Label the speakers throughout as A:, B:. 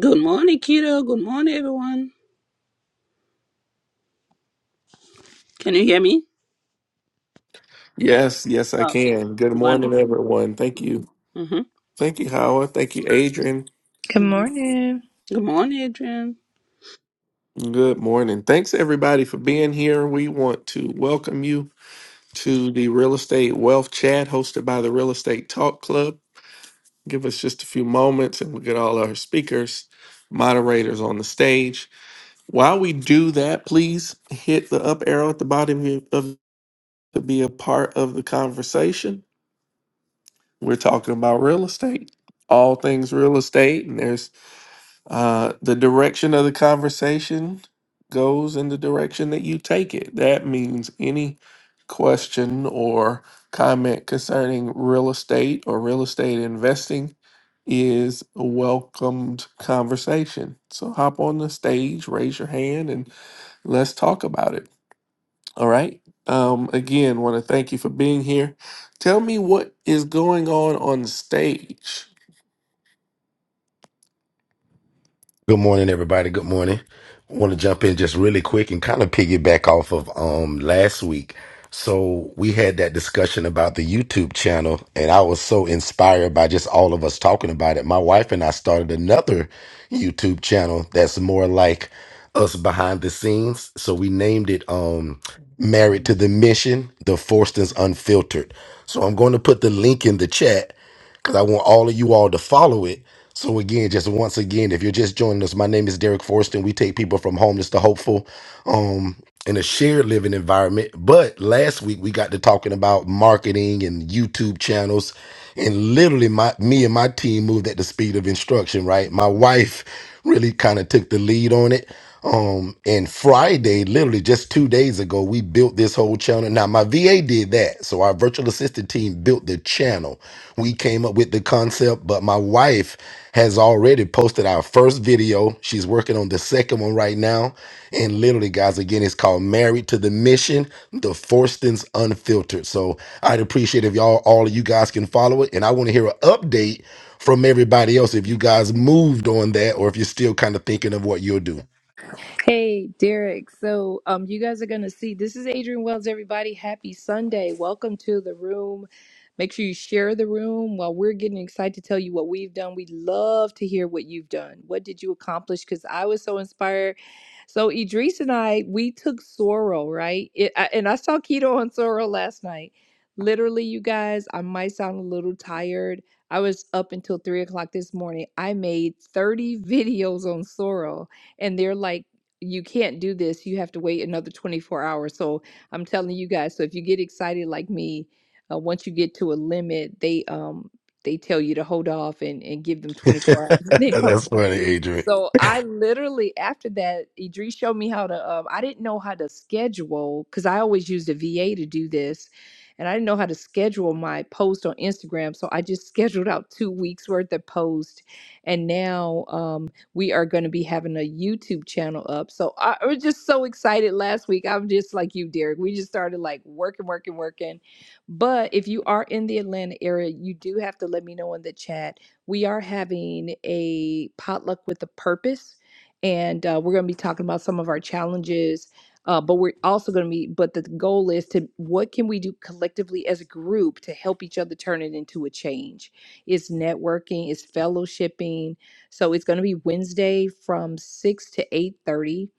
A: Good morning, kiddo. Good morning, everyone. Can you hear me?
B: Yes, yes, I
A: Okay,
B: can. Good morning,
A: wonderful.
B: everyone. Thank you.
A: Mm-hmm.
B: Thank you, Howard. Thank you, Adrian.
C: Good
A: hmm
C: morning.
A: Good morning, Adrian.
B: Good morning. Thanks, everybody, for being here. We want to welcome you to the Real Estate Wealth Chat hosted by the Real Estate Talk Club. Give us just a few moments and we'll get all our speakers, moderators on the stage. While we do that, please hit the up arrow at the bottom of your- of- to be a part of the conversation. We're talking about real estate, all things real estate, and there's uh, the direction of the conversation goes in the direction that you take it. That means any question or comment concerning real estate or real estate investing is a welcomed conversation. So hop on the stage, raise your hand, and let's talk about it. All right. Um, again, want to thank you for being here. Tell me what is going on on stage
D: Good morning, everybody. Good morning. I want to jump in just really quick and kind of piggyback off of um last week. So we had that discussion about the YouTube channel, and I was so inspired by just all of us talking about it. My wife and I started another YouTube channel that's more like us behind the scenes. So we named it um Married to the Mission, the Forstons Unfiltered. So I'm going to put the link in the chat because I want all of you all to follow it. So again, just once again, if you're just joining us, my name is Derek Forrest, and we take people from homeless to hopeful um in a shared living environment. But last week we got to talking about marketing and YouTube channels and literally my me and my team moved at the speed of instruction, right? My wife really kind of took the lead on it. Um and Friday, literally just 2 days ago, we built this whole channel. Now my VA did that. So our virtual assistant team built the channel. We came up with the concept, but my wife has already posted our first video. She's working on the second one right now. And literally, guys, again, it's called Married to the Mission, the Forstons Unfiltered. So I'd appreciate if y'all, all of you guys can follow it. And I want to hear an update from everybody else if you guys moved on that or if you're still kind of thinking of what you'll do.
C: Hey, Derek. So, um, you guys are going to see this is Adrian Wells, everybody. Happy Sunday. Welcome to the room. Make sure you share the room while we're getting excited to tell you what we've done. We'd love to hear what you've done. What did you accomplish? Because I was so inspired. So Idris and I, we took sorrel, right? It, I, and I saw keto on sorrel last night. Literally, you guys, I might sound a little tired. I was up until three o'clock this morning. I made 30 videos on sorrel, and they're like, you can't do this. You have to wait another 24 hours. So I'm telling you guys. So if you get excited like me, uh, once you get to a limit, they um they tell you to hold off and, and give them 24 hours.
D: That's funny, Adrian.
C: So I literally after that, Idris showed me how to. Um, I didn't know how to schedule because I always used a VA to do this, and I didn't know how to schedule my post on Instagram. So I just scheduled out two weeks worth of post, and now um, we are going to be having a YouTube channel up. So I, I was just so excited last week. I'm just like you, Derek. We just started like working, working, working. But if you are in the Atlanta area, you do have to let me know in the chat we are having a potluck with a purpose, and uh, we're going to be talking about some of our challenges. Uh, but we're also going to be, but the goal is to what can we do collectively as a group to help each other turn it into a change? It's networking, it's fellowshipping. So it's going to be Wednesday from six to eight thirty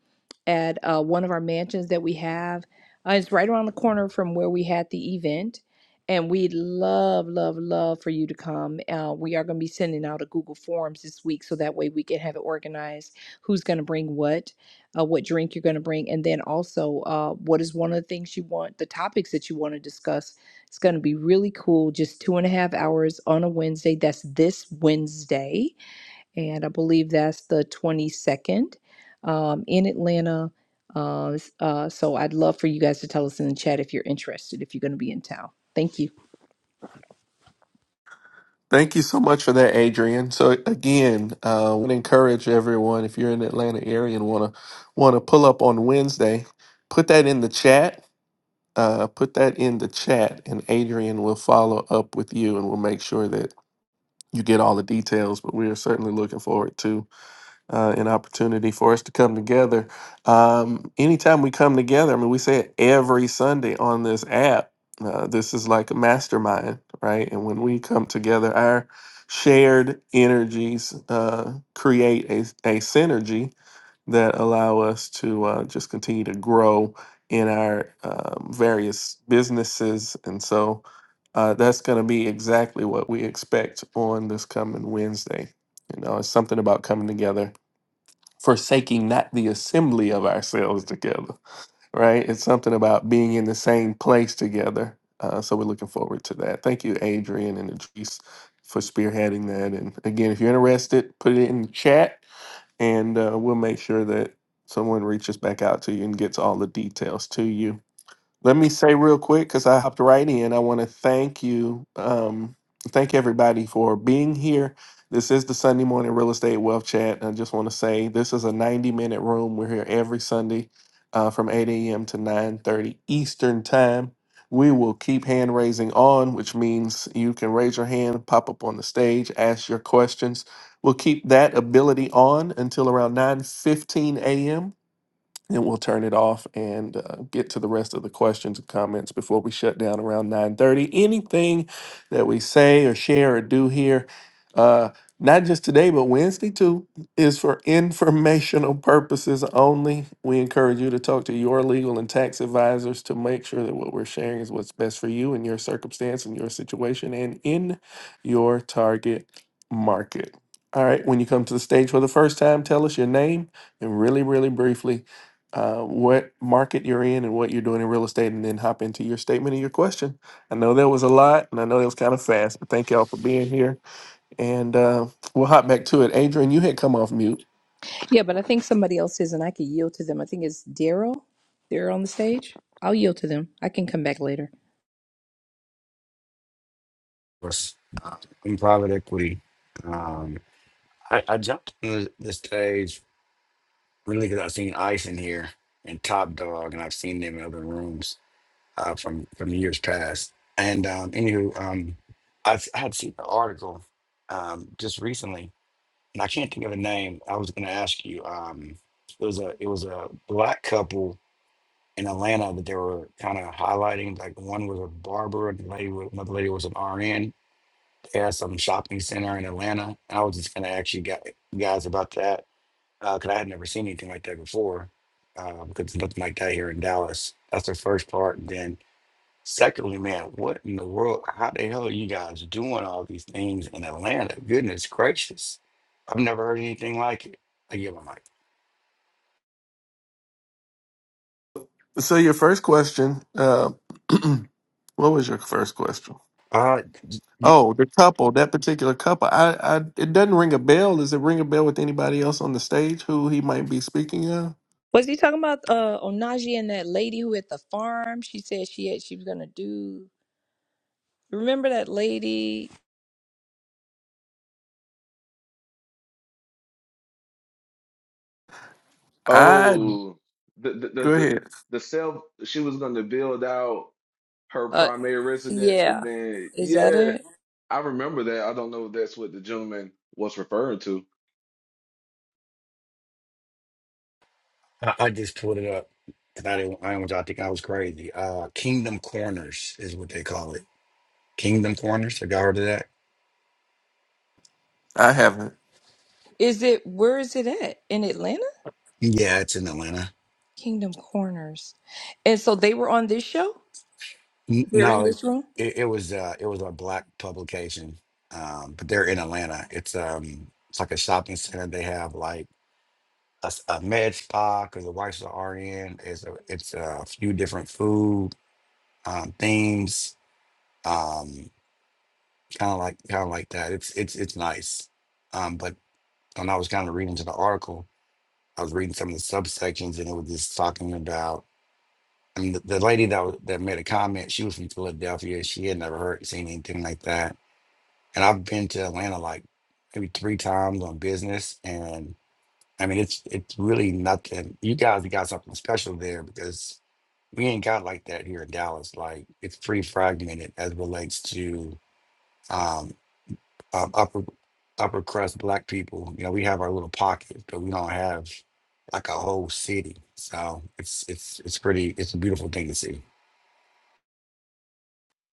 C: at uh, one of our mansions that we have. Uh, it's right around the corner from where we had the event. And we'd love, love, love for you to come. Uh, we are going to be sending out a Google Forms this week so that way we can have it organized who's going to bring what, uh, what drink you're going to bring, and then also uh, what is one of the things you want, the topics that you want to discuss. It's going to be really cool. Just two and a half hours on a Wednesday. That's this Wednesday and I believe that's the 22nd um, in Atlanta. Uh, uh, so I'd love for you guys to tell us in the chat if you're interested, if you're going to be in town. Thank you.
B: Thank you so much for that, Adrian. So again, uh, want to encourage everyone if you're in the Atlanta area and want to want to pull up on Wednesday, put that in the chat. Uh, put that in the chat, and Adrian will follow up with you, and we'll make sure that you get all the details. But we are certainly looking forward to uh, an opportunity for us to come together. Um, anytime we come together, I mean, we say it every Sunday on this app. Uh, this is like a mastermind, right? And when we come together, our shared energies uh, create a, a synergy that allow us to uh, just continue to grow in our um, various businesses. And so uh, that's going to be exactly what we expect on this coming Wednesday. You know, it's something about coming together forsaking not the assembly of ourselves together, right? It's something about being in the same place together. Uh, so we're looking forward to that. Thank you, Adrian and Idris, for spearheading that. And again, if you're interested, put it in the chat and uh, we'll make sure that someone reaches back out to you and gets all the details to you. Let me say real quick because I hopped right in. I want to thank you, um, thank everybody for being here. This is the Sunday morning real estate wealth chat. And I just want to say this is a ninety-minute room. We're here every Sunday uh, from eight a.m. to nine thirty Eastern time. We will keep hand raising on, which means you can raise your hand, pop up on the stage, ask your questions. We'll keep that ability on until around nine fifteen a.m and we'll turn it off and uh, get to the rest of the questions and comments before we shut down around 9.30 anything that we say or share or do here uh, not just today but wednesday too is for informational purposes only we encourage you to talk to your legal and tax advisors to make sure that what we're sharing is what's best for you and your circumstance and your situation and in your target market all right when you come to the stage for the first time tell us your name and really really briefly uh, what market you're in and what you're doing in real estate, and then hop into your statement and your question. I know that was a lot, and I know that was kind of fast, but thank y'all for being here. And uh, we'll hop back to it. Adrian, you had come off mute.
C: Yeah, but I think somebody else is, and I could yield to them. I think it's Daryl. They're on the stage. I'll yield to them. I can come back later.
B: So, your first question uh, what was your first question? Oh, the couple, that particular couple. I, I, it doesn't ring a bell. Does it ring a bell with anybody else on the stage who he might be speaking of?
C: Was he talking about uh, Onaji and that lady who at the farm? She said she had she was going to do. Remember that lady?
B: I
E: Oh, the the the
B: go
E: the,
B: ahead.
E: the self she was going to build out her
C: Uh,
E: primary residence, and
C: yeah.
E: then
C: Is that
E: yeah,
C: it?
E: I remember that. I don't know if that's what the gentleman was referring to.
B: I haven't.
C: Is it where is it at in Atlanta? Kingdom Corners. And so they were on this show? They're in this room?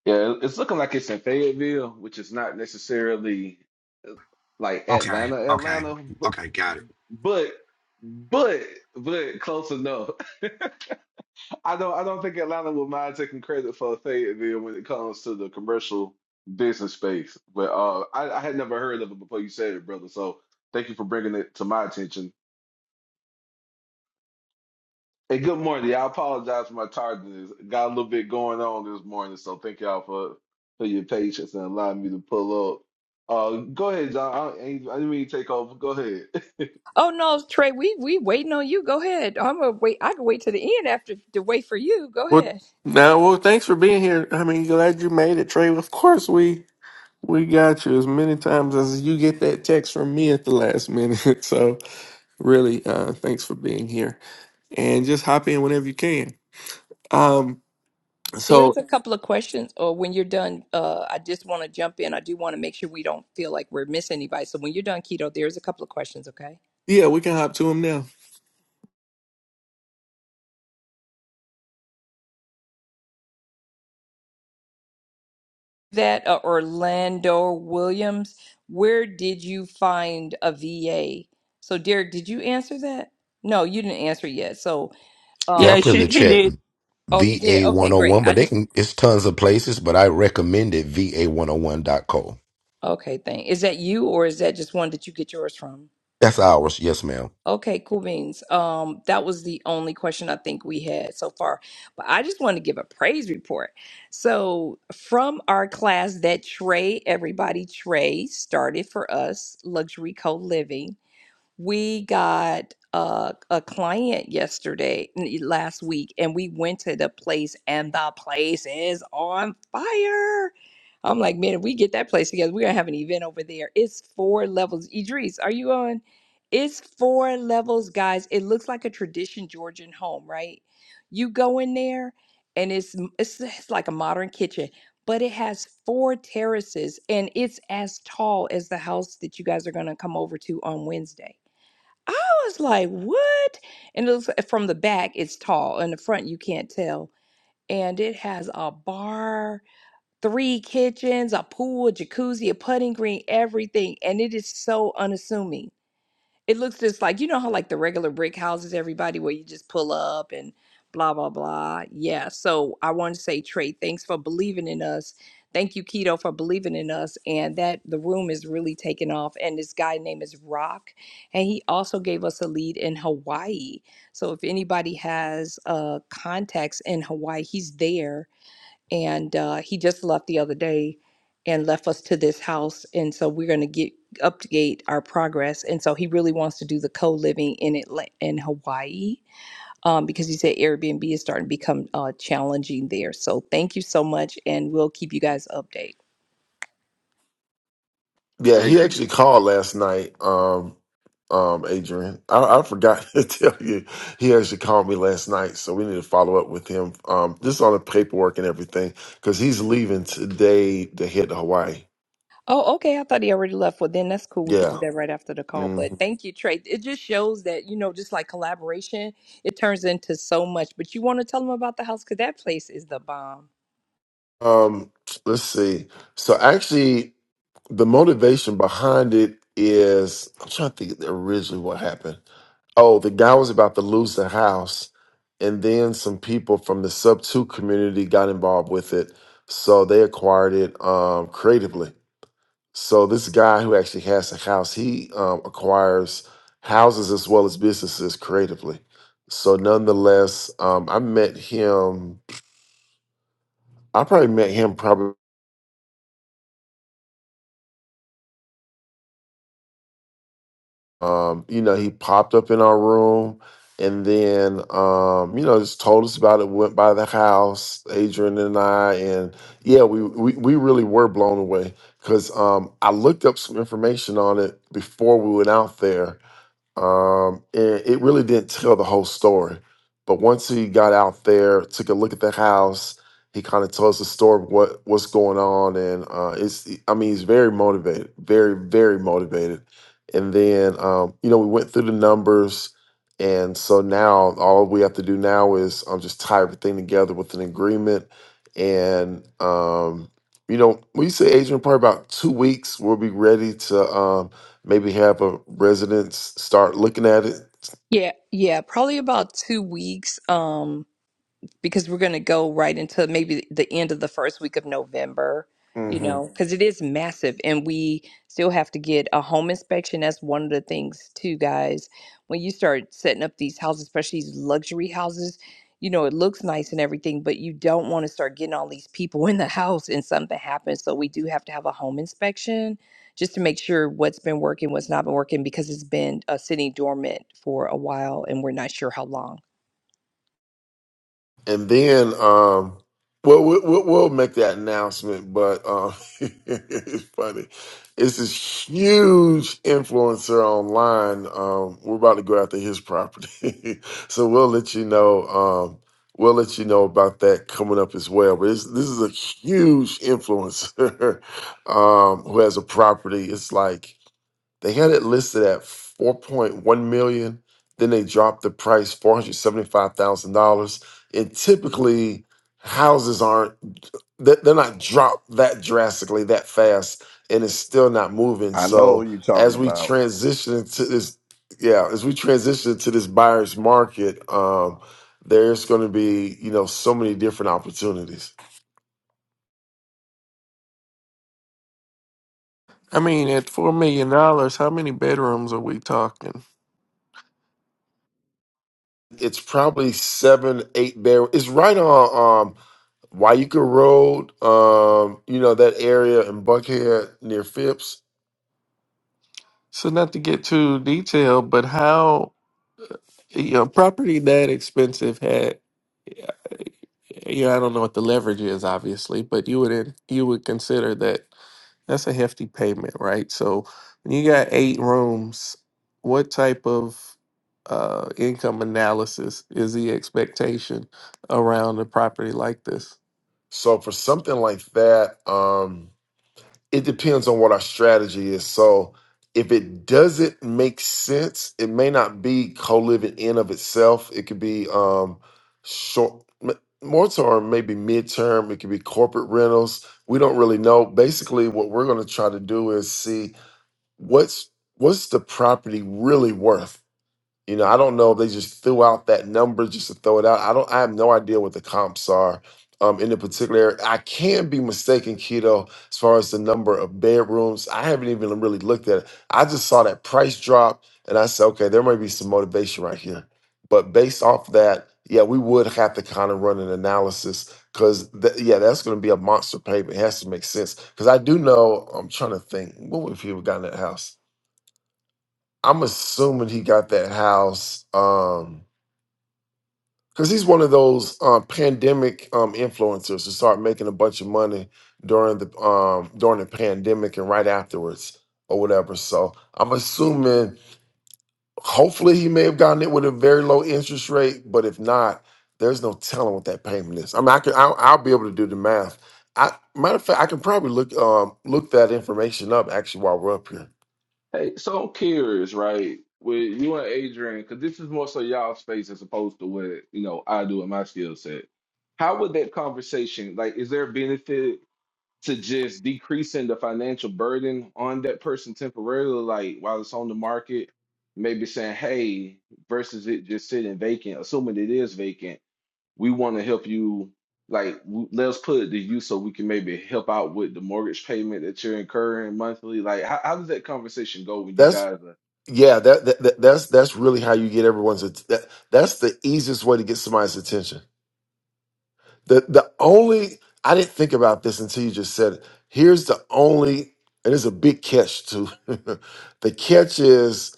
E: Yeah, it- it's looking like it's in Fayetteville, which is not necessarily like Atlanta, Atlanta, but but but, but close enough. I don't I don't think Atlanta will mind taking credit for Fayetteville when it comes to the commercial business space. But uh, I, I had never heard of it before you said it, brother. So thank you for bringing it to my attention. And good morning. Y'all, I apologize for my tardiness. Got a little bit going on this morning, so thank y'all for for your patience and allowing me to pull up. Uh, go ahead, John. I, I didn't mean to take over. Go ahead.
C: Oh no, Trey, we we waiting on you. Go ahead. I'm gonna wait. I can wait to the end after to wait for you. Go
B: Well,
C: ahead.
B: now, well, thanks for being here. I mean, glad you made it, Trey. Of course, we we got you as many times as you get that text from me at the last minute. So, really, uh, thanks for being here, and just hop in whenever you can. Um,
C: There's
B: so
C: a couple of questions, or when you're done, uh, I just want to jump in. I do want to make sure we don't feel like we're missing anybody. So when you're done, keto, there's a couple of questions, okay?
B: yeah, we can hop to him now.
C: That uh, Orlando Williams, where did you find a VA? So Derek, did you answer that? No, you didn't answer yet. So.
D: Yeah,
C: um.
D: I
A: Yeah,
D: put in
A: she,
D: the
A: he
D: chat
A: did.
C: Oh, he did.
D: VA
C: Okay, great.
D: 101,
C: I
D: but they
C: just
D: can, it's tons of places, but I recommend it VA101.co. one hundred one dot co.
C: okay. Thank. Is that you, or is that just one that you get yours from?
D: That's ours. Yes, ma'am.
C: Okay, cool beans. Um, that was the only question I think we had so far, but I just want to give a praise report. So from our class that Trey, everybody Trey started for us, luxury co living. We got a, a client yesterday, n- last week, and we went to the place, and the place is on fire. I'm like, man, if we get that place together, we're gonna have an event over there. It's four levels. Idris, are you on? It's four levels, guys. It looks like a tradition Georgian home, right? You go in there, and it's m- it's, it's like a modern kitchen but it has four terraces and it's as tall as the house that you guys are going to come over to on Wednesday. I was like, what? And it looks from the back, it's tall. In the front, you can't tell. And it has a bar, three kitchens, a pool, a jacuzzi, a putting green, everything. And it is so unassuming. It looks just like you know how like the regular brick houses, everybody where you just pull up and blah blah blah. Yeah. So I want to say Trey, thanks for believing in us. Thank you, Keto, for believing in us. And that the room is really taking off. And this guy name is Rock. And he also gave us a lead in Hawaii. So if anybody has uh contacts in Hawaii, he's there and uh, he just left the other day and left us to this house and so we're going to get update our progress and so he really wants to do the co-living in Atlanta in hawaii um, because he said airbnb is starting to become uh, challenging there so thank you so much and we'll keep you guys update
F: Yeah, he actually called last night. Um, um, Adrian, I, I forgot to tell you, he actually called me last night, so we need to follow up with him. Um, this is all the paperwork and everything because he's leaving today to head to Hawaii.
C: oh okay i thought he already left well then that's cool we could do
F: Yeah.
C: that right after the call but
F: Mhm.
C: thank you trey it just shows that you know just like collaboration it turns into so much but you want to tell them about the house because that place is the bomb
F: Um, let's see. So actually, the motivation behind it is I'm trying to think originally what happened. Oh, the guy was about to lose the house, and then some people from the sub two community got involved with it, so they acquired it um, creatively. So this guy who actually has a house, he um, acquires houses as well as businesses creatively. So nonetheless, um, I met him. I probably met him probably. um, you know, he popped up in our room and then, um, you know, just told us about it, went by the house, Adrian and I, and yeah, we, we, we really were blown away because um, I looked up some information on it before we went out there um, and it really didn't tell the whole story. But once he got out there, took a look at the house, he kind of tells the story of what what's going on, and uh, it's I mean he's very motivated, very very motivated. And then um, you know we went through the numbers, and so now all we have to do now is um, just tie everything together with an agreement, and um, you know we say Adrian probably about two weeks we'll be ready to. Um, Maybe have a residents start looking at it,
C: Yeah, yeah, probably about two weeks. Um, because we're going to go right into maybe the end of the first week of November, you
F: hmm
C: know, because it is massive and we still have to get a home inspection. That's one of the things, too, guys. When you start setting up these houses, especially these luxury houses, you know, it looks nice and everything, but you don't want to start getting all these people in the house and something happens. So we do have to have a home inspection just to make sure what's been working, what's not been working, because it's been uh, sitting dormant for a while and we're not sure how long.
F: and then um, well, we- we'll, we'll make that announcement. But um, it's funny. It's this huge influencer online. Um, we're about to go after his property, so we'll let you know. Um, we'll let you know about that coming up as well. But it's, this is a huge influencer um, who has a property. It's like They had it listed at 4.1 million. Then they dropped the price $475,000. And typically houses aren't they- they're not dropped that drastically that fast and it's still not moving.
G: I know
F: So
G: you're talking
F: as we
G: about
F: transition to this yeah, as we transition to this buyer's market, um there's going to be, you know, so many different opportunities.
B: I mean, at four million dollars, how many bedrooms are we talking?
F: It's probably seven, eight barrels. It's right on. um, Waika Road, um, you know, that area in Buckhead near Phipps.
B: So, not to get too detailed, but how you know property that expensive had. Yeah, yeah, I don't know what the leverage is, obviously, but you would in, you would consider that that's a hefty payment, right? So when you got eight rooms, what type of uh, income analysis is the expectation around a property like this?
F: So for something like that, um, it depends on what our strategy is. So if it doesn't make sense, it may not be co-living in of itself. It could be um short m- more term, maybe midterm, it could be corporate rentals. We don't really know. Basically, what we're gonna try to do is see what's what's the property really worth You know, I don't know if they just threw out that number just to throw it out. I don't. I have no idea what the comps are um, in the particular area. I can be mistaken, keto, as far as the number of bedrooms. I haven't even really looked at it. I just saw that price drop, and I said, okay, there might be some motivation right here. But based off that, yeah, we would have to kind of run an analysis because, th- yeah, that's going to be a monster payment. It has to make sense because I do know. I'm trying to think. What would people got in that house? I'm assuming he got that house um because he's one of those um, pandemic um, influencers who start making a bunch of money during the um, during the pandemic and right afterwards or whatever. So I'm assuming hopefully he may have gotten it with a very low interest rate, but if not, there's no telling what that payment is. I mean, I can I'll, I'll be able to do the math. I matter of fact, I can probably look um, look that information up actually while we're up here.
E: Hey, so I'm curious, right? With you and Adrian, because this is more so y'all space as opposed to what, you know, I do in my skill set. How would that conversation, like, is there a benefit to just decreasing the financial burden on that person temporarily, like while it's on the market? Maybe saying, hey, versus it just sitting vacant, assuming it is vacant we want to help you like w- let's put it to you so we can maybe help out with the mortgage payment that you're incurring monthly like how, how does that conversation go when you guys are
F: Yeah, that, that, that that's that's really how you get everyone's att- that, that's the easiest way to get somebody's attention. The the only I didn't think about this until you just said it. Here's the only and it's a big catch too. the catch is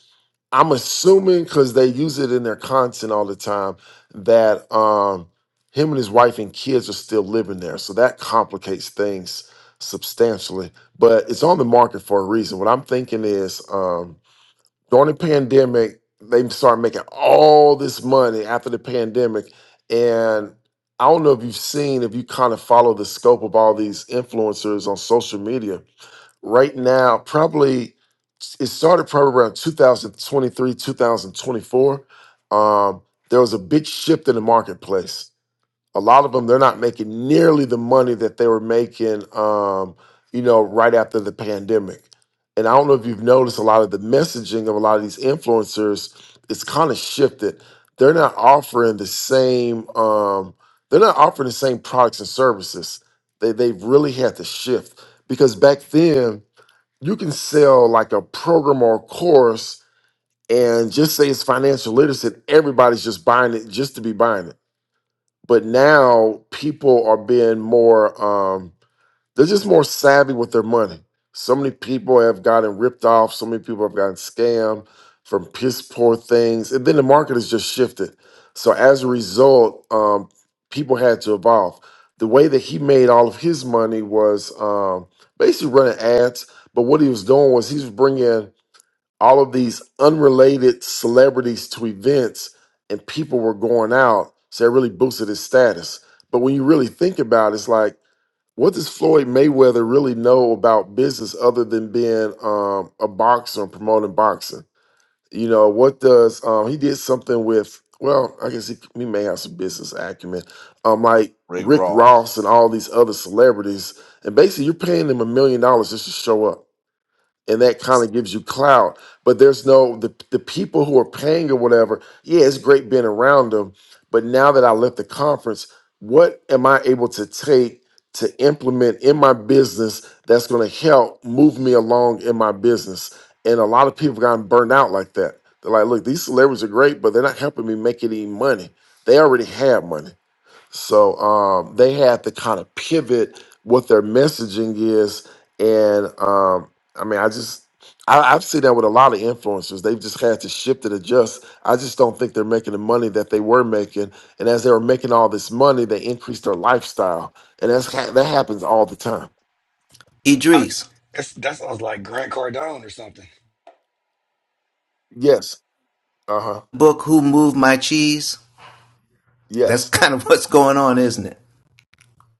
F: I'm assuming because they use it in their content all the time that um, him and his wife and kids are still living there, so that complicates things substantially. But it's on the market for a reason. What I'm thinking is. Um, during the pandemic, they started making all this money after the pandemic. And I don't know if you've seen, if you kind of follow the scope of all these influencers on social media. Right now, probably it started probably around 2023, 2024. Um, there was a big shift in the marketplace a lot of them they're not making nearly the money that they were making um, you know right after the pandemic and i don't know if you've noticed a lot of the messaging of a lot of these influencers is kind of shifted they're not offering the same um, they're not offering the same products and services they, they've really had to shift because back then you can sell like a program or a course and just say it's financial literacy everybody's just buying it just to be buying it but now people are being more um they're just more savvy with their money so many people have gotten ripped off so many people have gotten scammed from piss poor things and then the market has just shifted so as a result um people had to evolve the way that he made all of his money was um basically running ads but what he was doing was he was bringing all of these unrelated celebrities to events and people were going out. So it really boosted his status. But when you really think about it, it's like, what does Floyd Mayweather really know about business other than being um, a boxer and promoting boxing? You know, what does um, he did something with? Well, I guess he, he may have some business acumen, um, like
G: Rick
F: Rick
G: Ross.
F: Ross and all these other celebrities. And basically, you're paying them a million dollars just to show up and that kind of gives you clout. But there's no the the people who are paying or whatever. Yeah, it's great being around them, but now that I left the conference, what am I able to take to implement in my business that's going to help move me along in my business? And a lot of people gotten burned out like that. They're like, look, these celebrities are great, but they're not helping me make any money. They already have money. So um, they had to kind of pivot what their messaging is, and um, I mean, I just I, I've seen that with a lot of influencers. They've just had to shift and adjust. I just don't think they're making the money that they were making, and as they were making all this money, they increased their lifestyle, and that's ha- that happens all the time.
H: Idris,
F: Yes. Uh huh.
H: book Who Moved My Cheese? That's
F: Yes.
H: kind of what's going on, isn't it?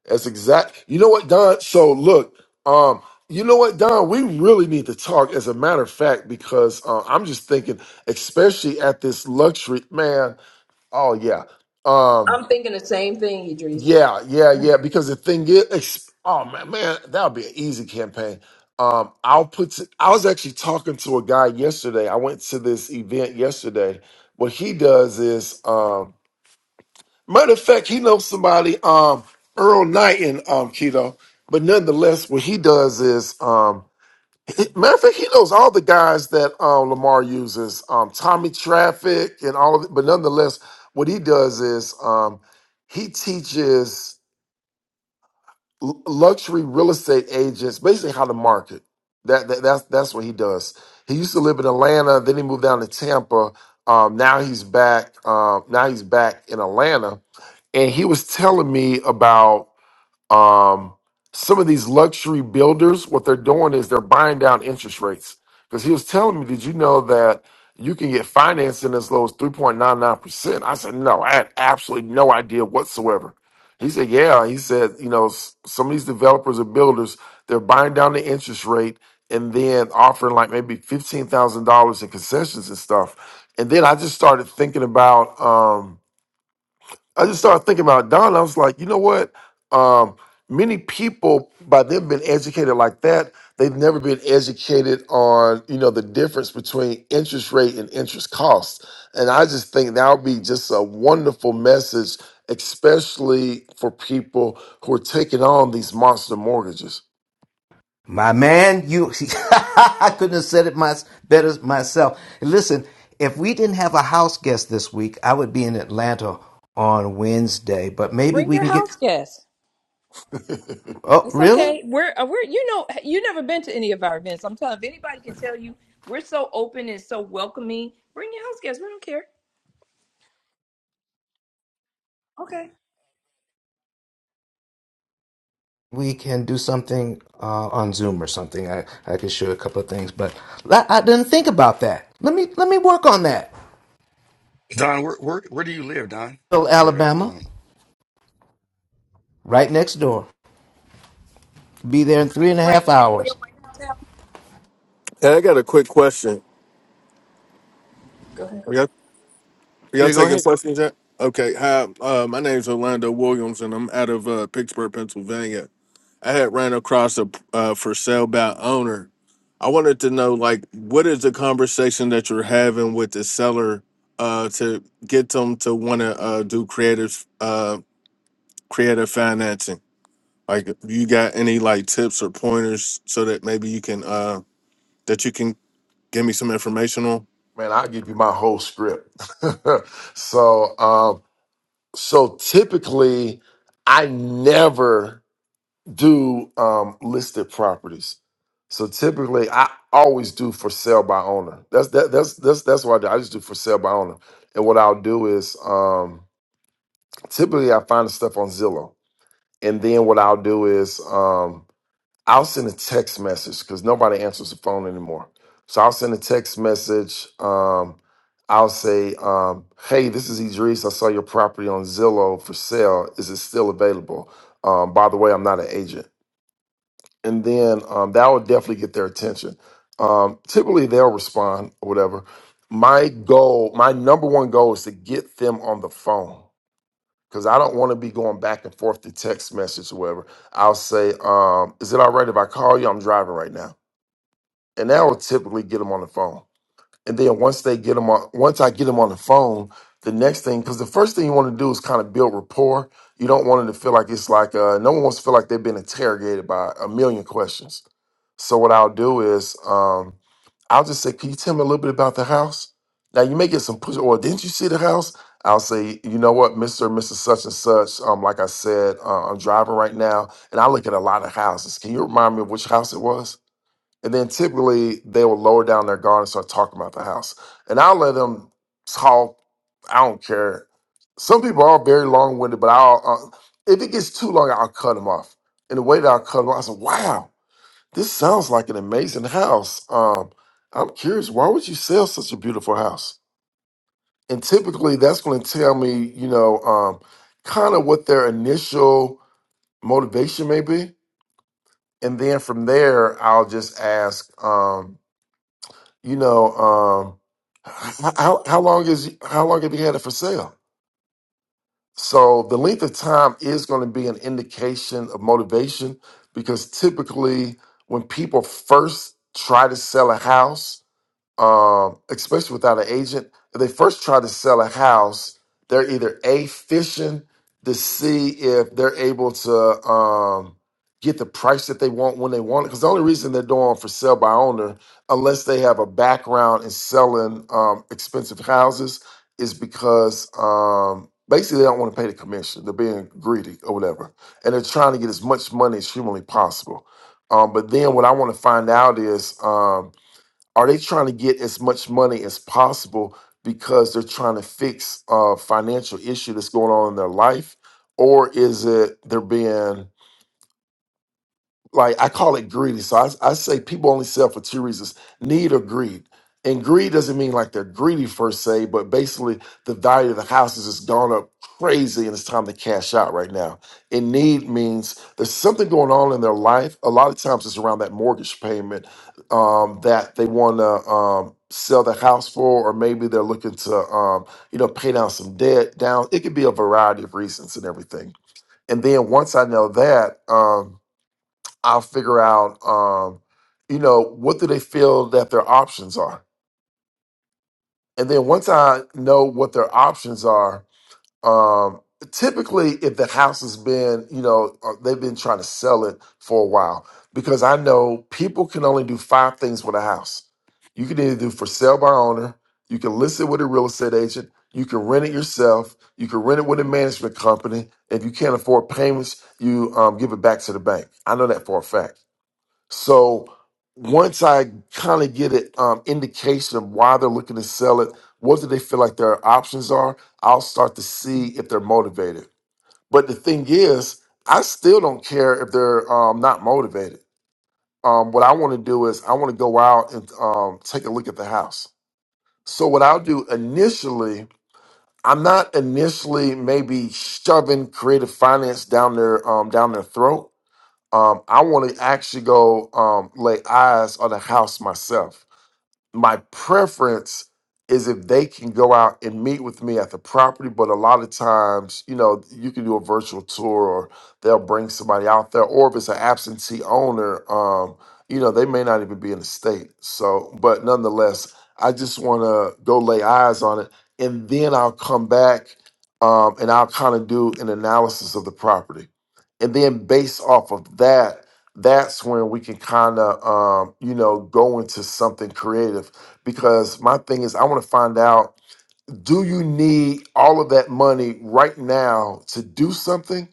F: That's exact. You know what, Don? So look, um, you know what, Don? We really need to talk. As a matter of fact, because uh, I'm just thinking, especially at this luxury, man. Oh yeah, um,
C: I'm thinking the same thing, Idris.
F: yeah, yeah, yeah. Because the thing is, ex- oh man, man, that would be an easy campaign. Um, I'll put. To, I was actually talking to a guy yesterday. I went to this event yesterday. What he does is, um, Matter of fact, he knows somebody, um, Earl Knight in um, Keto. But nonetheless, what he does is, um, he- matter of fact, he knows all the guys that um, Lamar uses, um, Tommy Traffic and all of it. But nonetheless, what he does is um, he teaches l- luxury real estate agents basically how to market. That, that that's that's what he does. He used to live in Atlanta, then he moved down to Tampa. Um, now he's back. Um, now he's back in Atlanta and he was telling me about um, some of these luxury builders. What they're doing is they're buying down interest rates because he was telling me, "Did you know that you can get financing as low as three point nine nine percent?" I said, "No, I had absolutely no idea whatsoever." He said, "Yeah." He said, "You know, s- some of these developers and builders they're buying down the interest rate." And then offering like maybe fifteen thousand dollars in concessions and stuff, and then I just started thinking about Um, I just started thinking about Don. I was like, you know what? Um, many people, by them being educated like that, they've never been educated on you know the difference between interest rate and interest costs. And I just think that would be just a wonderful message, especially for people who are taking on these monster mortgages.
H: My man, you, I couldn't have said it my, better myself. Listen, if we didn't have a house guest this week, I would be in Atlanta on Wednesday, but maybe
C: Bring
H: we
C: your
H: can get,
C: house guests.
H: oh,
C: It's
H: really?
C: okay. We're uh, we're you know you never been to any of our events. I'm telling if anybody can tell you we're so open and so welcoming. Bring your house guests. We don't care. Okay.
H: We can do something uh, on Zoom or something. I, I could show you a couple of things, but I, I didn't think about that. Let me, let me work on that. Little Alabama, right next door. Be there in three and a
C: Frank,
H: half
C: are you and
H: hours.
C: your wife in town?
I: Hey, I got a quick question.
C: Go ahead.
I: Are y'all, are y'all
B: Yeah, go
I: taking
B: ahead.
I: questions yet? Okay. Hi, uh, my name's Orlando Williams, and I'm out of uh, Pittsburgh, Pennsylvania. I had ran across a uh, for sale by owner. I wanted to know, like, what is the conversation that you're having with the seller uh, to get them to want to uh, do creative uh, creative financing? Like, you got any like tips or pointers so that maybe you can uh, that you can give me some information on?
F: Man, I'll give you my whole script. so, um, so typically, I never. do um, listed properties. So typically, I always do for sale by owner. That's that, that's that's that's what I do. I just do for sale by owner. And what I'll do is um, typically I find the stuff on Zillow, and then what I'll do is um, I'll send a text message because nobody answers the phone anymore. So I'll send a text message. Um, I'll say, um, "Hey, this is Idris. I saw your property on Zillow for sale. Is it still available?" Um, by the way, I'm not an agent and then um, that will definitely get their attention. Um, typically, they'll respond or whatever. My goal, my number one goal, is to get them on the phone because I don't want to be going back and forth to text message or whatever. I'll say, um, "Is it all right if I call you? I'm driving right now," and that will typically get them on the phone and then once they get them on, once I get them on the phone, the next thing, because the first thing you want to do is kind of build rapport. You don't want them to feel like it's like uh, no one wants to feel like they've been interrogated by a million questions. So what I'll do is um, I'll just say, "Can you tell me a little bit about the house?" Now you may get some push. Or didn't you see the house? I'll say, you know what, Mister, and Mrs. Such and Such. Um, like I said, uh, I'm driving right now, and I look at a lot of houses. Can you remind me of which house it was? And then typically they will lower down their guard and start talking about the house. And I'll let them talk. I don't care. Some people are very long winded, but I'll, uh, if it gets too long, I'll cut them off. And the way that I'll cut them off, I said, wow, this sounds like an amazing house. Um, I'm curious, why would you sell such a beautiful house? And typically that's going to tell me, you know, um, kind of what their initial motivation may be. And then from there, I'll just ask, um, you know, um, h- how how long is how long have you had it for sale? So the length of time is going to be an indication of motivation because typically when people first try to sell a house, um, especially without an agent, if they first try to sell a house, they're either a fishing to see if they're able to um, get the price that they want when they want it. Because the only reason they're doing for sale by owner, unless they have a background in selling um, expensive houses, is because um, basically they don't want to pay the commission. They're being greedy or whatever, and they're trying to get as much money as humanly possible. Um, but then what I want to find out is. Um, are they trying to get as much money as possible because they're trying to fix a financial issue that's going on in their life or is it they're being like I call it greedy. So I, I say people only sell for two reasons: need or greed. And greed doesn't mean like they're greedy per se, but basically the value of the house has just gone up crazy and it's time to cash out right now. And need means there's something going on in their life. A lot of times it's around that mortgage payment um, that they want to um, sell the house for, or maybe they're looking to, um, you know, pay down some debt down. It could be a variety of reasons and everything. And then once I know that, um, I'll figure out, um, you know, what do they feel that their options are, and then once I know what their options are, um, typically if the house has been, you know, uh, they've been trying to sell it for a while, because I know people can only do five things with a house. You can either do for sale by owner, you can list it with a real estate agent, you can rent it yourself, you can rent it with a management company. If you can't afford payments, you um, give it back to the bank. I know that for a fact. So once I kind of get an um, indication of why they're looking to sell it, what do they feel like their options are, I'll start to see if they're motivated. But the thing is, I still don't care if they're um, not motivated. Um, what I want to do is I want to go out and um, take a look at the house. So what I'll do initially, I'm not initially maybe shoving creative finance down their um, down their throat um, I want to actually go um, lay eyes on the house myself. My preference is if they can go out and meet with me at the property, but a lot of times, you know, you can do a virtual tour or they'll bring somebody out there, or if it's an absentee owner, um, you know, they may not even be in the state. So, but nonetheless, I just want to go lay eyes on it and then I'll come back um, and I'll kind of do an analysis of the property. And then based off of that, that's when we can kind of um, you know go into something creative because my thing is i want to find out do you need all of that money right now to do something?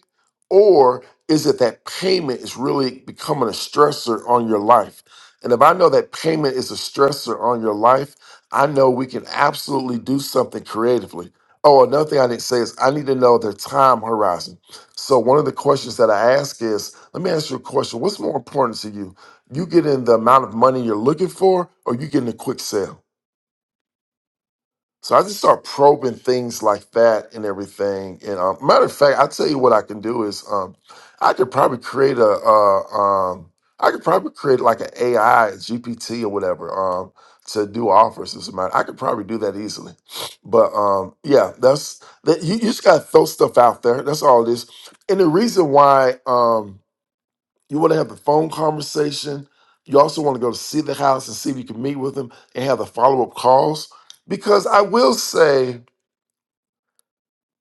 F: Or is it that payment is really becoming a stressor on your life? And if I know that payment is a stressor on your life, I know we can absolutely do something creatively. Oh, another thing I didn't say is I need to know their time horizon. So, one of the questions that I ask is let me ask you a question. What's more important to you? You getting the amount of money you're looking for, or you getting a quick sale? So I just start probing things like that and everything. And um, matter of fact, I tell you what I can do is um, I could probably create a uh, um, I could probably create like an AI GPT or whatever um, to do offers. As a matter, I could probably do that easily. But um, yeah, that's that. You, you just gotta throw stuff out there. That's all it is. And the reason why. Um, you want to have the phone conversation. You also want to go to see the house and see if you can meet with them and have the follow up calls. Because I will say,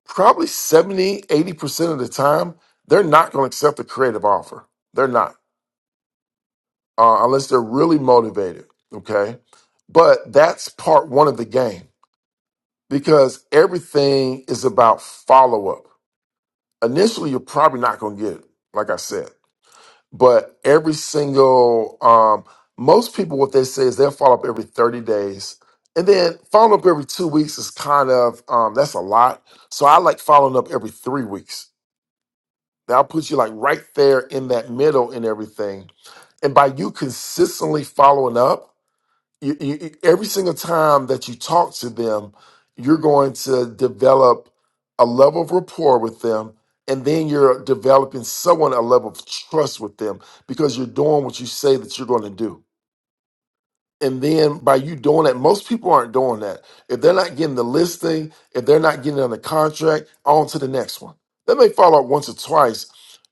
F: probably seventy, eighty percent of the time, they're not going to accept a creative offer. They're not, uh, unless they're really motivated. Okay. But that's part one of the game because everything is about follow up. Initially, you're probably not going to get it, like I said. but every single um most people what they say is they'll follow up every 30 days and then follow up every two weeks is kind of um that's a lot so i like following up every three weeks that'll put you like right there in that middle and everything and by you consistently following up you, you, you- every single time that you talk to them, you're going to develop a level of rapport with them. And then you're developing someone a level of trust with them because you're doing what you say that you're going to do and then by you doing that, most people aren't doing that. If they're not getting the listing, if they're not getting on the contract, on to the next one. They may follow up once or twice,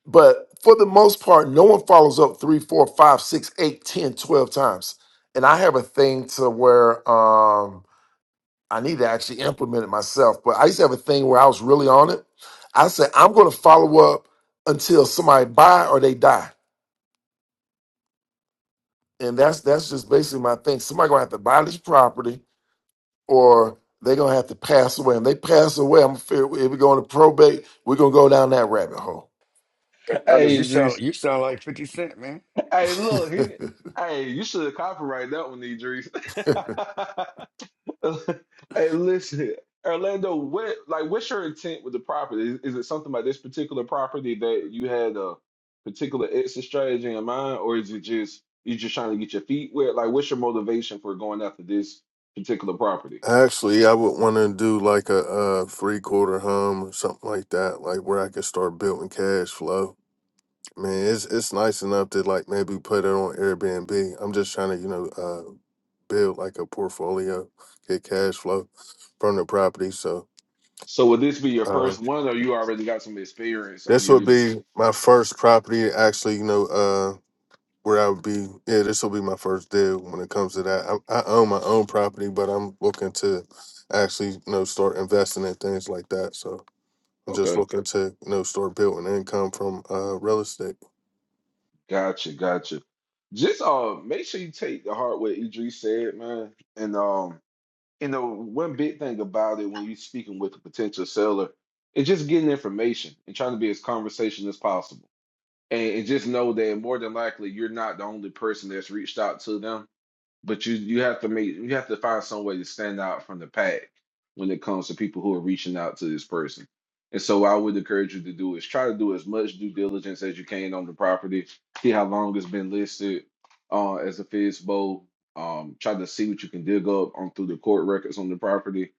F: but for the most part, no one follows up three, four, five, six, eight, ten, twelve times. And I have a thing to where um, I need to actually implement it myself, but I used to have a thing where I was really on it. I said, I'm going to follow up until somebody buy or they die. And that's that's just basically my thing. Somebody gonna have to buy this property or they're gonna have to pass away. And they pass away, I'm fear if we're going to probate, we're gonna go down that rabbit hole.
E: hey Idris hey look he, did- hey you should have copyrighted that one Idris Hey, listen, Orlando, what like what's your intent with the property? Is, is it something about this particular property that you had a particular exit strategy in mind, or is it just you just trying to get your feet wet? Like, what's your motivation for going after this particular property?
I: Actually, yeah, I would want to do like a, uh three quarter hum or something like that, like where I could start building cash flow. Man, it's it's nice enough to like maybe put it on Airbnb. I'm just trying to you know uh, build like a portfolio, get cash flow from the property. So
E: So, would this be your
I: um,
E: first one, or you already got some experience
I: this
E: under
I: would
E: you?
I: be my first property, actually. You know uh, where I would be. Yeah, this will be my first deal when it comes to that. I, I own my own property, but I'm looking to actually you know start investing in things like that. So. I'm just
E: Okay,
I: looking to you know start building income from uh real estate.
E: gotcha, gotcha. Just uh, make sure you take the heart what Idris said, man, and um. you know, one big thing about it when you're speaking with a potential seller is just getting information and trying to be as conversational as possible. And, and just know that more than likely, you're not the only person that's reached out to them but you you have to make you have to find some way to stand out from the pack when it comes to people who are reaching out to this person. And so what I would encourage you to do is try to do as much due diligence as you can on the property. See how long it's been listed uh, as a FISBO. Um, try to see what you can dig up on through the court records on the property.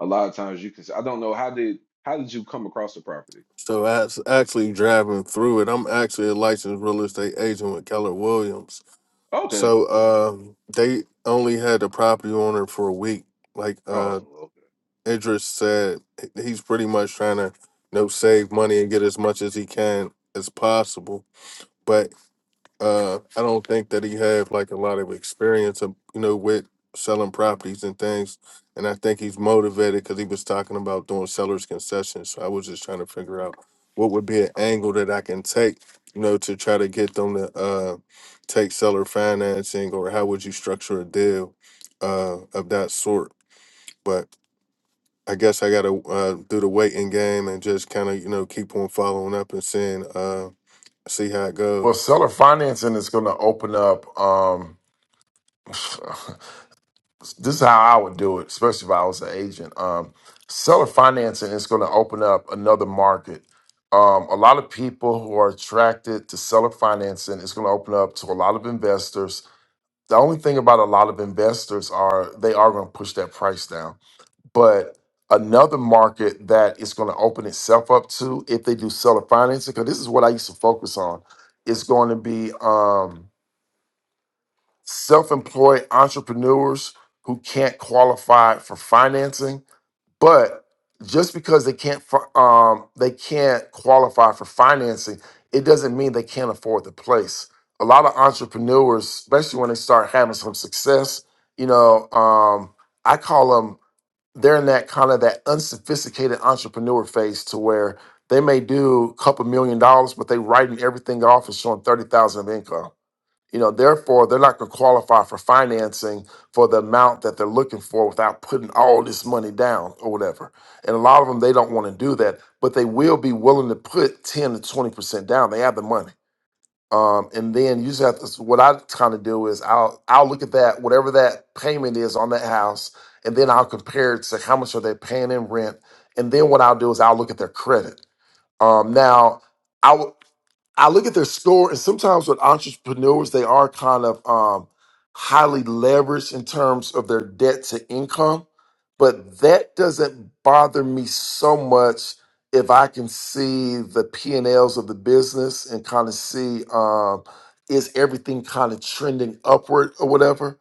E: A lot of times you can say, I don't know how did how did you come across the property?
I: So as actually driving through it, I'm actually a licensed real estate agent with Keller Williams.
E: Okay.
I: So um they only had the property owner for a week. Like
E: Oh,
I: uh
E: okay.
I: Idris said, h- he's pretty much trying to you know save money and get as much as he can as possible. But Uh, I don't think that he had like a lot of experience, of, you know, with selling properties and things. And I think he's motivated because he was talking about doing seller's concessions. So I was just trying to figure out what would be an angle that I can take, you know, to try to get them to uh, take seller financing, or how would you structure a deal uh, of that sort? But I guess I got to uh, do the waiting game and just kind of, you know, keep on following up and seeing, uh, see how it
F: well,
I: goes.
F: seller financing is gonna open up. Um, this is how I would do it, especially if I was an agent. Um, seller financing is gonna open up another market. Um, a lot of people who are attracted to seller financing is going to open up to a lot of investors. The only thing about a lot of investors are they are going to push that price down But another market that is going to open itself up to if they do seller financing, because this is what I used to focus on, is going to be um, self-employed entrepreneurs who can't qualify for financing, but just because they can't fi- um, they can't qualify for financing, it doesn't mean they can't afford the place. A lot of entrepreneurs, especially when they start having some success, you know, um, I call them they're in that kind of that unsophisticated entrepreneur phase to where they may do a couple million dollars, but they writing everything off and showing thirty thousand of income. You know, therefore they're not going to qualify for financing for the amount that they're looking for without putting all this money down or whatever. And a lot of them they don't want to do that, but they will be willing to put ten to twenty percent down. They have the money um, and then you just have to. so What I kind of do is I'll I'll look at that whatever that payment is on that house, and then I'll compare it to how much are they paying in rent. And then what I'll do is I'll look at their credit. Um, now I would. I look at their score, and sometimes with entrepreneurs, they are kind of um, highly leveraged in terms of their debt to income. But that doesn't bother me so much if I can see the P and Ls of the business and kind of see um, is everything kind of trending upward or whatever.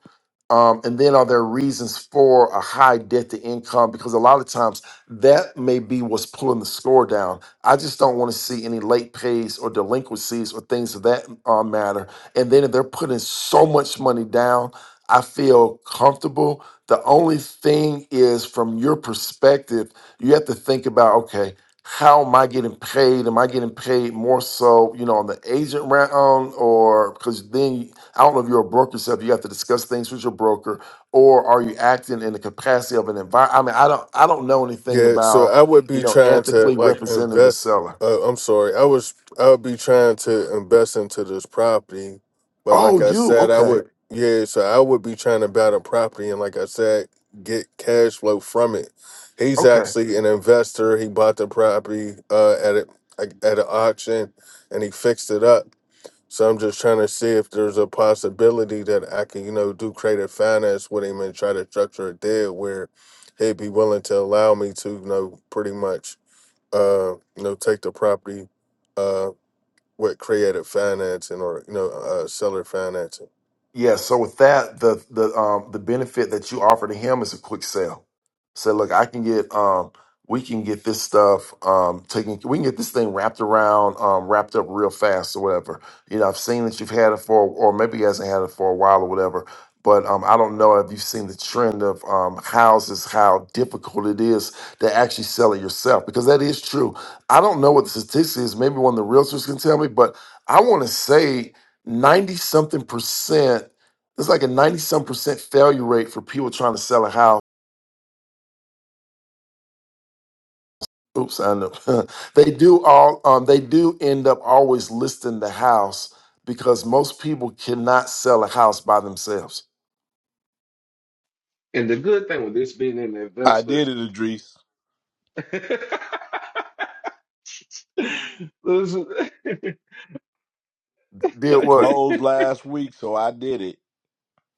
F: Um, and then are there reasons for a high debt to income? Because a lot of times that may be what's pulling the score down. I just don't want to see any late pays or delinquencies or things of that uh, matter. And then if they're putting so much money down, I feel comfortable. The only thing is, from your perspective, you have to think about okay, how am I getting paid? Am I getting paid more so, you know, on the agent round, or because then I don't know if you're a broker yourself. You have to discuss things with your broker, or are you acting in the capacity of an environment? I mean, I don't, I don't know anything
I: Yeah, so
F: about
I: I would
F: you
I: be
F: know
I: trying to
F: ethically
I: like
F: representing the
I: invest.
F: seller.
I: Uh, I'm sorry, I was I would be trying to invest into this property, but
F: Oh,
I: like I
F: you
I: said, I
F: okay?
I: would yeah. So I would be trying to buy the property, and like I said, get cash flow from it. He's
F: Okay.
I: actually an investor. He bought the property uh, at a, like, at an auction, and he fixed it up. So I'm just trying to see if there's a possibility that I can, you know, do creative finance with him and try to structure a deal where he'd be willing to allow me to, you know, pretty much, uh, you know, take the property, uh, with creative financing or you know, uh, seller financing.
F: Yeah, so with that, the the um the benefit that you offer to him is a quick sale. Say, look, I can get um we can get this stuff um taken we can get this thing wrapped around, um wrapped up real fast or whatever. You know, I've seen that you've had it for or maybe he hasn't had it for a while or whatever. But um I don't know if you've seen the trend of um houses, how difficult it is to actually sell it yourself, because that is true. I don't know what the statistics is, maybe one of the realtors can tell me, but I want to say 90 something percent it's like a 90 some percent failure rate for people trying to sell a house oops i know they do all um, they do end up always listing the house because most people cannot sell a house by themselves
E: And the good thing with this being an
G: I
E: investor
G: did it, Idris.
E: Listen.
F: did
G: I
F: what
G: closed last week, so I did it.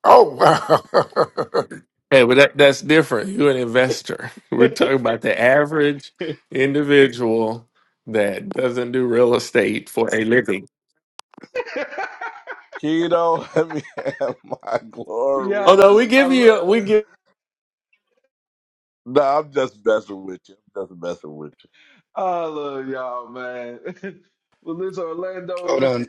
F: oh wow
B: Hey, but that, that's different. You're an investor. We're talking about the average individual that doesn't do real estate for a living.
G: Keto, let me have my
E: yeah,
B: Although we
G: glory.
E: I
B: give you
E: love,
B: we give
G: No, I'm just messing with you. I'm just messing with
E: I love y'all, man. Well, listen, Orlando.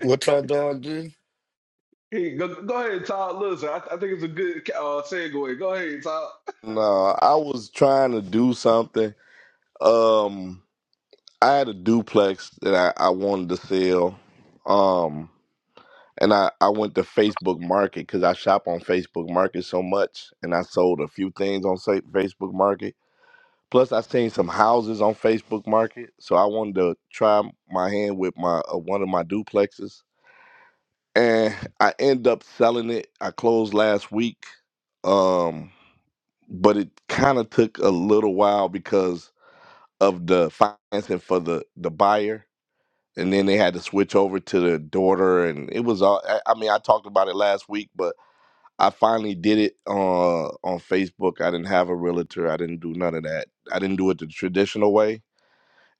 E: Hey, go, go ahead, Todd. Listen, I, I think it's a good uh, segue. Go ahead, Todd.
G: you. No, I was trying to do something. Um, I had a duplex that I, I wanted to sell. Um, and I, I went to Facebook Market because I shop on Facebook Market so much, and I sold a few things on Sa- Facebook Market Plus, I seen some houses on Facebook Market, so I wanted to try my hand with my uh, one of my duplexes, and I end up selling it. I closed last week, um, but it kind of took a little while because of the financing for the the buyer, and then they had to switch over to the daughter, and it was all. I, I mean, I talked about it last week, but I finally did it uh, on Facebook. I didn't have a realtor. I didn't do none of that. I didn't do it the traditional way.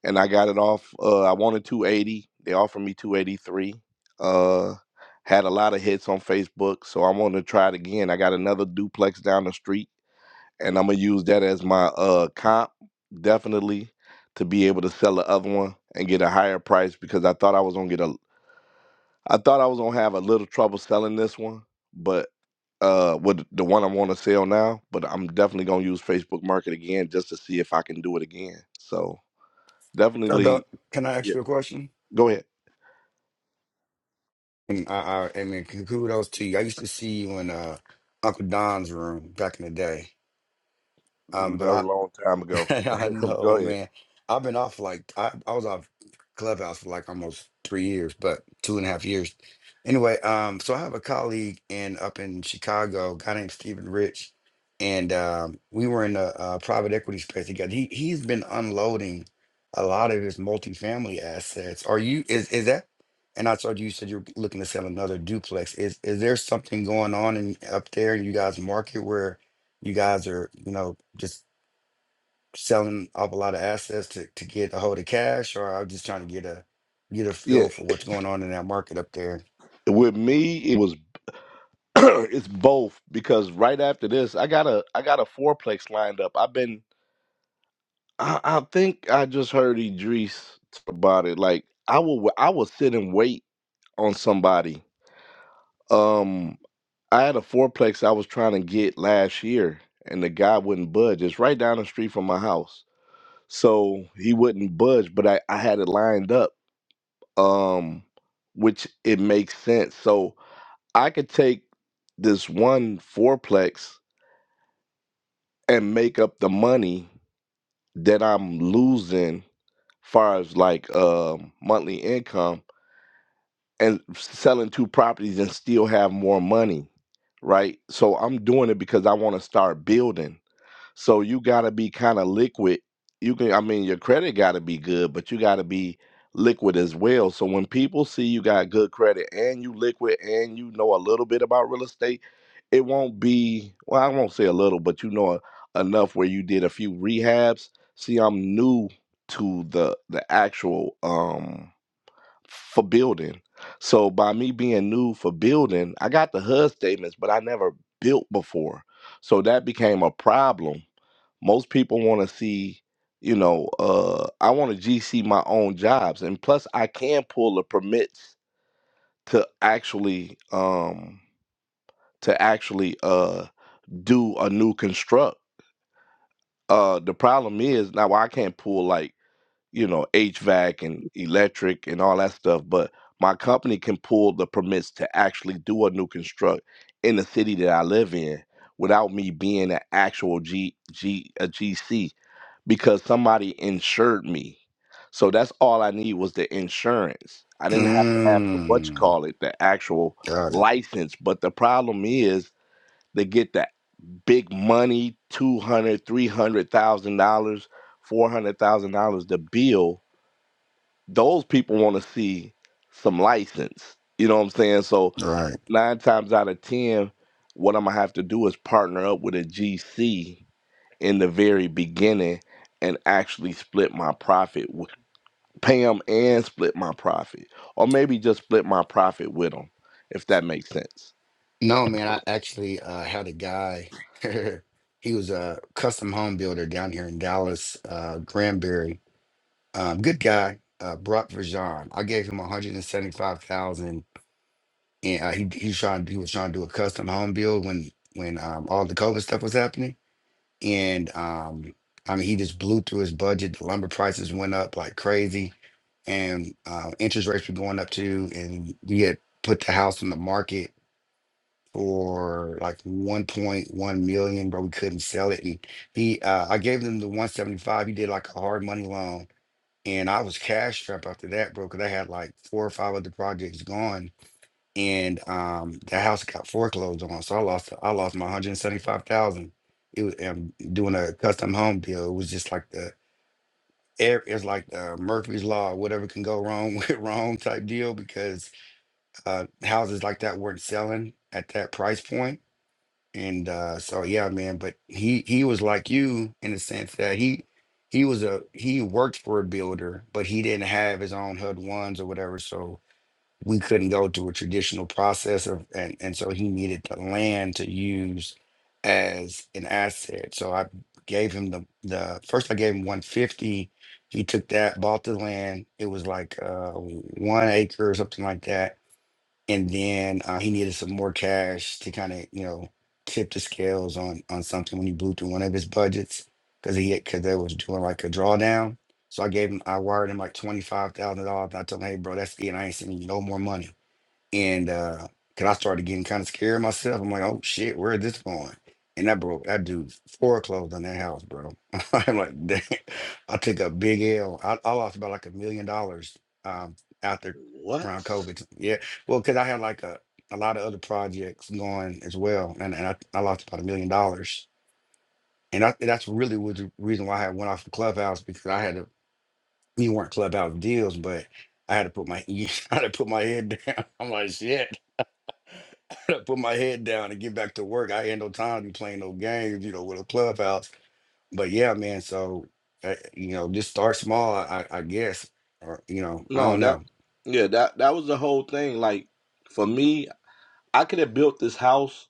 G: and I got it off. Uh, I wanted 280. They offered me 283. Uh, had a lot of hits on Facebook, so I'm gonna try it again. I got another duplex down the street, and I'm gonna use that as my uh comp, definitely, to be able to sell the other one and get a higher price because I thought I was gonna get a, I thought I was gonna have a little trouble selling this one, but uh with the one I want to sell now, but I'm definitely gonna use Facebook Market again just to see if I can do it again. So definitely, yeah. Go ahead. Ooh, That was a long time ago. Go ahead. Yeah, with me, it was it's both because right after this, I got a I got a fourplex lined up. I've been I, I think I just heard Idris talk about it. Like I will I will sit and wait on somebody. Um, I had a fourplex I was trying to get last year, and the guy wouldn't budge. It's right down the street from my house, so he wouldn't budge. But I I had it lined up. Um, which it makes sense. So I could take this one fourplex and make up the money that I'm losing far as like um monthly income and selling two properties and still have more money, right? So I'm doing it because I want to start building. So you got to be kind of liquid. You can, I mean, your credit got to be good, but you got to be liquid as well. So when people see you got good credit and you liquid and you know a little bit about real estate, it won't be, well, I won't say a little, but you know enough where you did a few rehabs. See, I'm new to the the actual um for building. So by me being new for building, I got the HUD statements, but I never built before. So that became a problem most people want to see, you know, uh, I want to GC my own jobs, and plus I can pull the permits to actually um to actually uh do a new construct. Uh, the problem is now I can't pull like you know HVAC and electric and all that stuff, but my company can pull the permits to actually do a new construct in the city that I live in without me being an actual G G a GC because somebody insured me. So that's all I need was the insurance. I didn't have to have the what you call it, the actual license. But the problem is they get that big money, two hundred, three hundred thousand dollars, four hundred thousand dollars the bill. Those people want to see some license. You know what I'm saying? So nine times out of ten, what I'm gonna have to do is partner up with a GC in the very beginning and actually split my profit with Pam and split my profit, or maybe just split my profit with them, if that makes sense. What? No, that yeah, that that was the whole thing. Like for me, I could have built this house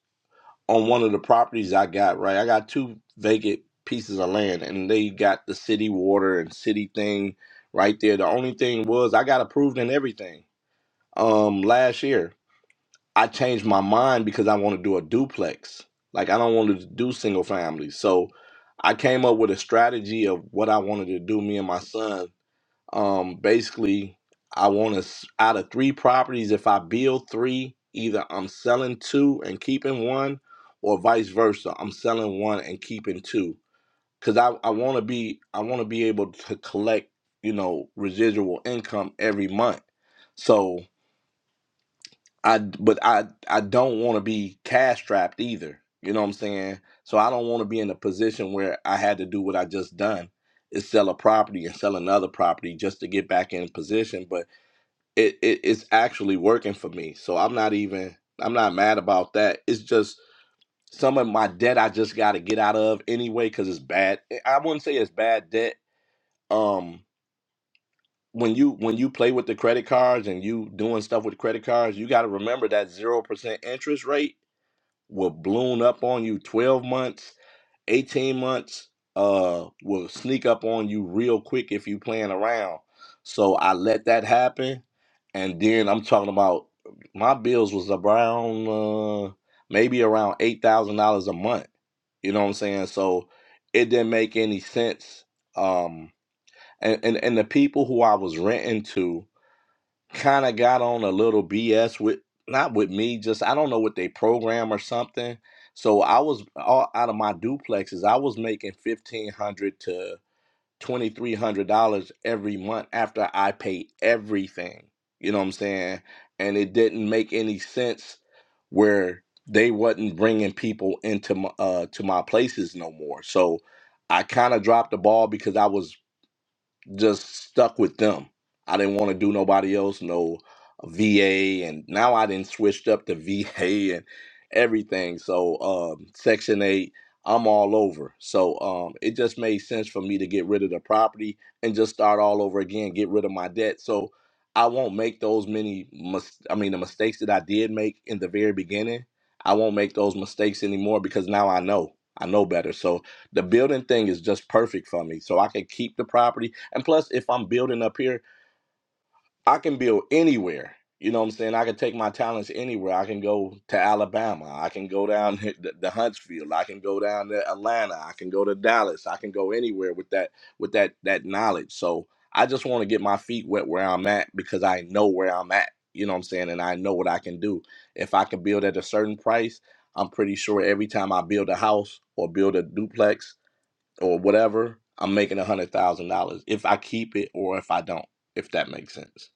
G: on one of the properties I got, right? I got two vacant pieces of land and they got the city water and city thing right there. The only thing was I got approved in everything um last year. I changed my mind because I want to do a duplex. Like I don't want to do single family. So I came up with a strategy of what I wanted to do. Me and my son. Um, basically, I want to out of three properties. If I build three, either I'm selling two and keeping one, or vice versa. I'm selling one and keeping two. Cause I I want to be I want to be able to collect you know residual income every month. So I but I I don't want to be cash strapped either. You know what I'm saying? So I don't want to be in a position where I had to do what I just done is sell a property and sell another property just to get back in position. But it, it it's actually working for me. So I'm not even I'm not mad about that. It's just some of my debt I just got to get out of anyway because it's bad. eh, I wouldn't say it's bad debt. Um, when you when you play with the credit cards and you doing stuff with credit cards, you got to remember that zero percent interest rate will balloon up on you 12 months, 18 months, uh, will sneak up on you real quick if you playing around. So I let that happen. And then I'm talking about my bills was around uh, maybe around eight thousand dollars a month. You know what I'm saying? So it didn't make any sense. Um and, and, and the people who I was renting to kind of got on a little BS with not with me, just I don't know what they program or something. So I was all out of my duplexes. I was making fifteen hundred to twenty three hundred dollars every month after I paid everything. You know what I'm saying? And it didn't make any sense where they wasn't bringing people into my uh to my places no more. So I kind of dropped the ball because I was just stuck with them. I didn't want to do nobody else, no VA, and now I didn't switched up to VA and everything. So um, Section Eight, I'm all over. So um, it just made sense for me to get rid of the property and just start all over again, get rid of my debt. So I won't make those many. Mis- I mean, the mistakes that I did make in the very beginning, I won't make those mistakes anymore because now I know. I know better. So the building thing is just perfect for me so i can keep the property and plus if i'm building up here i can build anywhere you know what i'm saying i can take my talents anywhere i can go to alabama i can go down to the the huntsville i can go down to atlanta i can go to dallas i can go anywhere with that with that that knowledge so i just want to get my feet wet where i'm at because i know where i'm at you know what i'm saying and i know what i can do if i can build at a certain price i'm pretty sure every time i build a house or build a duplex or whatever, I'm making a hundred thousand dollars if I keep it or if I don't, if that makes sense.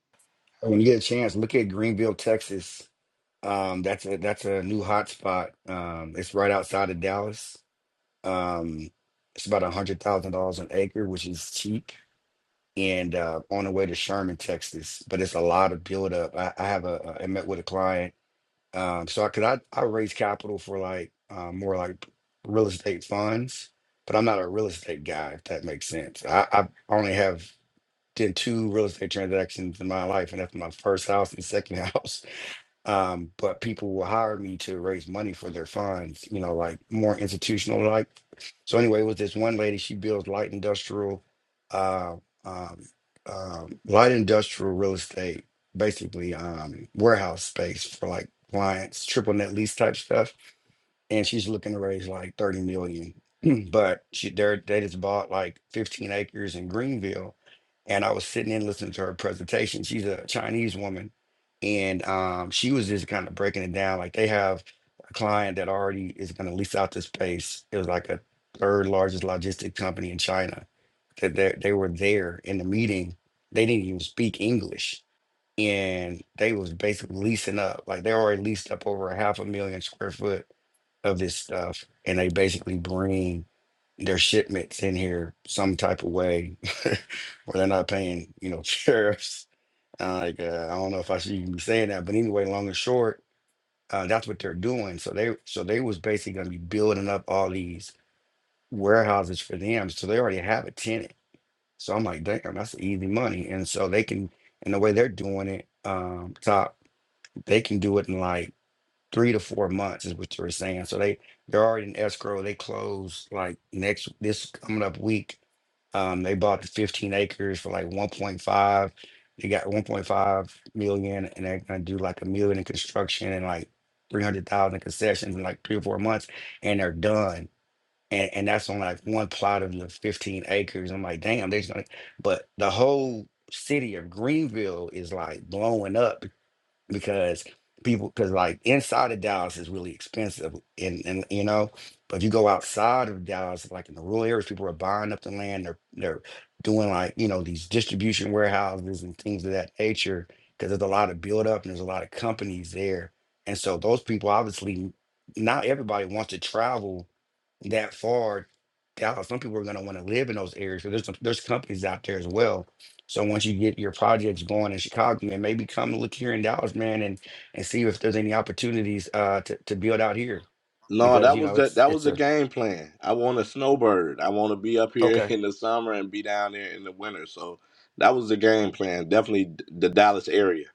G: No, that was the that was the game plan. I want a snowbird. I want to be up here in the summer and be down there in the winter. So that was the game plan. Definitely d- the Dallas area.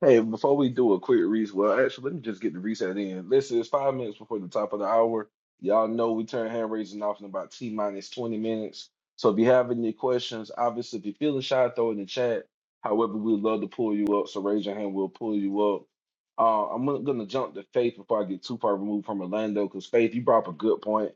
E: Hey, before we do a quick reset, well, actually, let me just get the reset in. This is five minutes before the top of the hour. Y'all know we turn hand raising off in about T minus 20 minutes. So if you have any questions, obviously, if you're feeling shy, throw it in the chat. However, we'd love to pull you up. So raise your hand, we'll pull you up. Uh, I'm going to jump to Faith before I get too far removed from Orlando because Faith, you brought up a good point.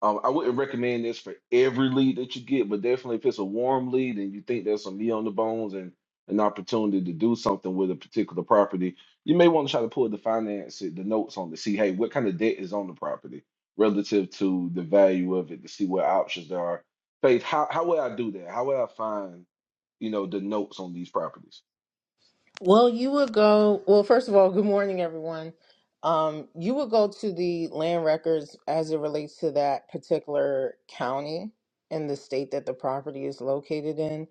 E: Um, I wouldn't recommend this for every lead that you get, but definitely if it's a warm lead and you think there's some meat on the bones and an opportunity to do something with a particular property, you may want to try to pull the finance it, the notes on to see, hey, what kind of debt is on the property relative to the value of it to see what options there are. Faith, how, how would I do that? How would I find, you know, the notes on these properties?
J: Well, you would go. Well, first of all, good morning, everyone. Um, you would go to the land records as it relates to that particular county and the state that the property is located in.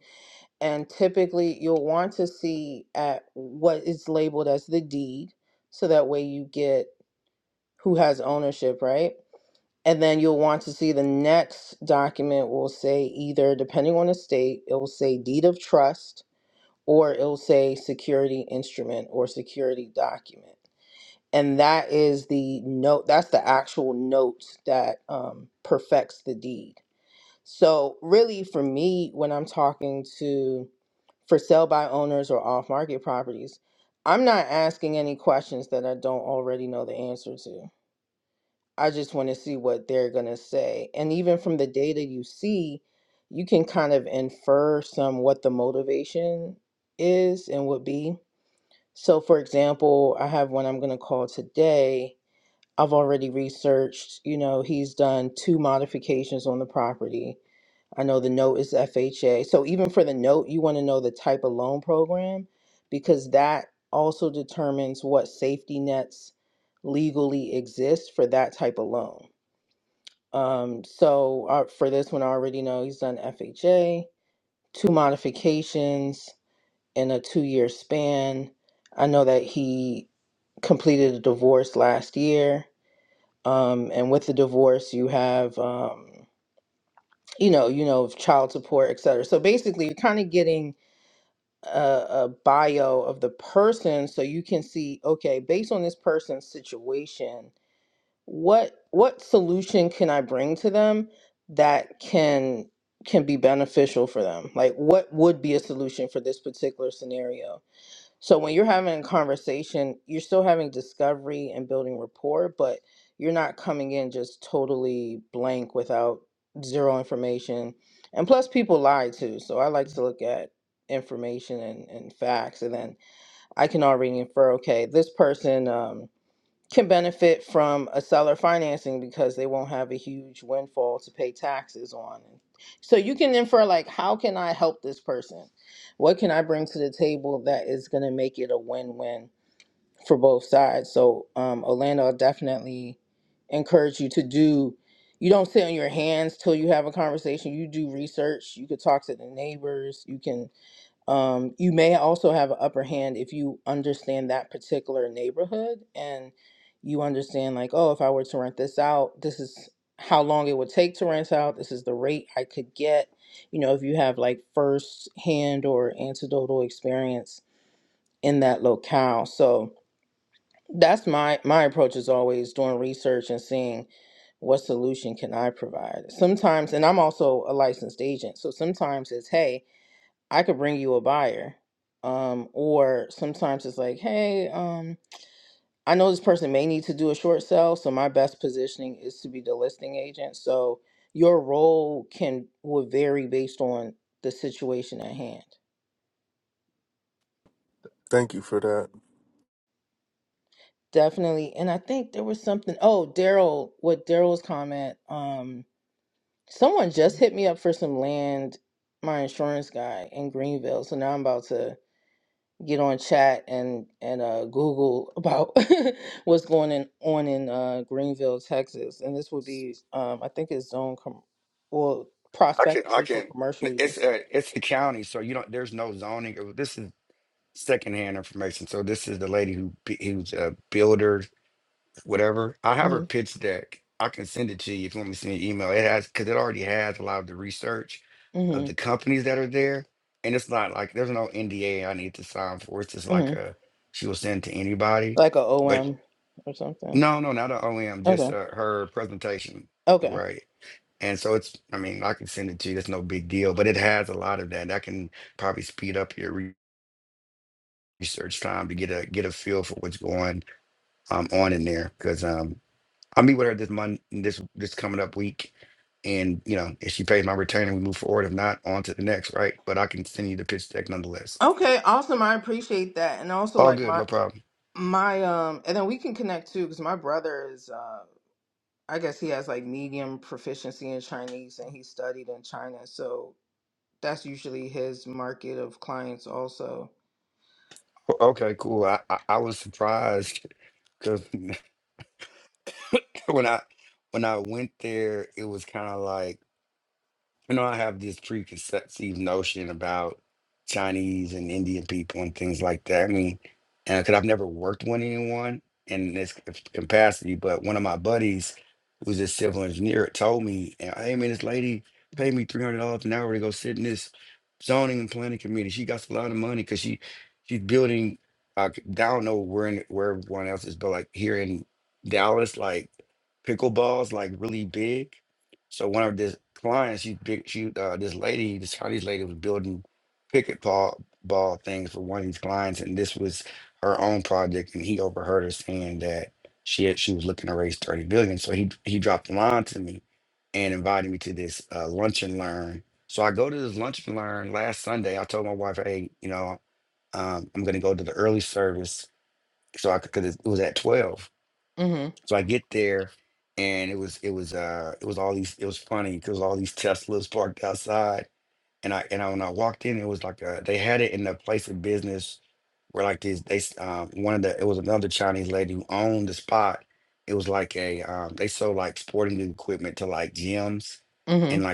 J: And typically, you'll want to see at what is labeled as the deed, so that way you get who has ownership, right? And then you'll want to see the next document will say either, depending on the state, it will say deed of trust or it'll say security instrument or security document. And that is the note, that's the actual note that um, perfects the deed. So, really, for me, when I'm talking to for sale by owners or off market properties, I'm not asking any questions that I don't already know the answer to. I just want to see what they're going to say. And even from the data you see, you can kind of infer some what the motivation is and would be so, for example, I have one I'm going to call today. I've already researched, you know, he's done two modifications on the property. I know the note is FHA. So, even for the note, you want to know the type of loan program because that also determines what safety nets legally exist for that type of loan. Um, so, uh, for this one, I already know he's done FHA, two modifications in a two year span. I know that he completed a divorce last year. Um, and with the divorce, you have, um, you know, you know, child support, et cetera. So basically, you're kind of getting a, a bio of the person, so you can see, okay, based on this person's situation, what what solution can I bring to them that can can be beneficial for them? Like, what would be a solution for this particular scenario? So when you're having a conversation, you're still having discovery and building rapport, but you're not coming in just totally blank without zero information. And plus, people lie too. So I like to look at information and, and facts, and then I can already infer, okay, this person. um, can benefit from a seller financing because they won't have a huge windfall to pay taxes on. So you can infer like how can I help this person? What can I bring to the table that is going to make it a win-win for both sides? So um Orlando I definitely encourage you to do you don't sit on your hands till you have a conversation. You do research. You could talk to the neighbors. You can um, you may also have an upper hand if you understand that particular neighborhood and you understand like oh if i were to rent this out this is how long it would take to rent out this is the rate i could get you know if you have like first hand or anecdotal experience in that locale so that's my my approach is always doing research and seeing what solution can i provide sometimes and i'm also a licensed agent so sometimes it's hey I could bring you a buyer. Um, or sometimes it's like, hey, um, I know this person may need to do a short sale, so my best positioning is to be the listing agent. So your role can will vary based on the situation at hand.
I: Thank you for that.
J: Definitely. And I think there was something, oh, Daryl, what Daryl's comment, um, someone just hit me up for some land, my insurance guy in Greenville. So now I'm about to get on chat and and uh, Google about what's going in, on in uh, Greenville, Texas, and this would be um, I think it's zone com- well prospectively for commercial use. Mm-hmm. Mm-hmm. hmm Like a OM or something. Okay. Okay. Okay. Awesome. I appreciate that, and also like my my um, and then we can connect too because my brother is uh, I guess he has like medium proficiency in Chinese and he studied in China, so that's usually his market of clients also. Mm-hmm. Mm-hmm.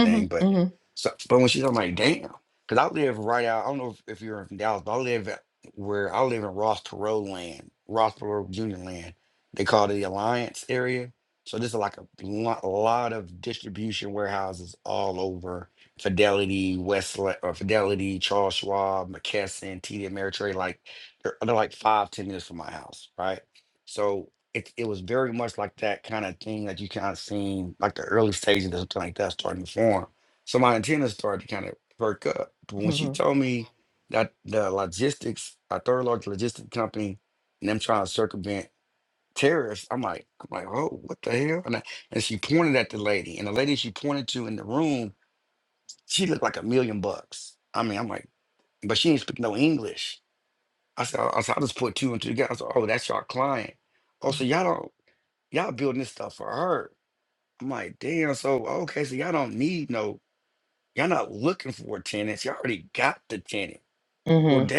J: Mm-hmm. Mm-hmm. Mm-hmm. Mm-hmm.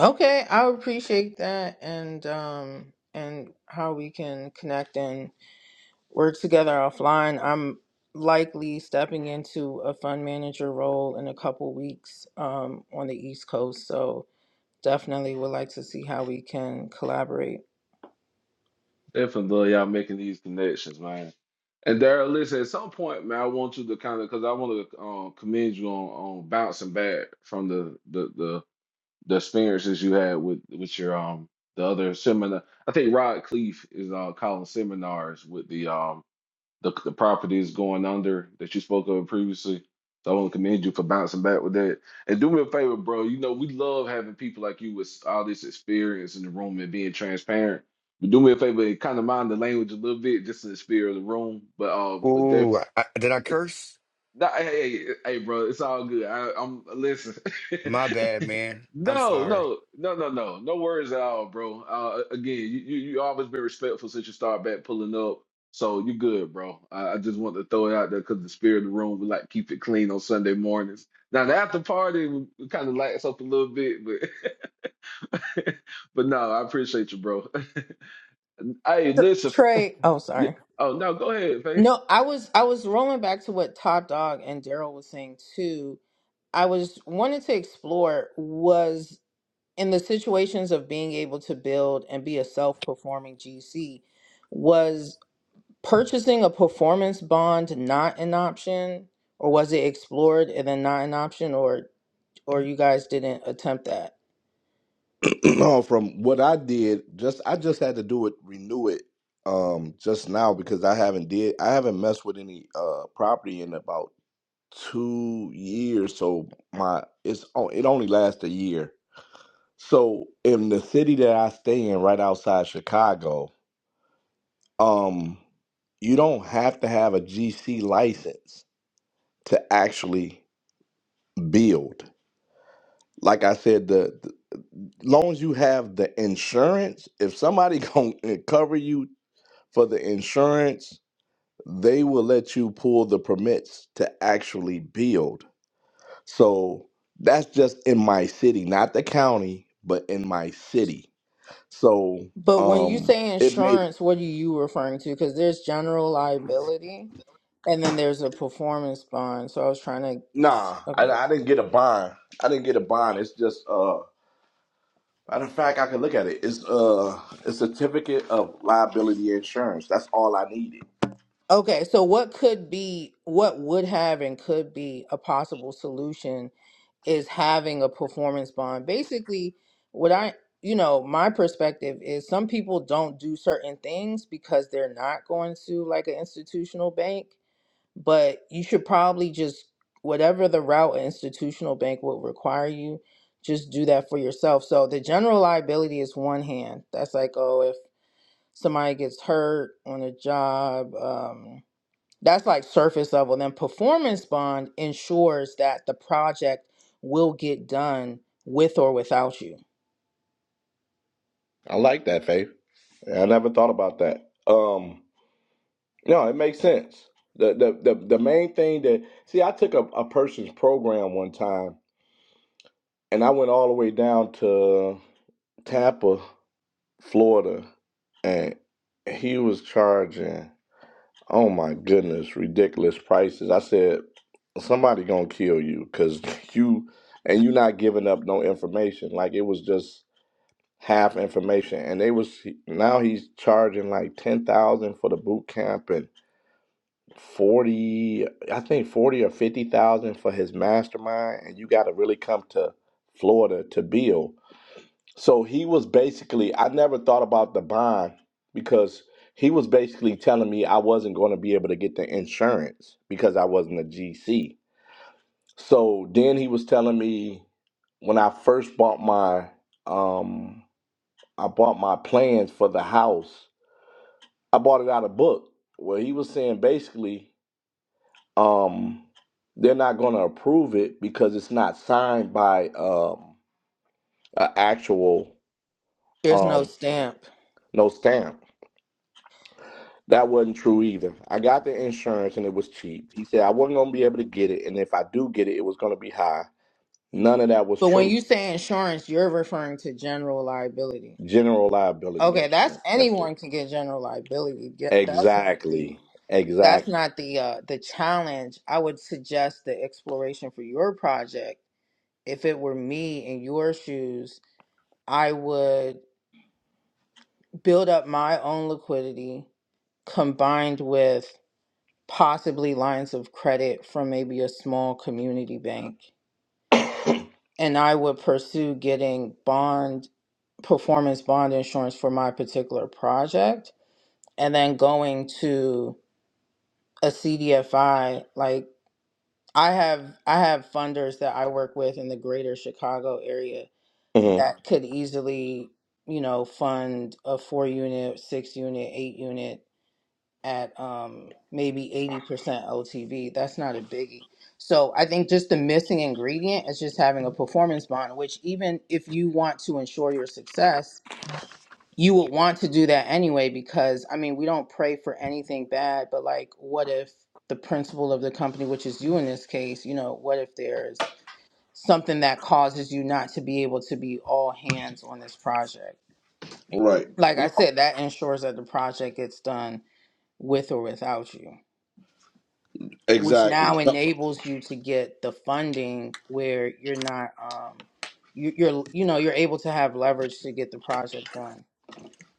J: Okay, I appreciate that and um and how we can connect and work together offline. I'm likely stepping into a fund manager role in a couple weeks um on the East Coast, so definitely would like to see how we can collaborate.
E: Definitely love y'all making these connections, man. And Daryl, listen, at some point, man, I want you to kind of because I want to uh, commend you on, on bouncing back from the the the the experiences you had with with your um the other seminar. I think Rod Cleef is uh calling seminars with the um the the properties going under that you spoke of previously. So I want to commend you for bouncing back with that. And do me a favor, bro. You know we love having people like you with all this experience in the room and being transparent. But do me a favor, kind of mind the language a little bit, just in the spirit of the room. But um, but definitely no, hey, hey, hey, bro, it's all good. I, I'm listen. No, no, no, no, no, no worries at all, bro. Uh, again, you, you you always been respectful since you started back pulling up, so you good, bro. I, I just want to throw it out there because the spirit of the room we like keep it clean on Sunday mornings. Now the after party we kind of lights up a little bit, but but no, I appreciate you, bro. Hey,
J: Tr-
E: listen.
J: Trey, oh
E: Yeah,
J: sorry.
E: oh no, go ahead, Faye.
J: No, I was I was rolling back to what Top Dog and Daryl was saying too. I was wanted to explore was in the situations of being able to build and be a self-performing GC, was purchasing a performance bond not an option, or was it explored and then not an option, or or you guys didn't attempt that?
G: no, from what I did, just I just had to do it, renew it, um, just now because I haven't did I haven't messed with any uh property in about two years. So my it's on it only lasts a year. So in the city that I stay in, right outside Chicago, um, you don't have to have a GC license to actually build. Like I said, the, the long as you have the insurance, if somebody gonna cover you for the insurance, they will let you pull the permits to actually build. So that's just in my city, not the county, but in my city. So
J: But when you
G: um
J: say
G: it made
J: insurance, what are you referring to? Because there's general liability and then there's a performance bond. So I was trying to,
G: Nah, I,
J: okay.
G: I didn't get a bond. I didn't get a bond. It's just uh matter of fact I can look at it. It's uh a certificate of liability insurance. That's all I needed.
J: Okay, so what could be, what would have and could be a possible solution is having a performance bond. Basically, what I, you know, my perspective is some people don't do certain things because they're not going to like an institutional bank but you should probably just whatever the route an institutional bank will require you just do that for yourself so the general liability is one hand that's like oh if somebody gets hurt on a job um, that's like surface level then performance bond ensures that the project will get done with or without you
G: I like that, Faith. I never thought about that. Um no, it makes sense. The the the, the main thing that see I took a, a person's program one time and I went all the way down to Tampa, Florida, and he was charging Oh my goodness, ridiculous prices. I said somebody gonna kill you because you and you not giving up no information. Like it was just half information, and they was now he's charging like ten thousand for the boot camp and forty, I think forty or fifty thousand for his mastermind, and you got to really come to Florida to build. So he was basically, I never thought about the bond because he was basically telling me I wasn't going to be able to get the insurance because I wasn't a GC. So then he was telling me when I first bought my um I bought my plans for the house. I bought it out of book. Well, he was saying basically um they're not going to approve it because it's not signed by um an actual
J: there's no
G: um
J: stamp.
G: no stamp. That wasn't true either. I got the insurance and it was cheap. He said I wasn't going to be able to get it, and if I do get it, it was going to be high. None of that was
J: But when
G: true.
J: you say insurance, you're referring to general liability.
G: General liability
J: Okay, that's
G: insurance. That's it.
J: anyone can get general liability. Get- That's not the
G: Exactly.
J: that's
G: Exactly.
J: not the uh the challenge. I would suggest the exploration for your project. If it were me in your shoes, I would build up my own liquidity combined with possibly lines of credit from maybe a small community bank. And I would pursue getting bond performance bond insurance for my particular project and then going to a CDFI like I have I have funders that I work with in the greater Chicago area
G: hmm
J: that could easily, you know, fund a 4 unit, 6 unit, 8 unit at um, maybe 80% OTV, That's not a biggie. So I think just the missing ingredient is just having a performance bond, which even if you want to ensure your success, you would want to do that anyway, because I mean, we don't pray for anything bad, but like, what if the principal of the company, which is you in this case, you know, what if there's something that causes you not to be able to be all hands on this project?
G: Right.
J: Like I
G: No.
J: said, that ensures that the project gets done with or without you. which
G: Exactly.
J: now enables you to get the funding where you're not um you, you're you know you're able to have leverage to get the project done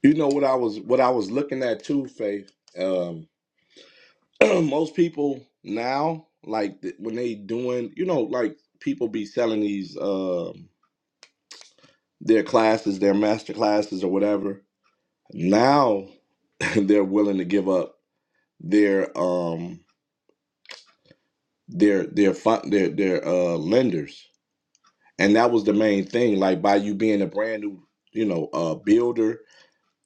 G: You know what I was what I was looking at too, Faith. Um, most people now, like th- when they doing, you know, like people be selling these um their classes, their master classes or whatever. Now. and they're willing to give up their um their their fi- their their uh lenders and that was the main thing like by you being a brand new you know uh builder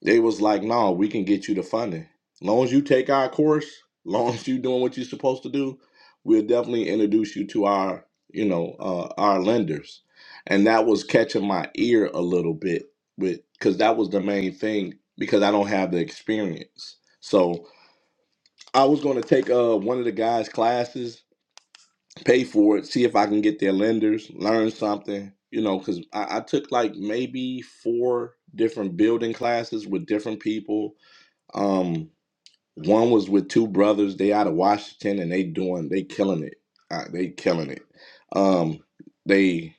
G: they was like no we can get you the funding long as you take our course long as you doing what you're supposed to do we'll definitely introduce you to our you know uh our lenders and that was catching my ear a little bit with because that was the main thing because i don't have the experience so I was going to take uh one of the guys' classes, pay for it, see if I can get their lenders, learn something, you know, because I, I took like maybe four different building classes with different people. Um, one was with two brothers. They out of Washington, and they doing they killing it. Uh, they killing it. Um, they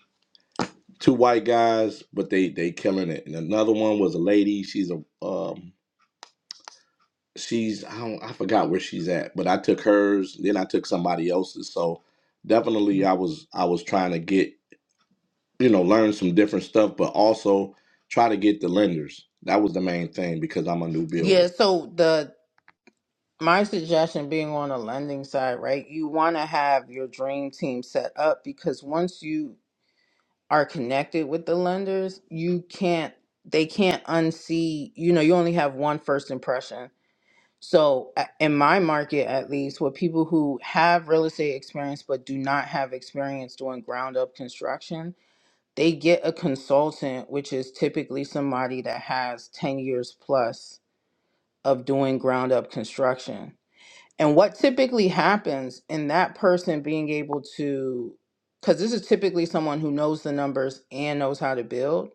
G: two white guys, but they they killing it. And another one was a lady. She's a um she's I don't I forgot where she's at, but I took hers, then I took somebody else's. So definitely I was I was trying to get, you know, learn some different stuff, but also try to get the lenders. That was the main thing because I'm a new
J: yeah
G: builder.
J: so the my suggestion being on the lending side right you want to have your dream team set up because once you are connected with the lenders you can't they can't unsee you know you only have one first impression So, a- in my market, at least, with people who have real estate experience but do not have experience doing ground up construction, they get a consultant, which is typically somebody that has 10 years plus of doing ground up construction. And what typically happens in that person being able to, because this is typically someone who knows the numbers and knows how to build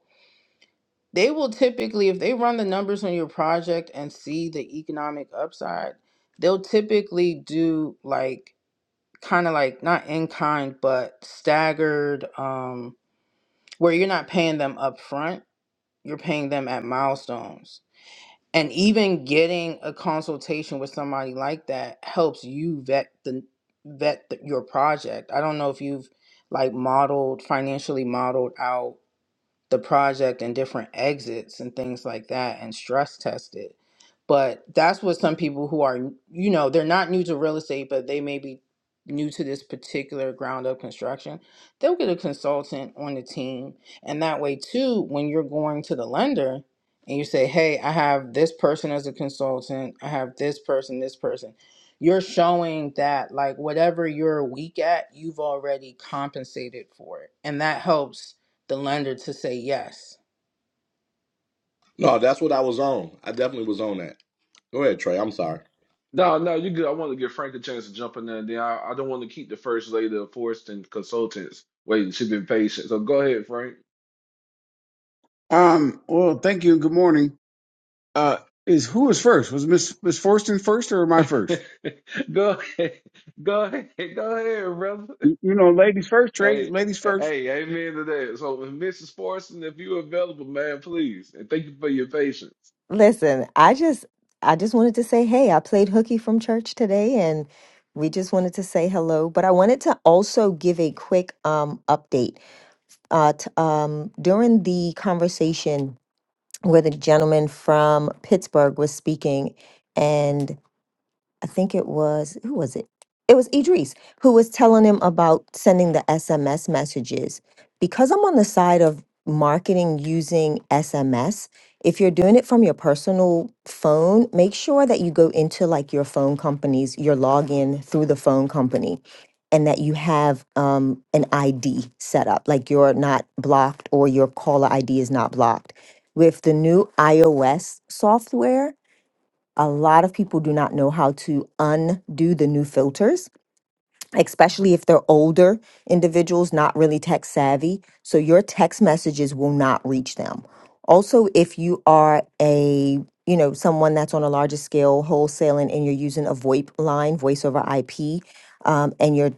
J: they will typically if they run the numbers on your project and see the economic upside they'll typically do like kind of like not in kind but staggered um where you're not paying them up front you're paying them at milestones and even getting a consultation with somebody like that helps you vet the vet the, your project i don't know if you've like modeled financially modeled out the project and different exits and things like that and stress test it. But that's what some people who are, you know, they're not new to real estate, but they may be new to this particular ground up construction. They'll get a consultant on the team. And that way, too, when you're going to the lender and you say, hey, I have this person as a consultant, I have this person, this person, you're showing that, like, whatever you're weak at, you've already compensated for it. And that helps the lender to say yes.
G: No, that's what I was on. I definitely was on that. Go ahead, Trey. I'm sorry.
E: No, no, you good. I want to give Frank a chance to jump in there. And then I, I don't want to keep the first lady of Forreston Consultants waiting. She's been patient. So go ahead, Frank.
K: Um, well, thank you. Good morning. Uh, is who was first? Was Miss Miss Forston first or am I first?
E: Go ahead. Go ahead. Go ahead, brother.
K: You, you know, ladies first, Trey.
E: Hey,
K: Ladies first.
E: hey, amen to that. So, Mrs. Forreston, if you're available, man, please. And thank you for your patience.
L: Listen, I just I just wanted to say, hey, I played hooky from church today and we just wanted to say hello, but I wanted to also give a quick um update. Uh t- um during the conversation where the gentleman from Pittsburgh was speaking I think it was who was it? It was Idris who was telling him about sending the SMS messages. Because I'm on the side of marketing using SMS, if you're doing it from your personal phone, make sure that you go into like your phone companies, your login through the phone company, and that you have um, an ID set up, like you're not blocked or your caller ID is not blocked. With the new iOS software, a lot of people do not know how to undo the new filters, especially if they're older individuals, not really tech savvy. So your text messages will not reach them. Also, if you are a you know someone that's on a larger scale wholesaling and you're using a VoIP line, voice over IP, um, and you're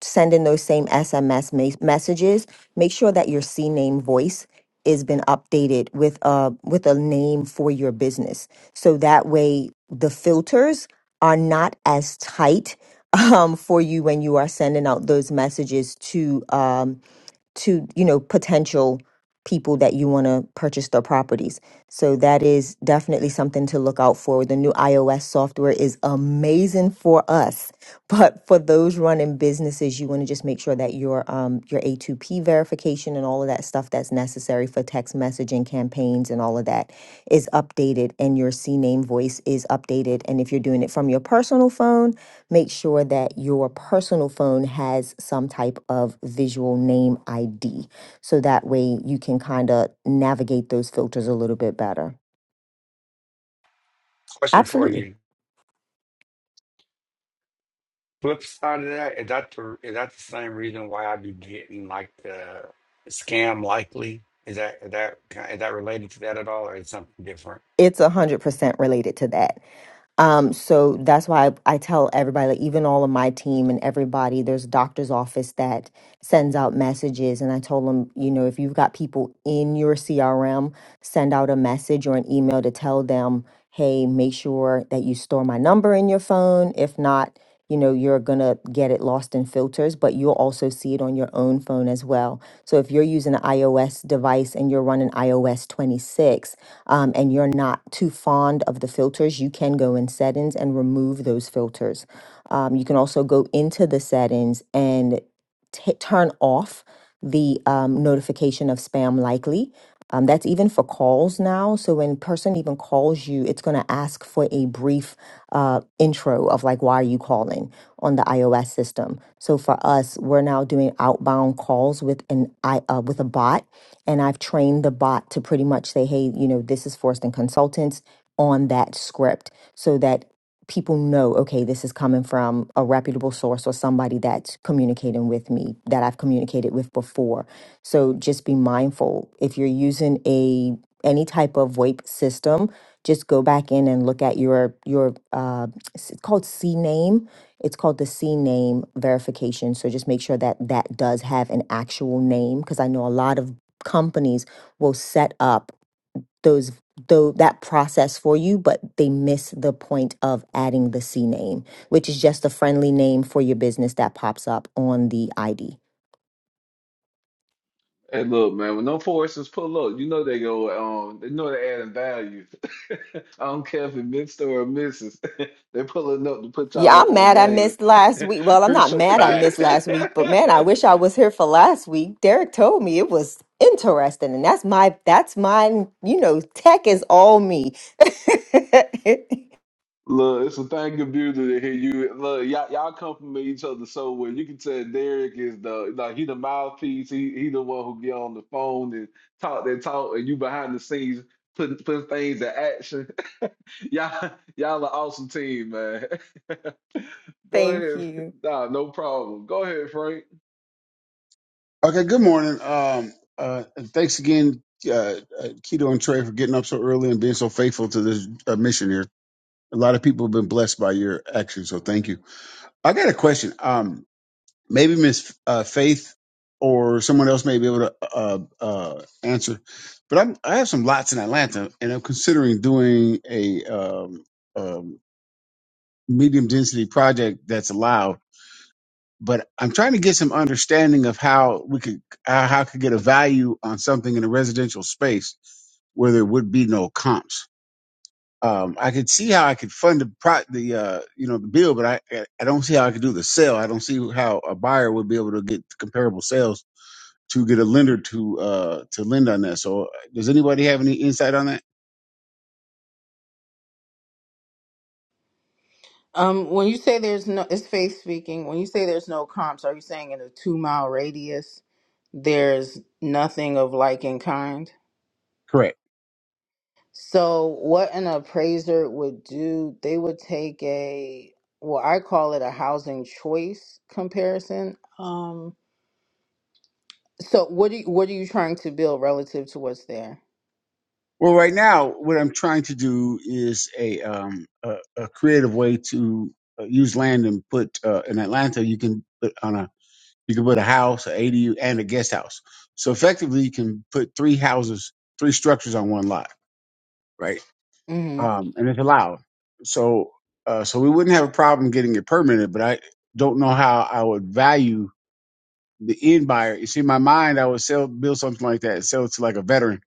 L: sending those same SMS mes- messages make sure that your C name voice has been updated with a with a name for your business. So that way the filters are not as tight um, for you when you are sending out those messages to um, to you know potential people that you want to purchase their properties so that is definitely something to look out for the new ios software is amazing for us but for those running businesses you want to just make sure that your um your a2p verification and all of that stuff that's necessary for text messaging campaigns and all of that is updated and your C name voice is updated and if you're doing it from your personal phone make sure that your personal phone has some type of visual name ID. So that way you can kind of navigate those filters a little bit better. Absolutely. It's 100% related to that. Um, so that's why I, I tell everybody, like even all of my team and everybody, there's a doctor's office that sends out messages. And I told them, you know, if you've got people in your CRM, send out a message or an email to tell them hey, make sure that you store my number in your phone. If not, you know, you're going to get it lost in filters, but you'll also see it on your own phone as well. So if you're using an iOS device and you're running iOS 26 um, and you're not too fond of the filters, you can go in settings and remove those filters. Um, you can also go into the settings and t- turn off the um, notification of spam likely. Um, that's even for calls now. So when person even calls you, it's going to ask for a brief uh, intro of like, why are you calling on the iOS system? So for us, we're now doing outbound calls with an I uh, with a bot, and I've trained the bot to pretty much say, hey, you know, this is Forrest and Consultants on that script, so that people know, okay, this is coming from a reputable source or somebody that's communicating with me that I've communicated with before. So just be mindful if you're using a any type of WAPE system, just go back in and look at your your uh, it's called C name. It's called the C name verification. So just make sure that that does have an actual name because I know a lot of companies will set up those though that process for you but they miss the point of adding the c name which is just a friendly name for your business that pops up on the id
E: Hey, look, man, when them foresters pull up, you know they go, um, they know they're adding value. I don't care if it missed or it misses. They're pulling up to put y'all
L: Yeah,
E: up
L: I'm
E: on
L: mad I
E: game.
L: missed last week. Well, I'm not
E: Appreciate
L: mad I
G: Bye.
L: missed last week, but man, I wish I was here for last week. Derek told me it was interesting, and that's my that's mine, you know, tech is all me.
E: Look, it's a thing of beauty to hear you. Look, y'all, y'all compliment each other so well. You can tell Derek is the like he the mouthpiece. He he the one who get on the phone and talk that talk, and you behind the scenes putting putting things in action. y'all y'all an awesome team, man. Go
L: Thank
E: ahead.
L: you.
E: Nah, no problem. Go ahead, Frank.
K: Okay. Good morning. Um, uh, and thanks again, uh, uh, Keto and Trey, for getting up so early and being so faithful to this uh, mission here. A lot of people have been blessed by your action, so thank you. I got a question. Um, Maybe Miss uh, Faith or someone else may be able to uh, uh, answer. But I'm I have some lots in Atlanta, and I'm considering doing a um, um, medium density project that's allowed. But I'm trying to get some understanding of how we could how how I could get a value on something in a residential space where there would be no comps. Um, I could see how I could fund the pro- the uh, you know the bill, but I I I don't see how I could do the sale. I don't see how a buyer would be able to get comparable sales to get a lender to uh to lend on that. So does anybody have any insight on that?
J: Um, when you say there's no, it's faith speaking. When you say there's no comps, are you saying in a two mile radius there's nothing of like in kind?
K: Correct.
J: So what an appraiser would do, they would take a well, I call it a housing choice comparison. Um, so what do you, what are you trying to build relative to what's there?
K: Well, right now, what I'm trying to do is a um a, a creative way to uh, use land and put uh, in Atlanta. You can put on a you can put a house, an ADU, and a guest house. So effectively, you can put three houses, three structures on one lot, right?
J: Mm-hmm.
K: Um, and it's allowed. So uh, so we wouldn't have a problem getting it permitted, but I don't know how I would value the end buyer. You see, in my mind, I would sell, build something like that, sell it to like a veteran,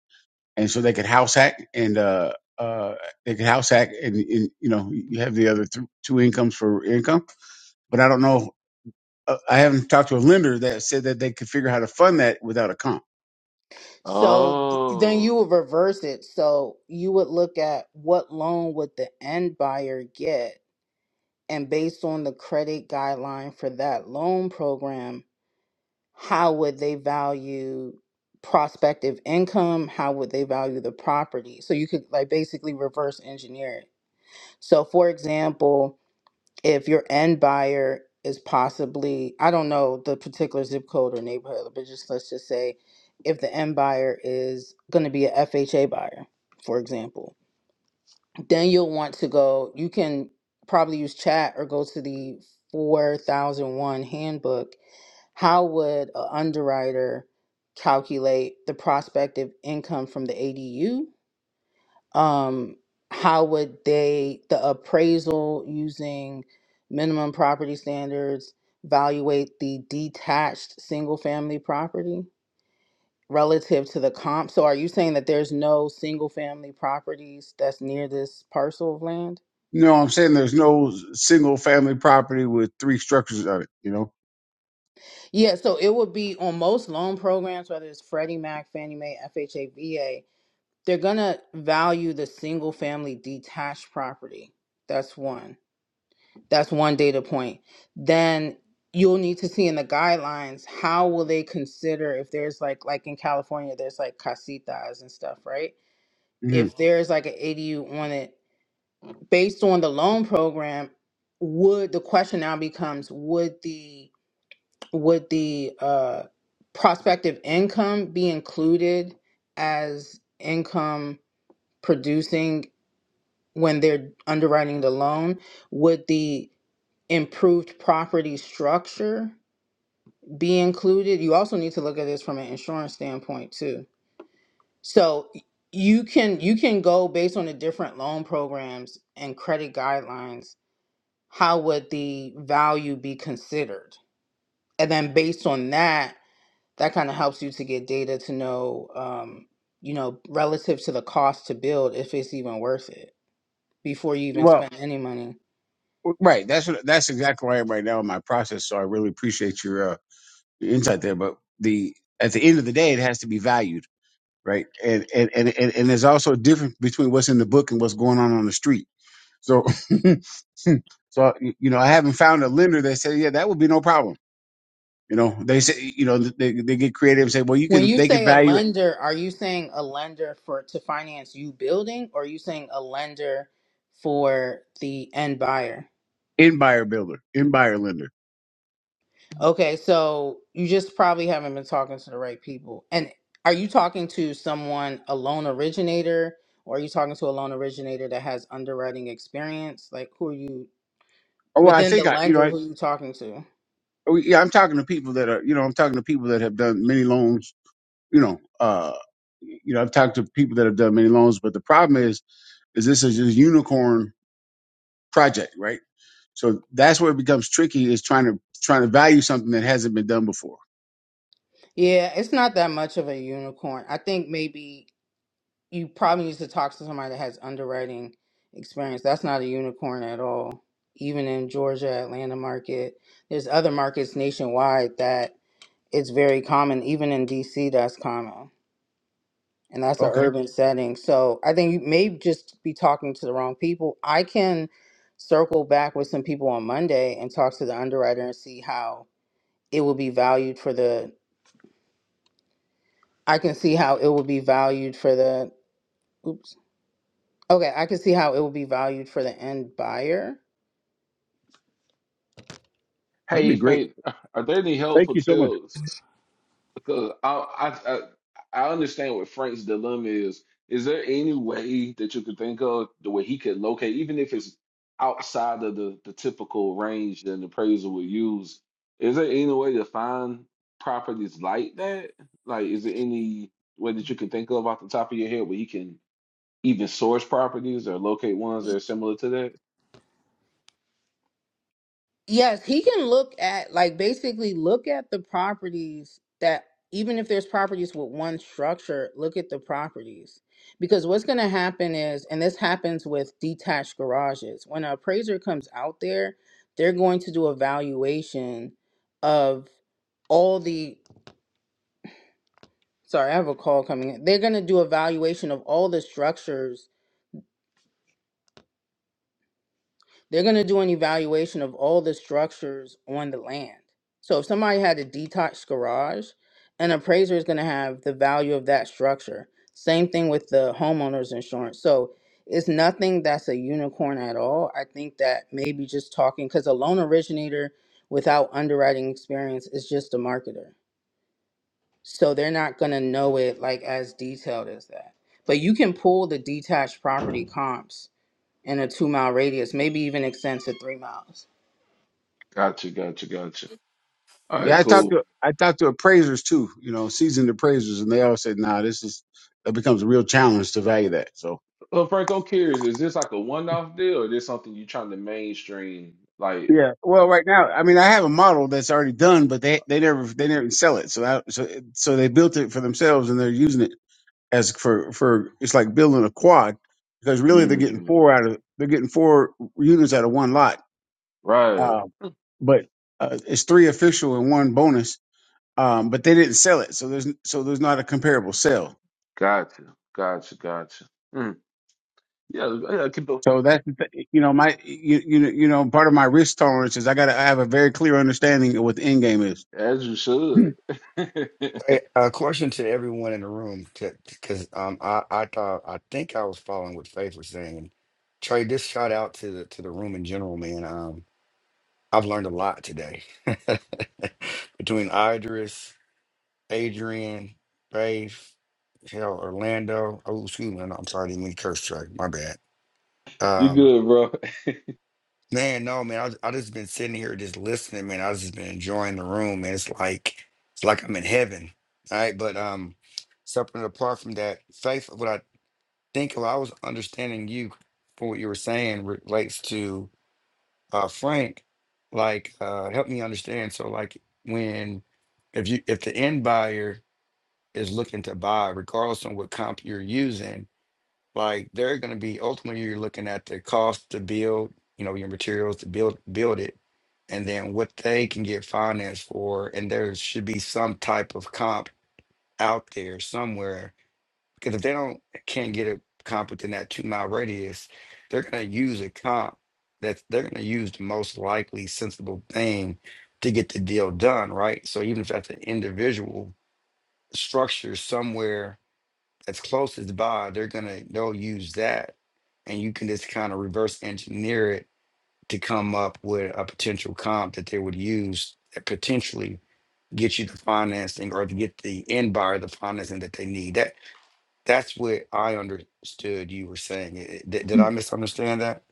K: and so they could house hack and uh, uh, they could house hack, and, and you know, you have the other th- two incomes for income. But I don't know. uh, I haven't talked to a lender that said that they could figure out how to fund that without a comp.
J: So th- then
E: Oh,
J: you would reverse it. So you would look at what loan would the end buyer get, and based on the credit guideline for that loan program, how would they value prospective income? How would they value the property? So you could like basically reverse engineer it. So for example, if your end buyer is possibly i don't know the particular zip code or neighborhood but just let's just say if the end buyer is going to be a fha buyer for example then you'll want to go you can probably use chat or go to the 4001 handbook how would an underwriter calculate the prospective income from the adu um, how would they, the appraisal using minimum property standards, evaluate the detached single family property relative to the comp? So are you saying that there's no single family properties that's near this parcel of land?
K: You know, what I'm saying there's no single family property with three structures on it. You know.
J: Yeah, so it would be on most loan programs, whether it's Freddie Mac, Fannie Mae, FHA, VA, they're gonna value the single family detached property. That's one. That's one data point. Then you'll need to see in the guidelines how will they consider if there's like like in California there's like casitas and stuff, right?
K: hmm
J: If there's like an ADU on it based on the loan program, would the question now becomes would the would the uh prospective income be included as income producing when they're underwriting the loan? Would the improved property structure be included you also need to look at this from an insurance standpoint too so you can you can go based on the different loan programs and credit guidelines how would the value be considered and then based on that that kind of helps you to get data to know um, you know relative to the cost to build if it's even worth it before you even
K: Well,
J: spend any money
K: w- right. That's what. That's exactly where I am right now in my process. So I really appreciate your uh, your insight there. But the at the end of the day, it has to be valued right? And and and and, and there's also a difference between what's in the book and what's going on on the street. So, so you know, I haven't found a lender that said, yeah, that would be no problem. You know, they say, you know, they they get creative and say, well, you
J: When
K: can
J: you
K: they can
J: say a
K: value it
J: lender, are you saying a lender for to finance you building, or are you saying a lender for the end buyer?
K: in buyer builder, in buyer lender.
J: Okay, so you just probably haven't been talking to the right people. And are you talking to someone, a loan originator, or are you talking to a loan originator that has underwriting experience? Like, who are you
K: Oh, well, I
J: within the
K: think I, you know,
J: lender?
K: I,
J: Who are you talking to?
K: oh, yeah, I'm talking to people that are, you know, I'm talking to people that have done many loans. You know, uh, you know, I've talked to people that have done many loans, but the problem is, is this is a unicorn project, right? So that's where it becomes tricky is trying to trying to value something that hasn't been done before.
J: Yeah, it's not that much of a unicorn. I think maybe you probably need to talk to somebody that has underwriting experience. That's not a unicorn at all. Even in Georgia, Atlanta market, there's other markets nationwide that it's very common. Even in DC, that's common, and that's an
K: Okay,
J: urban setting. So I think you may just be talking to the wrong people. I can circle back with some people on Monday and talk to the underwriter and see how it will be valued for the. I can see how it will be valued for the. Oops Okay, I can see how it will be valued for the end buyer.
K: that'd be
E: hey,
K: great.
E: Faith, are there any
K: Thank
E: helpful
K: you so much.
E: tips? Because I, I, I, I understand what Frank's dilemma is. Is there any way that you could think of the way he could locate, even if it's outside of the, the typical range that an appraiser would use? Is there any way to find properties like that? Like, is there any way that you can think of off the top of your head where he can even source properties or locate ones that
J: Y-
E: are similar to that?
J: Yes, he can look at like basically look at the properties that even if there's properties with one structure, look at the properties. Because what's going to happen is, and this happens with detached garages, when an appraiser comes out there, they're going to do a valuation of all the, sorry, I have a call coming in. They're going to do a valuation of all the structures They're going to do an evaluation of all the structures on the land. So if somebody had a detached garage, an appraiser is going to have the value of that structure. Same thing with the homeowner's insurance. So it's nothing that's a unicorn at all. I think that maybe just talking, because a loan originator without underwriting experience is just a marketer. So they're not going to know it like as detailed as that. But you can pull the detached property comps in a two mile radius, maybe even extend to three miles.
E: Gotcha, gotcha, gotcha. All
K: Yeah,
E: right,
K: I talked
E: cool.
K: to I talked to appraisers too. You know, seasoned appraisers, and they all said, "Nah, this is that becomes a real challenge to value that." So
E: Well, Frank, I'm curious, is this like a one-off deal or is this something you're trying to mainstream? Like,
K: yeah, well, right now, I mean, I have a model that's already done, but they they never they never sell it. So I, so so they built it for themselves, and they're using it as for for it's like building a quad because really they're getting
E: mm,
K: four out of they're getting four units out of one lot
E: right.
K: Um, but uh, it's three official and one bonus. Um, but they didn't sell it, so there's so there's not a comparable sale.
E: Gotcha, gotcha, gotcha. Mm, yeah, yeah, keep up.
K: So that's the th- you know my you you know, you know part of my risk tolerance is I got to I have a very clear understanding of what the end game is.
E: As you
K: Hmm.
E: should. You good, bro.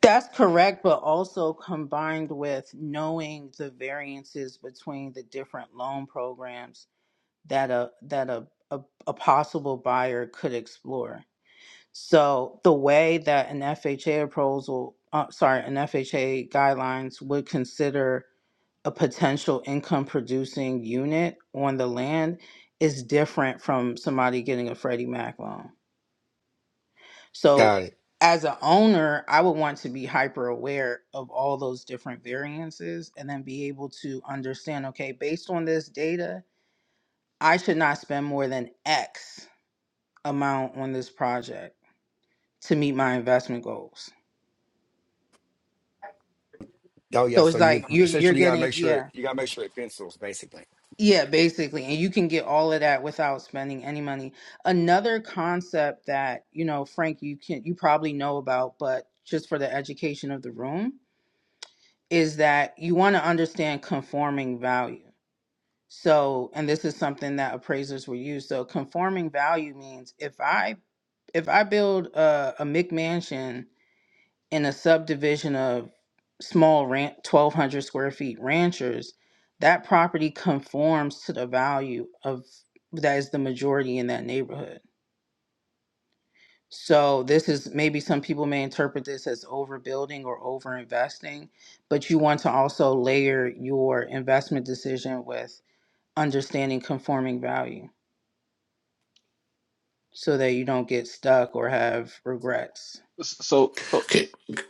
J: That's correct, but also combined with knowing the variances between the different loan programs that a that a, a, a possible buyer could explore. So the way that an FHA appraisal, uh, sorry, an FHA guidelines would consider a potential income producing unit on the land is different from somebody getting a Freddie Mac loan. So, as an owner, I would want to be hyper aware of all those different variances and then be able to understand okay, based on this data, I should not spend more than X amount on this project to meet my investment goals. So it's like you're you're getting yeah. Yeah, basically. And you can get all of that without spending any money. Another concept that, you know, Frank, you can you probably know about, but just for the education of the room, is that you want to understand conforming value. So, and this is something that appraisers will use. So, conforming value means if I if I build a, a McMansion in a subdivision of small ranch, twelve hundred square feet ranchers, that property conforms to the value of that is the majority in that neighborhood. So this is maybe some people may interpret this as overbuilding or overinvesting, but you want to also layer your investment decision with understanding conforming value so that you don't get stuck or have regrets.
E: So, so
M: Can,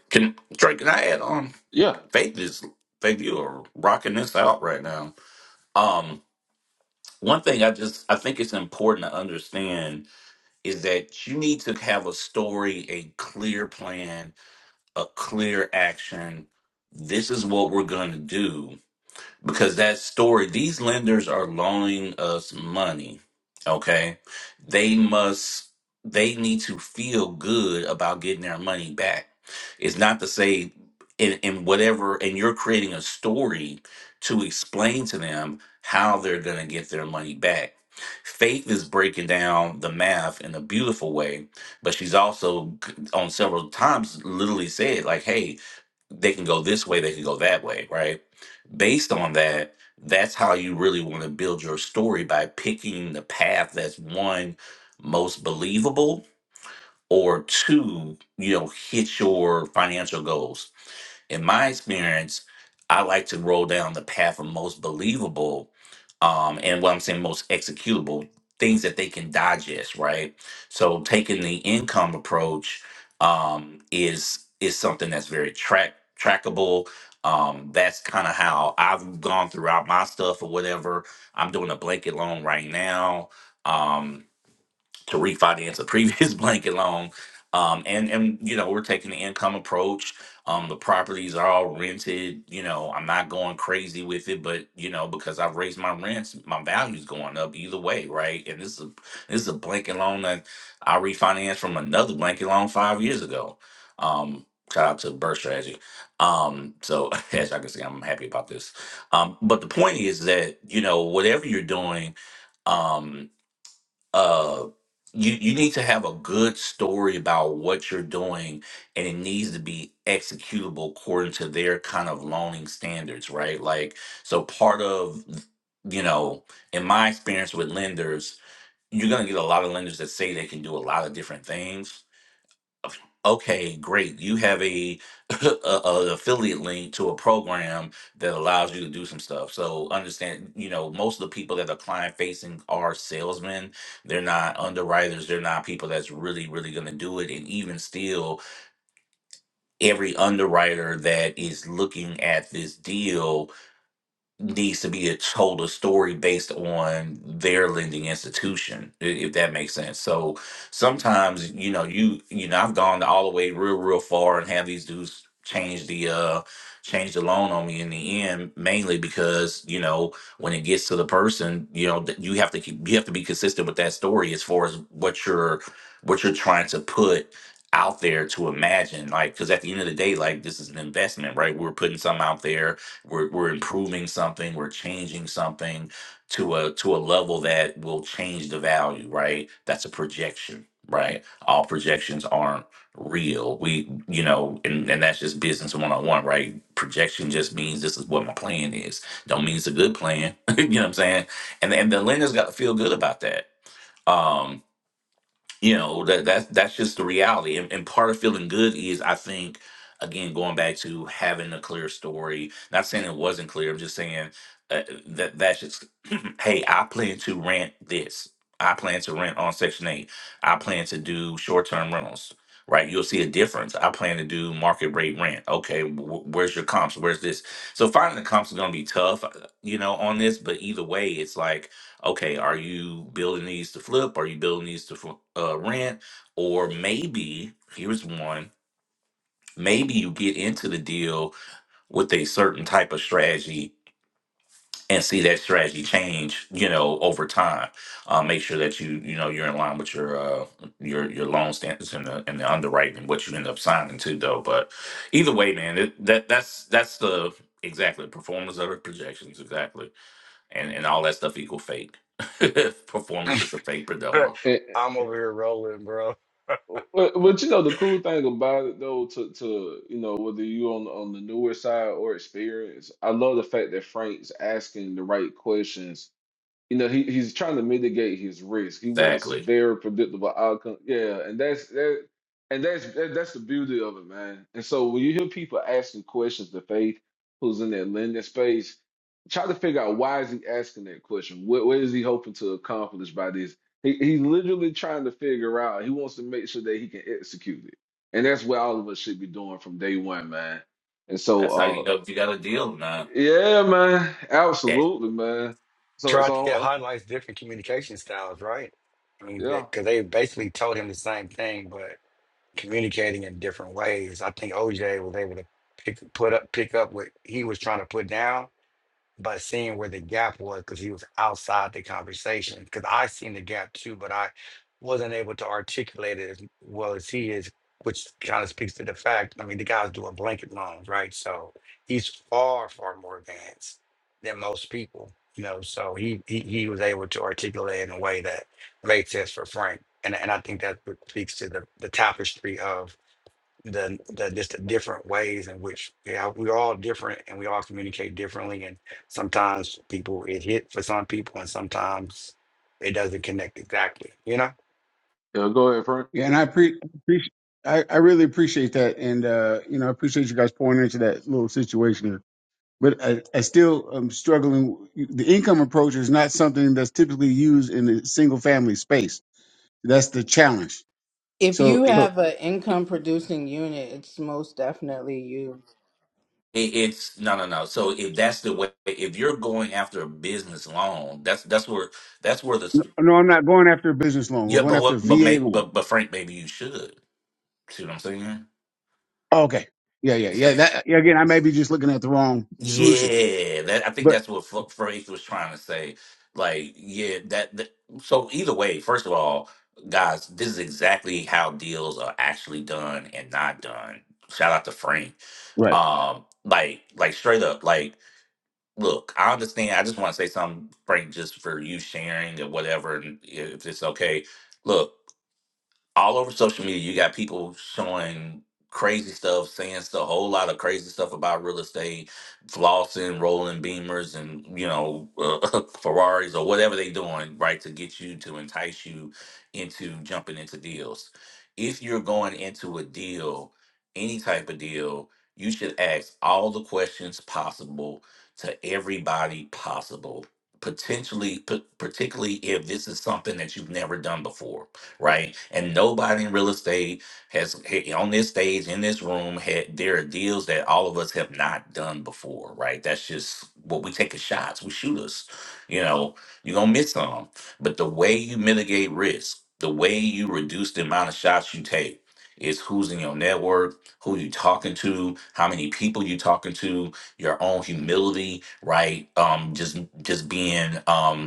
M: can Drake? Can I add on?
E: yeah.
M: Faith is Faith. You are rocking this out right now. Um, one thing I just I think it's important to understand is that you need to have a story, a clear plan, a clear action. This is what we're going to do because that story these lenders are loaning us money okay they must they need to feel good about getting their money back it's not to say in, in whatever and you're creating a story to explain to them how they're going to get their money back faith is breaking down the math in a beautiful way but she's also c- on several times literally said like hey they can go this way, they can go that way, right? Based on that, that's how you really want to build your story by picking the path that's one most believable or two, you know, hit your financial goals in my experience, I like to roll down the path of most believable, um, and what I'm saying most executable things that they can digest, right? So taking the income approach um, is is something that's very track trackable. Um, that's kind of how I've gone throughout my stuff or whatever. I'm doing a blanket loan right now. Um, to refinance a previous blanket loan. Um, and and you know we're taking the income approach. Um, the properties are all rented. You know I'm not going crazy with it, but you know because I've raised my rents, my value's going up either way, right? And this is a, this is a blanket loan that I refinanced from another blanket loan five years ago. Um, shout out to Burst Strategy. Um, so as I can see, I'm happy about this. Um, but the point is that you know whatever you're doing, um, uh you you need to have a good story about what you're doing and it needs to be executable according to their kind of loaning standards right like so part of you know in my experience with lenders you're going to get a lot of lenders that say they can do a lot of different things Okay, great. You have a, a, a affiliate link to a program that allows you to do some stuff. So understand, you know, most of the people that are client facing are salesmen. They're not underwriters. They're not people that's really, really going to do it. And even still, every underwriter that is looking at this deal needs to be a, told a story based on their lending institution i- if that makes sense so sometimes you know you you know i've gone all the way real real far and have these dudes change the uh change the loan on me in the end mainly because you know when it gets to the person you know that you have to keep, you have to be consistent with that story as far as what you're what you're trying to put out there to imagine like because at the end of the day like this is an investment right we're putting something out there we're we're improving something, we're changing something to a to a level that will change the value, right? That's a projection, right? All projections aren't real. We, you know, and, and that's just business one on one, right? Projection just means this is what my plan is. Don't mean it's a good plan. you know what I'm saying? And and the lender's got to feel good about that. Um you know that that that's just the reality and, and part of feeling good is i think again going back to having a clear story not saying it wasn't clear i'm just saying uh, that that should hey, I plan to rent this. I plan to rent on Section 8. I plan to do short term rentals, right? You'll see a difference. I plan to do market rate rent. Okay, wh- where's your comps? Where's this? So finding the comps is going to be tough, uh, you know, on this, but either way, it's like, okay, are you building these to flip? Are you building these to fl- uh, rent? Or maybe, here's one. Maybe you get into the deal with a certain type of strategy and see that strategy change, you know, over time. Uh, make sure that you, you know, you're in line with your uh, your your loan standards and the and the underwriting and what you end up signing to, though. But either way, man, it, that that's that's the exactly performance of the projections, exactly, and and all that stuff equal fake. performance is a fake predominant.
E: And- but, but you know the cool thing about it though, to to you know whether you on on the newer side or experience, I love the fact that Frank's asking the right questions you know, he, he's trying to mitigate his risk. He wants
M: Exactly.
E: very predictable outcome. Yeah, and that's that, and that's that, that's the beauty of it, man. And so when you hear people asking questions to Faith, who's in that lending space, try to figure out why is he asking that question. What what is he hoping to accomplish by this? He he's literally trying to figure out. He wants to make sure that he can execute it, and that's what all of us should be doing from day one, man. And
M: That's how you
E: so,
M: know if you got a deal or
E: uh,
M: not.
E: yeah, man,
M: Yeah.
E: absolutely, man. So so. Uh, yeah. Yeah, go ahead, Frank.
K: Yeah, and I pre- appreciate I, I really appreciate that, and uh, you know I appreciate you guys pouring into that little situation here. But I, I still am struggling. The income approach is not something that's typically used in the single family space. That's the challenge.
J: If
K: So
J: you have an income producing unit, it's most definitely you.
M: It, it's no, no, no. So if that's the way, if you're going after a business loan, that's that's where that's where the
K: No, I'm not going after a business loan. We're
M: Yeah,
K: going
M: but
K: after
M: what?
K: a
M: But may,
K: VA loan.
M: but but Frank, maybe you should. See what I'm saying?
K: Oh, okay. Yeah, yeah, yeah. That yeah, again, I may be just looking at the wrong solution,
M: Yeah, that I think
K: but
M: that's what F- Frank was trying to say. Like, yeah, that, that. So either way, first of all, guys, this is exactly how deals are actually done and not done. Shout out to Frank.
K: right.
M: Um, like, like straight up, like, look, I understand. I just want to say something, Frank, just for you sharing or whatever, and if it's okay. Look. all over social media, you got people showing crazy stuff, saying a whole lot of crazy stuff about real estate, flossing, rolling beamers, and you know uh, Ferraris or whatever they doing, right, to get you to entice you into jumping into deals. If you're going into a deal, any type of deal, you should ask all the questions possible to everybody possible. Potentially, p- particularly if this is something that you've never done before right? And nobody in real estate has ha- on this stage in this room had there are deals that all of us have not done before, right? That's just what we take as shots, we shooters. You know, you're gonna miss some, but the way you mitigate risk, the way you reduce the amount of shots you take. Is who's in your network, who you talking to, how many people you talking to, your own humility, right? Um, just just being um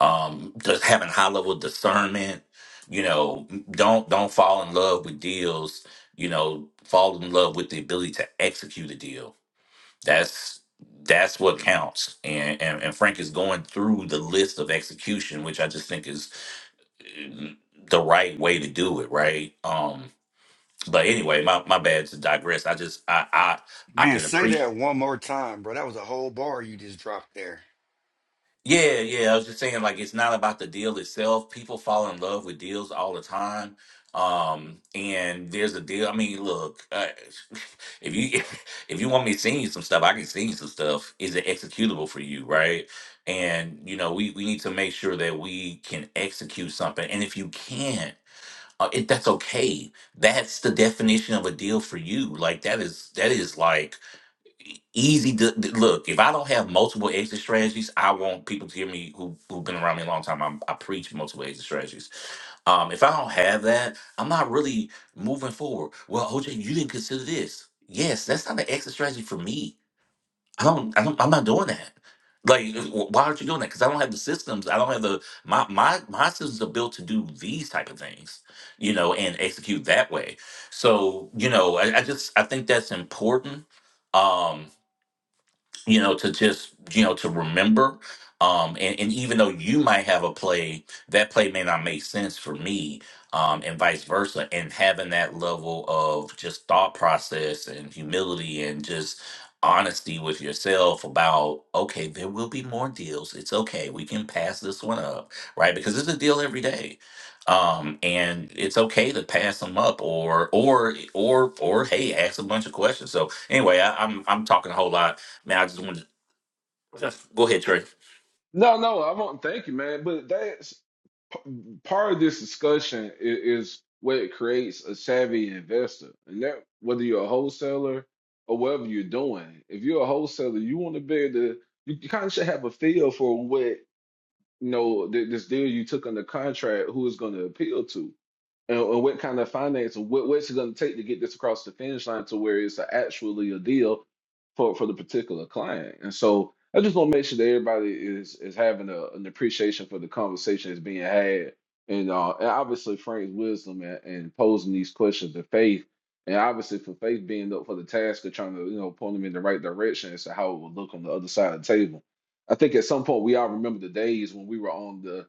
M: um just having high level discernment you know don't don't fall in love with deals you know fall in love with the ability to execute a deal that's that's what counts and and, and frank is going through the list of execution which i just think is mm, the right way to do it right um but anyway my, my bad to digress i just i i i can appreciate Yeah, yeah. I was just saying, like, it's not about the deal itself. People fall in love with deals all the time. Um, and there's a deal. I mean, look, uh, if you if you want me to send you some stuff, I can send you some stuff. Is it executable for you, right? And you know, we we need to make sure that we can execute something. And if you can't, uh, it, that's okay. That's the definition of a deal for you. Like that is that is like e- easy to th- look. If I don't have multiple exit strategies, I want people to hear me who who've been around me a long time. I'm, I preach multiple exit strategies. Um, if I don't have that, I'm not really moving forward. Well, OJ, you didn't consider this. Yes, that's not an exit strategy for me. I don't. I don't I'm not doing that. Like, uh, wh- why aren't you doing that? Because I don't have the systems. I don't have the my my my systems are built to do these type of things, you know, and execute that way. So, you know, I, I just I think that's important. Um, you know, to just, you know, to remember. Um, and, and even though you might have a play, that play may not make sense for me, um, and vice versa. And having that level of just thought process and humility and just honesty with yourself about, okay, there will be more deals. It's okay. We can pass this one up, right? Because it's a deal every day. Um, and it's okay to pass them up or, or, or, or, hey, ask a bunch of questions. So anyway, I, I'm, I'm talking a whole lot Man, I just wanted to go ahead, Trey.
E: No, no, I won't. Thank you, man. But that's p- part of this discussion is, is what creates a savvy investor, and that whether you're a wholesaler or whatever you're doing. If you're a wholesaler, you want to be able to. You, you kind of should have a feel for what you know th- this deal you took under contract, who is going to appeal to. and, and what kind of finance, what, what's it going to take to get this across the finish line to where it's a- actually a deal for for the particular client. And so I just want to make sure that everybody is is having a, an appreciation for the conversation that's being had, and uh, and obviously Frank's wisdom and, and posing these questions to Faith, and obviously for Faith being up for the task of trying to you know point them in the right direction as to how it would look on the other side of the table. I think at some point we all remember the days when we were on the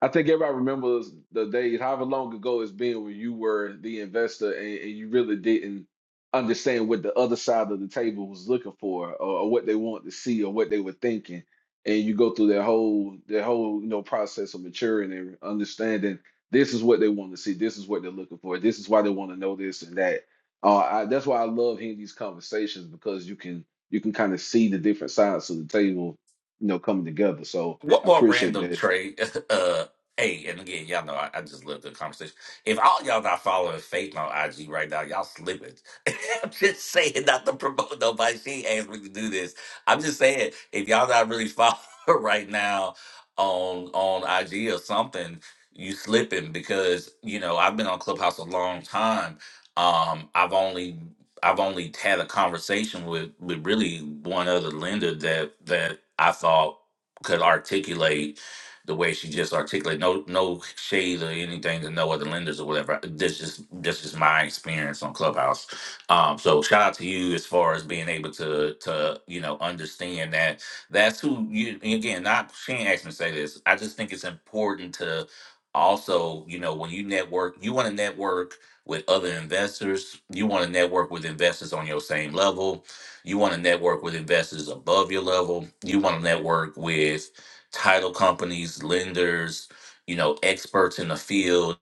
E: I think everybody remembers the days, however long ago it's been, when you were the investor and, and you really didn't understand what the other side of the table was looking for, or, or what they wanted to see, or what they were thinking. And you go through that whole that whole you know process of maturing and understanding this is what they want to see, this is what they're looking for, this is why they want to know this and that. Uh, I, that's why I love hearing these conversations because you can you can kind of see the different sides of the table, you know, coming together. So
M: One
E: I
M: more
E: appreciate
M: random
E: that.
M: trade. Uh, hey, and again, y'all know I, I just love the conversation. If all y'all not following Faith on IG right now, y'all slipping. I'm just saying, not to promote nobody. She ain't asked me to do this. I'm just saying, if y'all not really following her right now on on IG or something, you slipping because you know I've been on Clubhouse a long time. Um, I've only I've only had a conversation with with really one other lender that that I thought could articulate the way she just articulated. No, no shade or anything to no other lenders or whatever. This is this is my experience on Clubhouse. Um, so shout out to you as far as being able to to you know understand that that's who you and again. Not Shane asked me to say this. I just think it's important to also you know when you network, you want to network with other investors. You want to network with investors on your same level you want to network with investors above your level. You want to network with title companies, lenders, you know, experts in the field,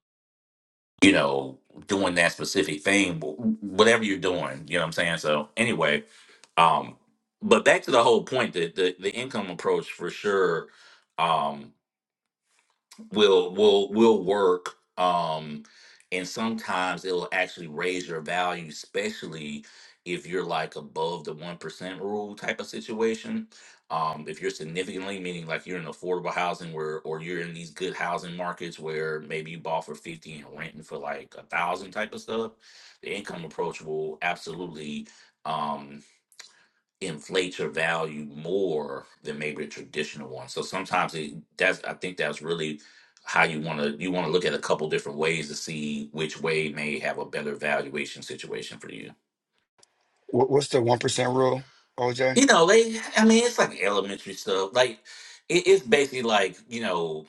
M: you know, doing that specific thing, wh- whatever you're doing. You know what I'm saying? So, anyway, um, but back to the whole point that the, the income approach for sure Um, will will will work um and sometimes it'll actually raise your value especially if you're like above the 1% rule type of situation um if you're significantly meaning like you're in affordable housing where or you're in these good housing markets where maybe you bought for 50 and renting for like a thousand type of stuff the income approach will absolutely um inflate your value more than maybe a traditional one. So sometimes it, that's I think that's really how you want to you want to look at a couple different ways to see which way may have a better valuation situation for you. You know, they I mean it's like elementary stuff. Like it, it's basically like you know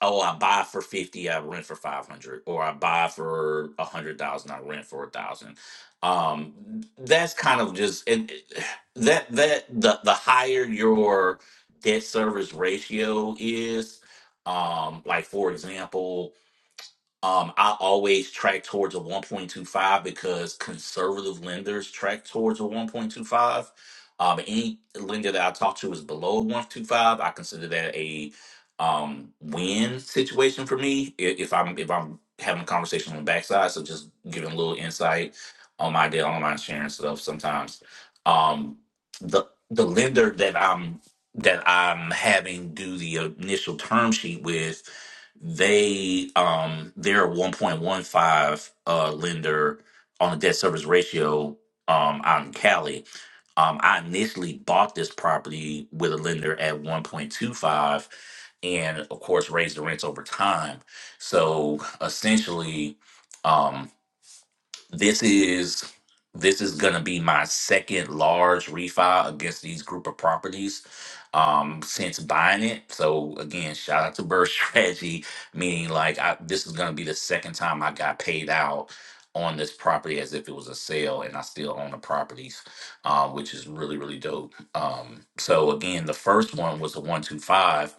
M: oh, I buy for fifty, I rent for five hundred, or I buy for a hundred thousand, I rent for a thousand. Um, that's kind of just and it- that that the the higher your debt service ratio is, um, like for example, um, I always track towards a 1.25 because conservative lenders track towards a 1.25. Um, any lender that I talk to is below one two five. I consider that a um, win situation for me i- if I'm if I'm having a conversation on the backside. So just giving a little insight on my deal, on my insurance stuff. Sometimes um, the the lender that I'm that I'm having do the initial term sheet with they um they're 1.15 uh lender on the debt service ratio um out in Cali. Um I initially bought this property with a lender at 1.25 and of course raised the rents over time. So essentially um, this is this is gonna be my second large refi against these group of properties um since buying it. So again, shout out to Bird Strategy, meaning like I, this is gonna be the second time I got paid out on this property as if it was a sale and I still own the properties, uh, which is really, really dope. Um, so again, the first one was a one two five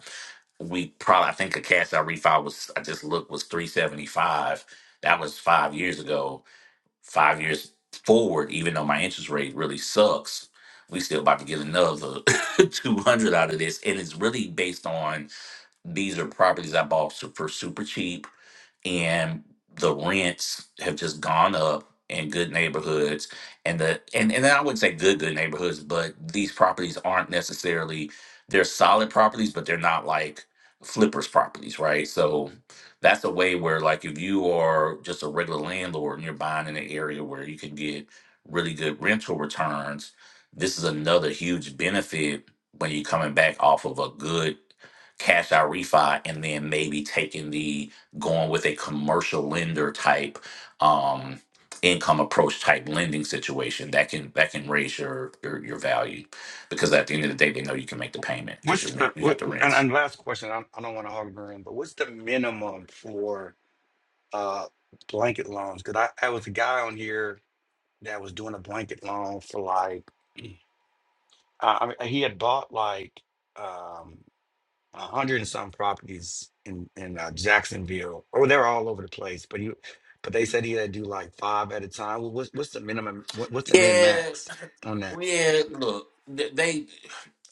M: we probably I think a cash out refi was I just looked was three seventy five. That was five years ago five years forward, even though my interest rate really sucks, we still about to get another 200 out of this. And it's really based on these are properties I bought su- for super cheap and the rents have just gone up in good neighborhoods and the and, and I would say good good neighborhoods, but these properties aren't necessarily they're solid properties, but they're not like flippers properties, right? So that's a way where like if you are just a regular landlord and you're buying in an area where you can get really good rental returns, this is another huge benefit when you're coming back off of a good cash out refi and then maybe taking the going with a commercial lender type um, income approach type lending situation that can that can raise your, your your value because at the end of the day they know you can make the payment because you rent you got the rents. Yeah, Well, Yeah, look, th- they.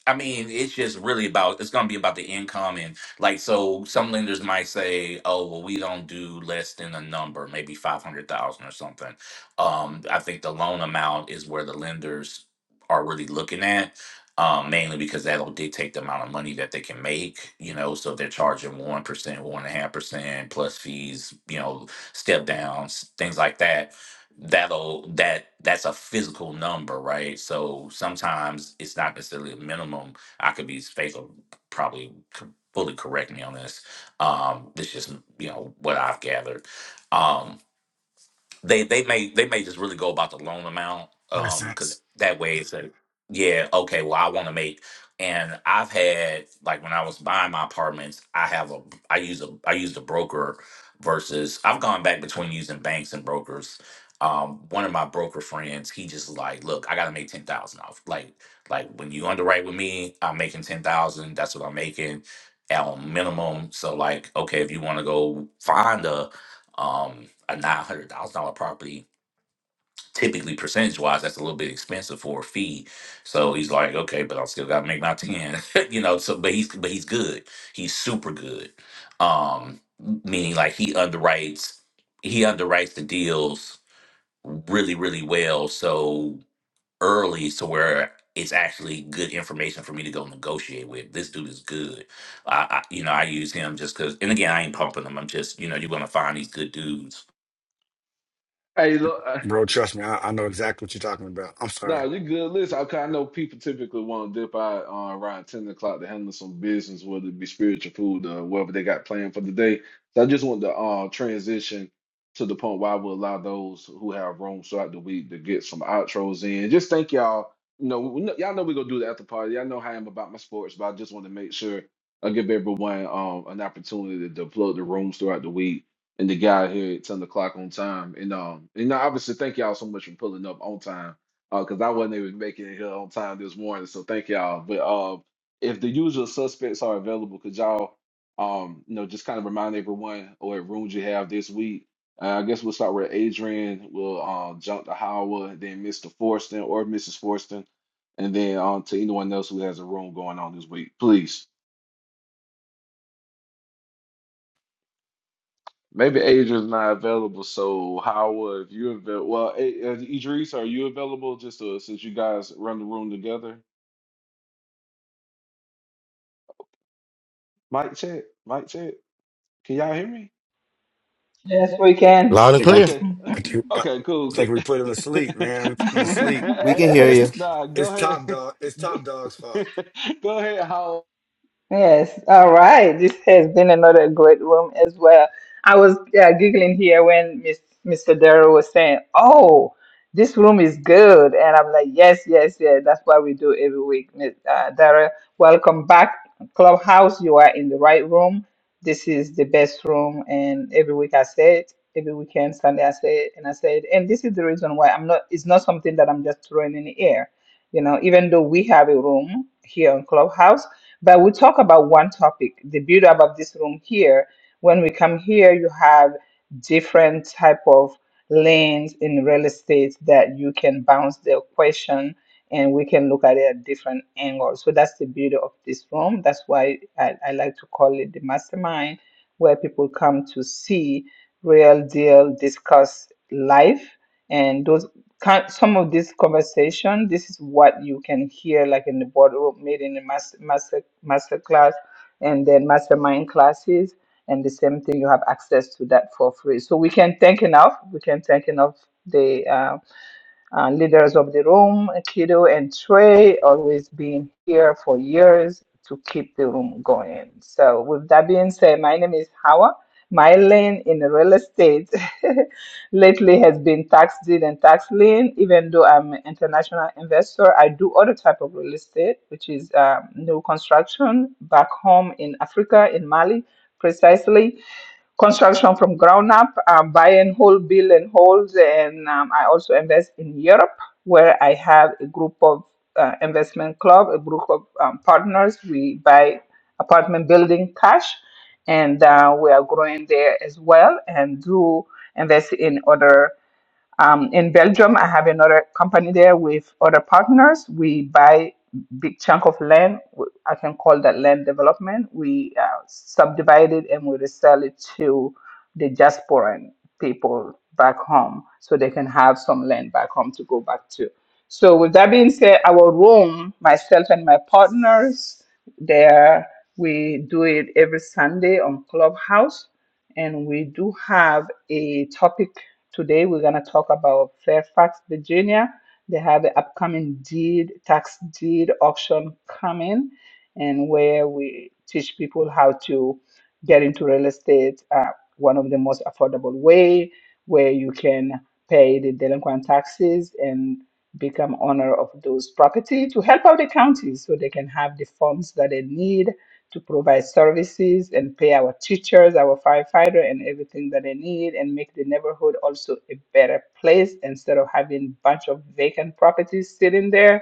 M: I mean, it's just really about it's going to be about the income and like so. Some lenders might say, "Oh, well, we don't do less than a number, maybe five hundred thousand or something." Um, I think the loan amount is where the lenders are really looking at, um, mainly because that'll dictate the amount of money that they can make. You know, so if they're charging one percent, one and a half percent plus fees, you know, step downs, things like that that'll that that's a physical number, right? So sometimes it's not necessarily a minimum. I could be faithful, probably c- fully correct me on this. Um, this is you know what I've gathered. Um, they they may they may just really go about the loan amount um because that way it's like yeah okay well i want to make and i've had like when i was buying my apartments i have a i use a i use a broker versus i've gone back between using banks and brokers um one of my broker friends he just like look i gotta make 10000 off like like when you underwrite with me i'm making 10000 that's what i'm making at minimum so like okay if you want to go find a um, a nine hundred thousand dollar property. Typically, percentage wise, that's a little bit expensive for a fee. So he's like, okay, but I still got to make my ten, you know. So, but he's but he's good. He's super good. Um, meaning like he underwrites, he underwrites the deals really really well. So early, so where it's actually good information for me to go negotiate with. This dude is good. I, I you know I use him just because. And again, I ain't pumping him. I'm just you know you're gonna find these good dudes
E: Hey, look. No, you good. Listen, okay, I know people typically want to dip out uh, around 10 o'clock to handle some business, whether it be spiritual food or whatever they got planned for the day. So I just want to uh, transition to the point where I will allow those who have room throughout the week to get some outros in. Just thank y'all. You know, we, y'all know we're going to do the after party. Y'all know how I am about my sports, but I just want to make sure I give everyone um, an opportunity to plug the rooms throughout the week. And to get out here at 10 o'clock on time. And um, and I obviously thank y'all so much for pulling up on time uh, because I wasn't able to make it here on time this morning. So thank y'all. But um, if the usual suspects are available, could y'all, um, you know, just kind of remind everyone or rooms you have this week? Uh, I guess we'll start with Adrian. We'll um, jump to Howard, then Mr. Forston or Mrs. Forston, and then on to anyone else who has a room going on this week, please. Maybe Adrian's not available, so Howard, if you're available, well, A- uh, Idris, are you available? Just uh, since you guys run the room together, mic check, mic check. Can y'all hear me?
A: Yes, we can.
D: Loud and clear.
E: Okay. Okay, cool, cool.
H: We can hear you.
E: Nah, go ahead. Go ahead, Howell.
A: Yes, all right. This has been another great room as well. I was uh, giggling here when Miss, Mr. Darrow was saying, "Oh, this room is good," and I'm like, "Yes, yes, yes." That's what we do every week. Miss uh, Darrow, welcome back, Clubhouse. You are in the right room. This is the best room, and every week I say it. Every weekend, Sunday, I say it, and I say it, and this is the reason why I'm not. It's not something that I'm just throwing in the air. You know, even though we have a room here on Clubhouse but we talk about one topic, the build up of this room here. When we come here, you have different type of lanes in real estate that you can bounce the question and we can look at it at different angles. So that's the beauty of this room. That's why I, I like to call it the mastermind, where people come to see real deal, discuss life. and those kind- some of this conversation, this is what you can hear like in the boardroom meeting, in master, master, master class, and then mastermind classes. And the same thing, you have access to that for free. So we can thank enough. We can thank enough. And leaders of the room, Kido and Trey, always been here for years to keep the room going. So, with that being said, my name is Hawa. My lane in real estate lately has been tax deed and tax lien. Even though I'm an international investor, I do other type of real estate, which is um, new construction back home in Africa, in Mali, precisely construction from ground up, uh, buying whole build and holds. And um, I also invest in Europe, where I have a group of uh, investment club, a group of um, partners. We buy apartment building cash, and uh, we are growing there as well, and do invest in other. Um, in Belgium, I have another company there with other partners. We buy big chunk of land. W- I can call that land development. We uh, subdivide it and we resell it to the diasporan people back home, so they can have some land back home to go back to. So with that being said, our room, myself and my partners, there we do it every Sunday on Clubhouse, and we do have a topic Today, we're going to talk about Fairfax, Virginia. They have the upcoming deed, tax deed auction coming, and where we teach people how to get into real estate, uh, one of the most affordable way, where you can pay the delinquent taxes and become owner of those property to help out the county so they can have the funds that they need to provide services and pay our teachers, our firefighter, and everything that they need, and make the neighborhood also a better place instead of having bunch of vacant properties sitting there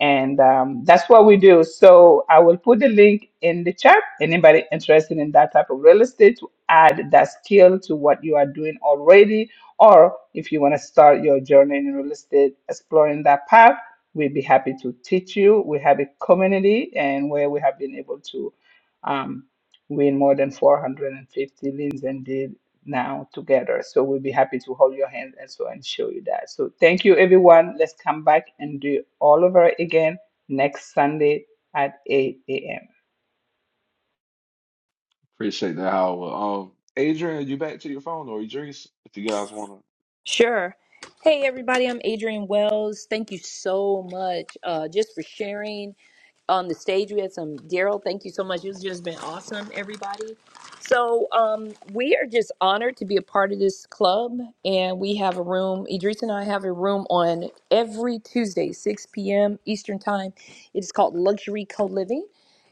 A: and um, that's what we do. So I will put the link in the chat. Anybody interested in that type of real estate to add that skill to what you are doing already, or if you want to start your journey in real estate, exploring that path, we'd be happy to teach you. We have a community, and where we have been able to um, win more than 450 leads and indeed now together. So we'll be happy to hold your hand and so and show you that. So thank you everyone. Let's come back and do all over again next Sunday at 8 a.m.
E: Appreciate that, Howell. Um, Adrian, you back to your phone or Idris, if you guys want to.
C: Sure. Hey, everybody, I'm Adrienne Wells. Thank you so much uh, just for sharing. on the stage. We had some Daryl. Thank you so much. It's just been awesome, everybody. So um, we are just honored to be a part of this club, and we have a room. Idris and I have a room on every Tuesday, 6 p.m. Eastern Time. It is called Luxury Co Living.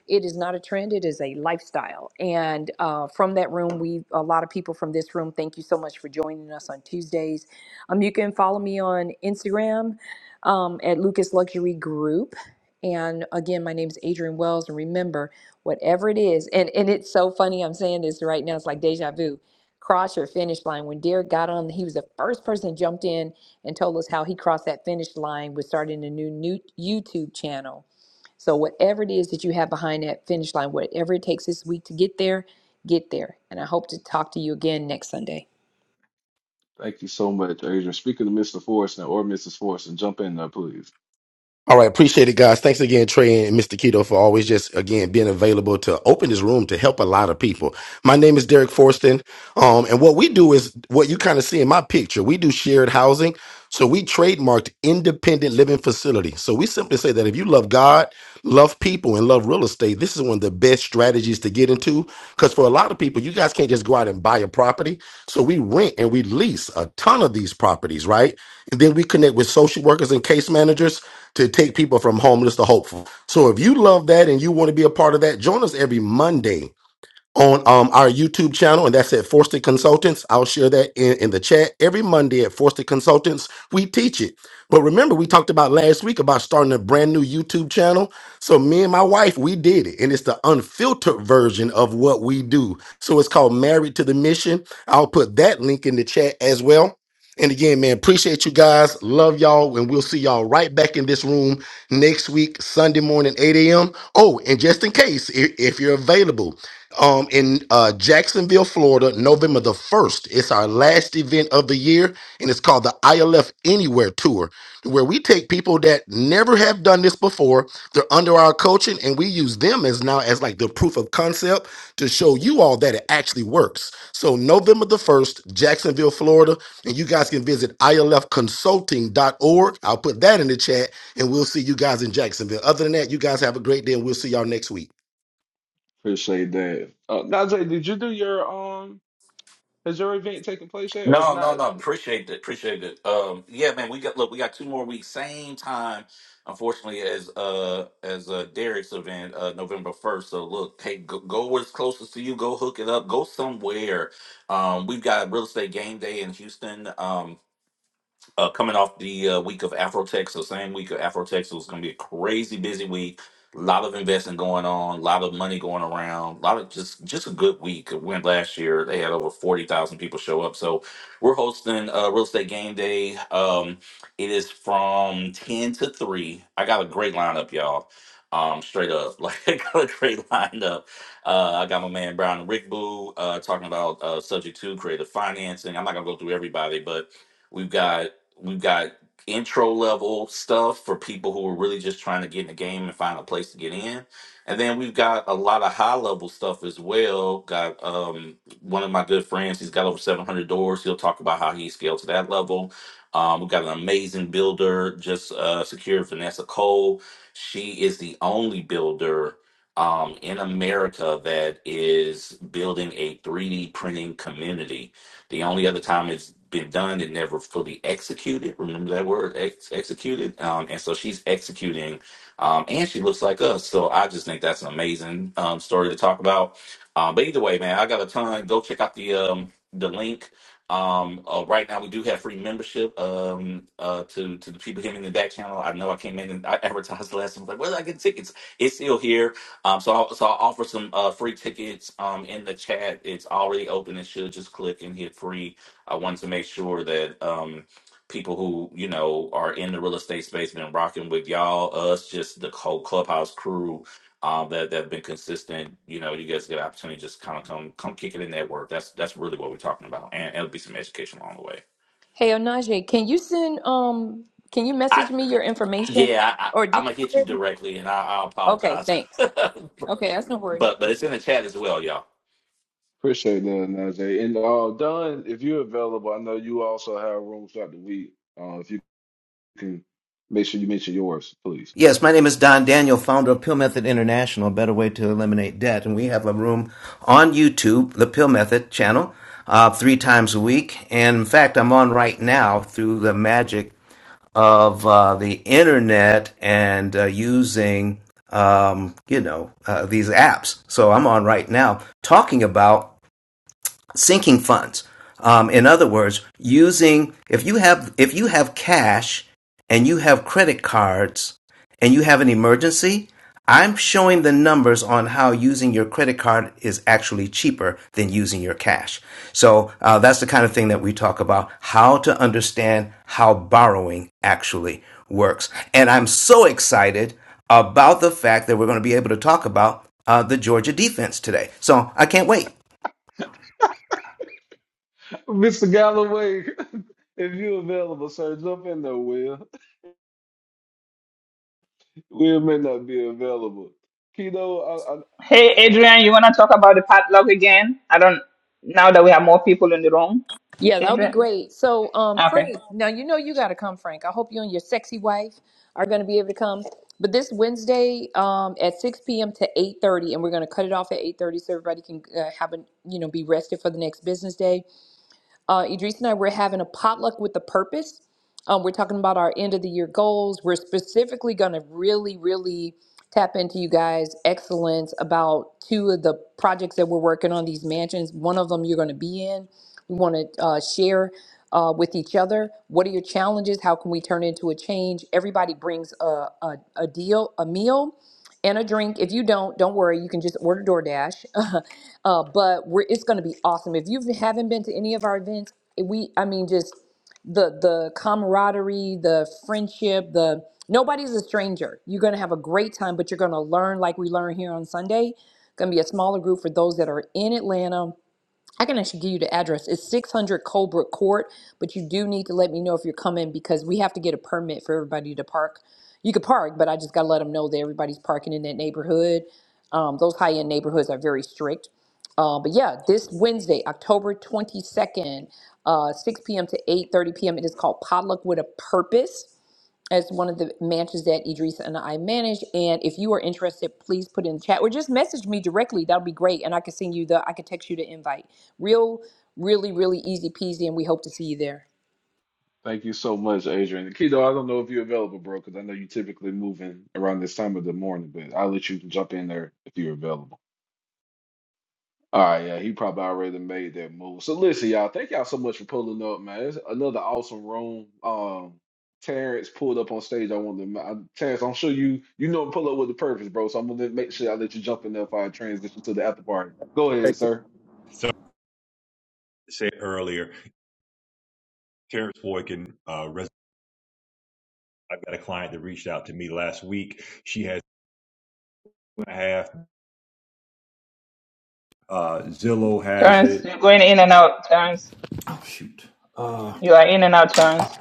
C: It is not a trend; it is a lifestyle. And uh, from that room, we a lot of people from this room. Thank you so much for joining us on Tuesdays. Um, you can follow me on Instagram um, at Lucas Luxury Group and again, my name's Adrian Wells. And remember, whatever it is, and, and it's so funny I'm saying this right now, it's like deja vu. Cross your finish line. When Derek got on, he was the first person that jumped in and told us how he crossed that finish line with starting a new, new YouTube channel. So, whatever it is that you have behind that finish line, whatever it takes this week to get there, get there. And I hope to talk to you again next Sunday.
E: Thank you so much, Adrian. Speaking to Mr. Forreston or Mrs. and jump in there, please.
D: All right, appreciate it, guys. Thanks again, Trey and Mr. Keto, for always just again being available to open this room to help a lot of people. My name is Derek Forston, um, and what we do is what you kind of see in my picture. We do shared housing, so we trademarked independent living facility. So we simply say that if you love God, love people, and love real estate, this is one of the best strategies to get into. Because for a lot of people, you guys can't just go out and buy a property. So we rent and we lease a ton of these properties, right? And then we connect with social workers and case managers to take people from homeless to hopeful. So if you love that and you want to be a part of that, join us every Monday on um, our YouTube channel, and that's at Forsted Consultants. I'll share that in, in the chat every Monday at Forsted Consultants. We teach it. But remember, we talked about last week about starting a brand new YouTube channel. So, me and my wife, we did it, and it's the unfiltered version of what we do. So, it's called Married to the Mission. I'll put that link in the chat as well. And again, man, appreciate you guys. Love y'all. And we'll see y'all right back in this room next week, Sunday morning, 8 a.m. Oh, and just in case, i- if you're available, um, in uh, Jacksonville, Florida, November the 1st. It's our last event of the year, and it's called the ILF Anywhere Tour, where we take people that never have done this before. They're under our coaching, and we use them as now as like the proof of concept to show you all that it actually works. So, November the 1st, Jacksonville, Florida, and you guys can visit I L F consulting dot org. I'll put that in the chat, and we'll see you guys in Jacksonville. Other than that, you guys have a great day, and we'll see y'all next week.
E: Appreciate that. Uh, Najee, did you do your um? Has your event taken place yet? Or if
M: No,
E: not,
M: no, no. Appreciate it. Appreciate it. Um, yeah, man. We got look. We got two more weeks. Same time, unfortunately, as uh as uh Derek's event, uh November first. So look, hey, go, go where's closest to you. Go hook it up. Go somewhere. Um, we've got real estate game day in Houston. Um, uh, coming off the uh, week of Afrotech, so same week of Afrotech, so it's going to be a crazy busy week. A lot of investing going on, a lot of money going around, a lot of just just a good week. It went last year; they had over forty thousand people show up. So we're hosting uh, Real Estate Game Day. Um, it is from ten to three. I got a great lineup, y'all. Um, straight up, like I got a great lineup. Uh, I got my man Brown and Rick Boo uh, talking about uh, subject two creative financing. I'm not gonna go through everybody, but. We've got We've got intro level stuff for people who are really just trying to get in the game and find a place to get in. And then we've got a lot of high level stuff as well. Got um, one of my good friends, he's got over 700 doors. He'll talk about how he scaled to that level. Um, we've got an amazing builder, just uh, secured Vanessa Cole. She is the only builder um, in America that is building a 3D printing community the only other time it's been done, it never fully executed. Remember that word, ex- executed. Um, and so she's executing, um, and she looks like us. So I just think that's an amazing um, story to talk about. Um, but either way, man, I got a ton. Go check out the um, the link. Um, uh, right now we do have free membership um, uh, to to the people hitting the back channel. I know I came in and I advertised last time. I was like, where did I get tickets? It's still here. Um, so I'll, so I'll offer some uh, free tickets um, in the chat. It's already open. It should just click and hit free. I wanted to make sure that um, people who you know are in the real estate space and been rocking with y'all, us, just the whole clubhouse crew um, that that have been consistent. You know, you guys get an opportunity to just kind of come come kick it in network. That's that's really what we're talking about, and and it'll be some education along the way.
C: Hey, Onaje, can you send, um, can you
M: I
C: message me your information?
M: yeah, I,
C: Or
M: I, I'm
C: did
M: gonna
C: you
M: hit you directly, and I, I
C: Okay,
M: apologize.
C: thanks. Okay, that's no worries.
M: But but it's in the chat as well, y'all.
E: appreciate that, Najee. And uh, Don, if you're available, I know you also have rooms throughout the week. Uh, if you can make sure you mention yours, please.
H: Yes, my name is Don Daniel, founder of Pill Method International, a better way to eliminate debt. And we have a room on YouTube, the Pill Method channel, uh, three times a week. And in fact, I'm on right now through the magic of uh, the internet and uh, using, um, you know, uh, these apps. So I'm on right now talking about sinking funds. Um, in other words, using if you have if you have cash and you have credit cards and you have an emergency, I'm showing the numbers on how using your credit card is actually cheaper than using your cash. So uh, that's the kind of thing that we talk about: how to understand how borrowing actually works. And I'm so excited about the fact that we're going to be able to talk about uh, the Georgia defense today. So I can't wait.
E: Mr. Galloway, if you're available, sir, jump in there, Will. Will may not be available. Keto, I, I,
A: Hey Adrian, you wanna talk about the padlock again? I don't now that we have more people in the room.
C: Yeah, that'll be
A: Adrian?
C: great. So, um,
A: Okay.
C: Frank, now you know you got to come, Frank. I hope you and your sexy wife are going to be able to come. But this Wednesday, um, at six p.m. to eight thirty, and we're going to cut it off at eight thirty, so everybody can uh, have a you know be rested for the next business day. Uh, Idris and I we're having a potluck with a purpose. Um, we're talking about our end of the year goals. We're specifically going to really, really tap into you guys' excellence about two of the projects that we're working on. These mansions, one of them you're going to be in. We want to uh, share uh, with each other. What are your challenges? How can we turn it into a change? Everybody brings a, a, a deal, a meal and a drink. If you don't, don't worry. You can just order DoorDash. uh, but we're, it's going to be awesome. If you haven't been to any of our events, we, I mean, just the the camaraderie, the friendship, the nobody's a stranger. You're going to have a great time, but you're going to learn like we learn here on Sunday. Going to be a smaller group for those that are in Atlanta I can actually give you the address. It's 600 Colebrook Court, but you do need to let me know if you're coming because we have to get a permit for everybody to park. You could park, but I just got to let them know that everybody's parking in that neighborhood. Um, those high end neighborhoods are very strict. Uh, but yeah, this Wednesday, October 22nd, uh, 6 p.m. to eight thirty p.m., it is called Potluck with a Purpose as one of the mansions that Idris and I manage. And if you are interested, please put in the chat or just message me directly. That'll be great. And I can send you the, I can text you the invite. Real, really, really easy peasy. And we hope to see you there.
E: thank you so much, Adrian. Keto, I don't know if you're available, bro, because I know you typically move in around this time of the morning, but I'll let you jump in there if you're available. All right, yeah, he probably already made that move. So listen, y'all, thank y'all so much for pulling up, man. It's another awesome room. Um, Terrence pulled up on stage. I wanted to, I, Terrence, I'm sure you you know pull up with the purpose, bro. So I'm gonna make sure I let you jump in there if I transition to the after party. Go
I: Hey,
E: ahead,
I: c-
E: sir.
N: So I said earlier, Terrence Boyd can uh, res- I've got a client that reached out to me last week. She has two and a half. Uh, Zillow has
A: Terrence,
N: it.
A: you're going in and out, Terrence.
N: Oh shoot. Uh
A: You are in and out, Terrence.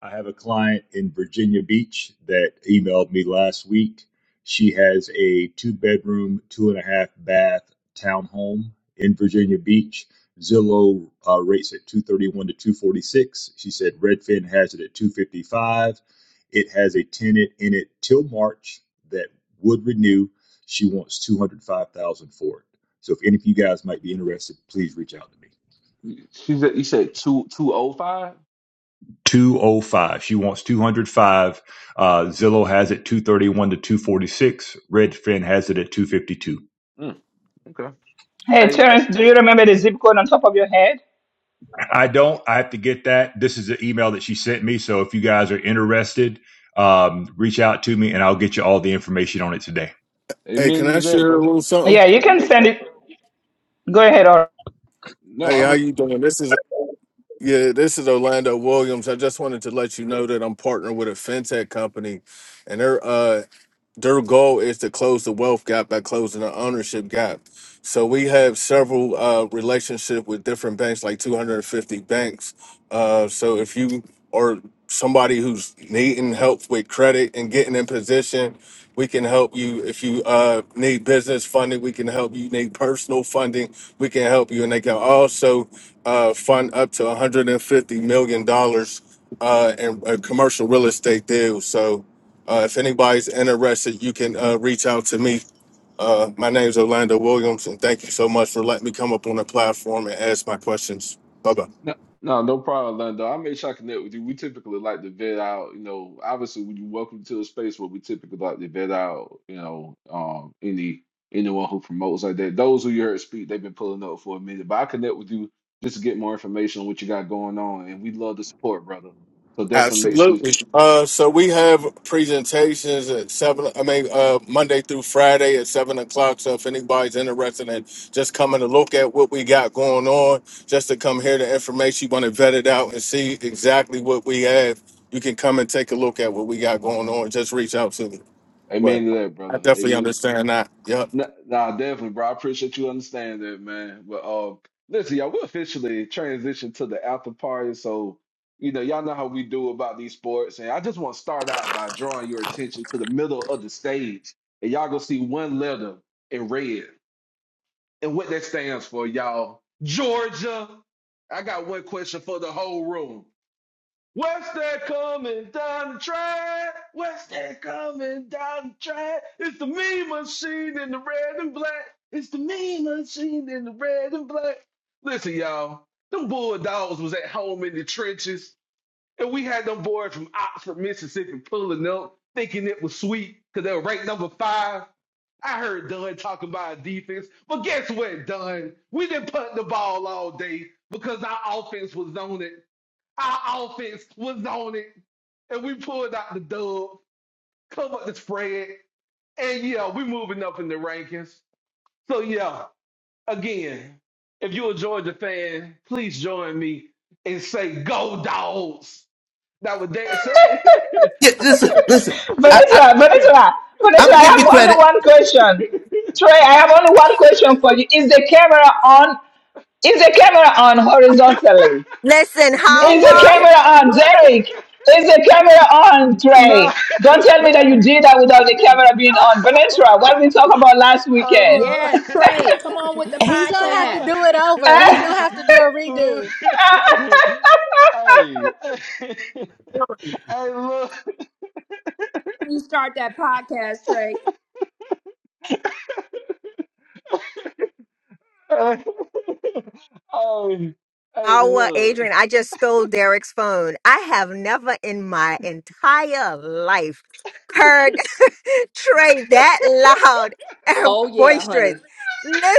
N: I have a client in Virginia Beach that emailed me last week. She has a two bedroom, two and a half bath townhome in Virginia Beach. Zillow uh, rates at 231 to 246. She said Redfin has it at 255. It has a tenant in it till March that would renew. She wants 205,000 for it. So if any of you guys might be interested, please reach out to me.
E: You you said you said two two oh five.
N: 205. She wants 205. Uh, Zillow has it 231 to 246. Redfin has it at 252.
E: Mm, okay.
A: Hey
E: Hey, hey,
A: Terrence, do you remember the zip code on top of your head?
N: I don't. I have to get that. This is the email that she sent me. So if you guys are interested, um, reach out to me and I'll get you all the information on it today.
I: hey, can
E: amen
I: I
E: to that,
I: share a
E: brother.
I: little something?
A: Yeah, you can send it. Go ahead,
E: No,
I: Hey,
E: I
I: how
E: was.
I: you doing? This is yeah, this is Orlando Williams. I just wanted to let you know that I'm partnered with a fintech company, and they're uh their goal is to close the wealth gap by closing the ownership gap. So we have several uh, relationship with different banks, like 250 banks. Uh, so if you are somebody who's needing help with credit and getting in position, we can help you. If you uh, need business funding, we can help you. Need personal funding we can help you and they can also uh, fund up to 150 million dollars uh, in a commercial real estate deal so uh, if anybody's interested you can uh, reach out to me uh, my name is orlando williams and thank you so much for letting me come up on the platform and ask my questions bye bye
E: No, no, no problem, Lando. I made sure I connect with you. We typically like to vet out, you know, obviously when you welcome to a space where we typically like to vet out, you know, um any anyone who promotes like that. Those who you heard speak, they've been pulling up for a minute. But I connect with you just to get more information on what you got going on. And we love the support, brother. So definitely make sure
I: Absolutely. Uh, so we have presentations at seven. I mean, uh, Monday through Friday at seven o'clock. So if anybody's interested in just coming to look at what we got going on, just to come hear the information, you want to vet it out and see exactly what we have. You can come and take a look at what we got going on. Just reach out to me. But
E: amen to that,
I: I
E: brother.
I: definitely
E: Amen.
I: understand that. Yep.
E: Nah, nah, definitely, bro. I appreciate you understanding that, man. But uh, listen, y'all, we officially transition to the after party. So, you know, y'all know how we do about these sports. And I just want to start out by drawing your attention to the middle of the stage. And y'all gonna see one letter in red. And what that stands for, y'all. Georgia. I got one question for the whole room. West End coming down the track. West End coming down the track. It's the mean machine in the red and black. It's the mean machine in the red and black. Listen, y'all, them Bulldogs was at home in the trenches, and we had them boys from Oxford, Mississippi pulling up, thinking it was sweet because they were ranked number five. I heard Dunn talking about defense, but guess what, Dunn? We didn't punt the ball all day because our offense was on it. Our offense was on it, and we pulled out the dub, covered the spread, and yeah, we moving up in the rankings. So yeah, again, if you're a Georgia fan, please join me and say go dogs. Now with that said,
H: Yeah, listen, listen. I, I,
A: Venezuela, Venezuela,
H: I'm
A: Venezuela,
H: gonna
A: I
H: give you
A: have only
H: credit.
A: one question. Trey, I have only one question for you. Is the camera on? Is the camera on horizontally?
D: Listen,
E: no,
A: Is the
D: Howard.
A: camera on, Derek? Is the camera on,
E: no,
A: Trey? Don't tell me that you did that without the camera being on. Venezuela, what we
E: no.
A: talked about last weekend.
E: Allah.
C: Yes, Trey, come on with the
O: He's gonna have to
C: podcast.
E: Allah.
O: do it over. He's gonna have to do a
E: Look.
O: redo.
E: Hey. Hey, look.
C: You start that podcast, Trey.
E: Hey. Hey,
D: Oh, uh,
E: look.
D: Adrian, I just stole Derek's phone. I have never in my entire life heard Trey that loud and
C: Oh yeah,
D: boisterous.
C: honey.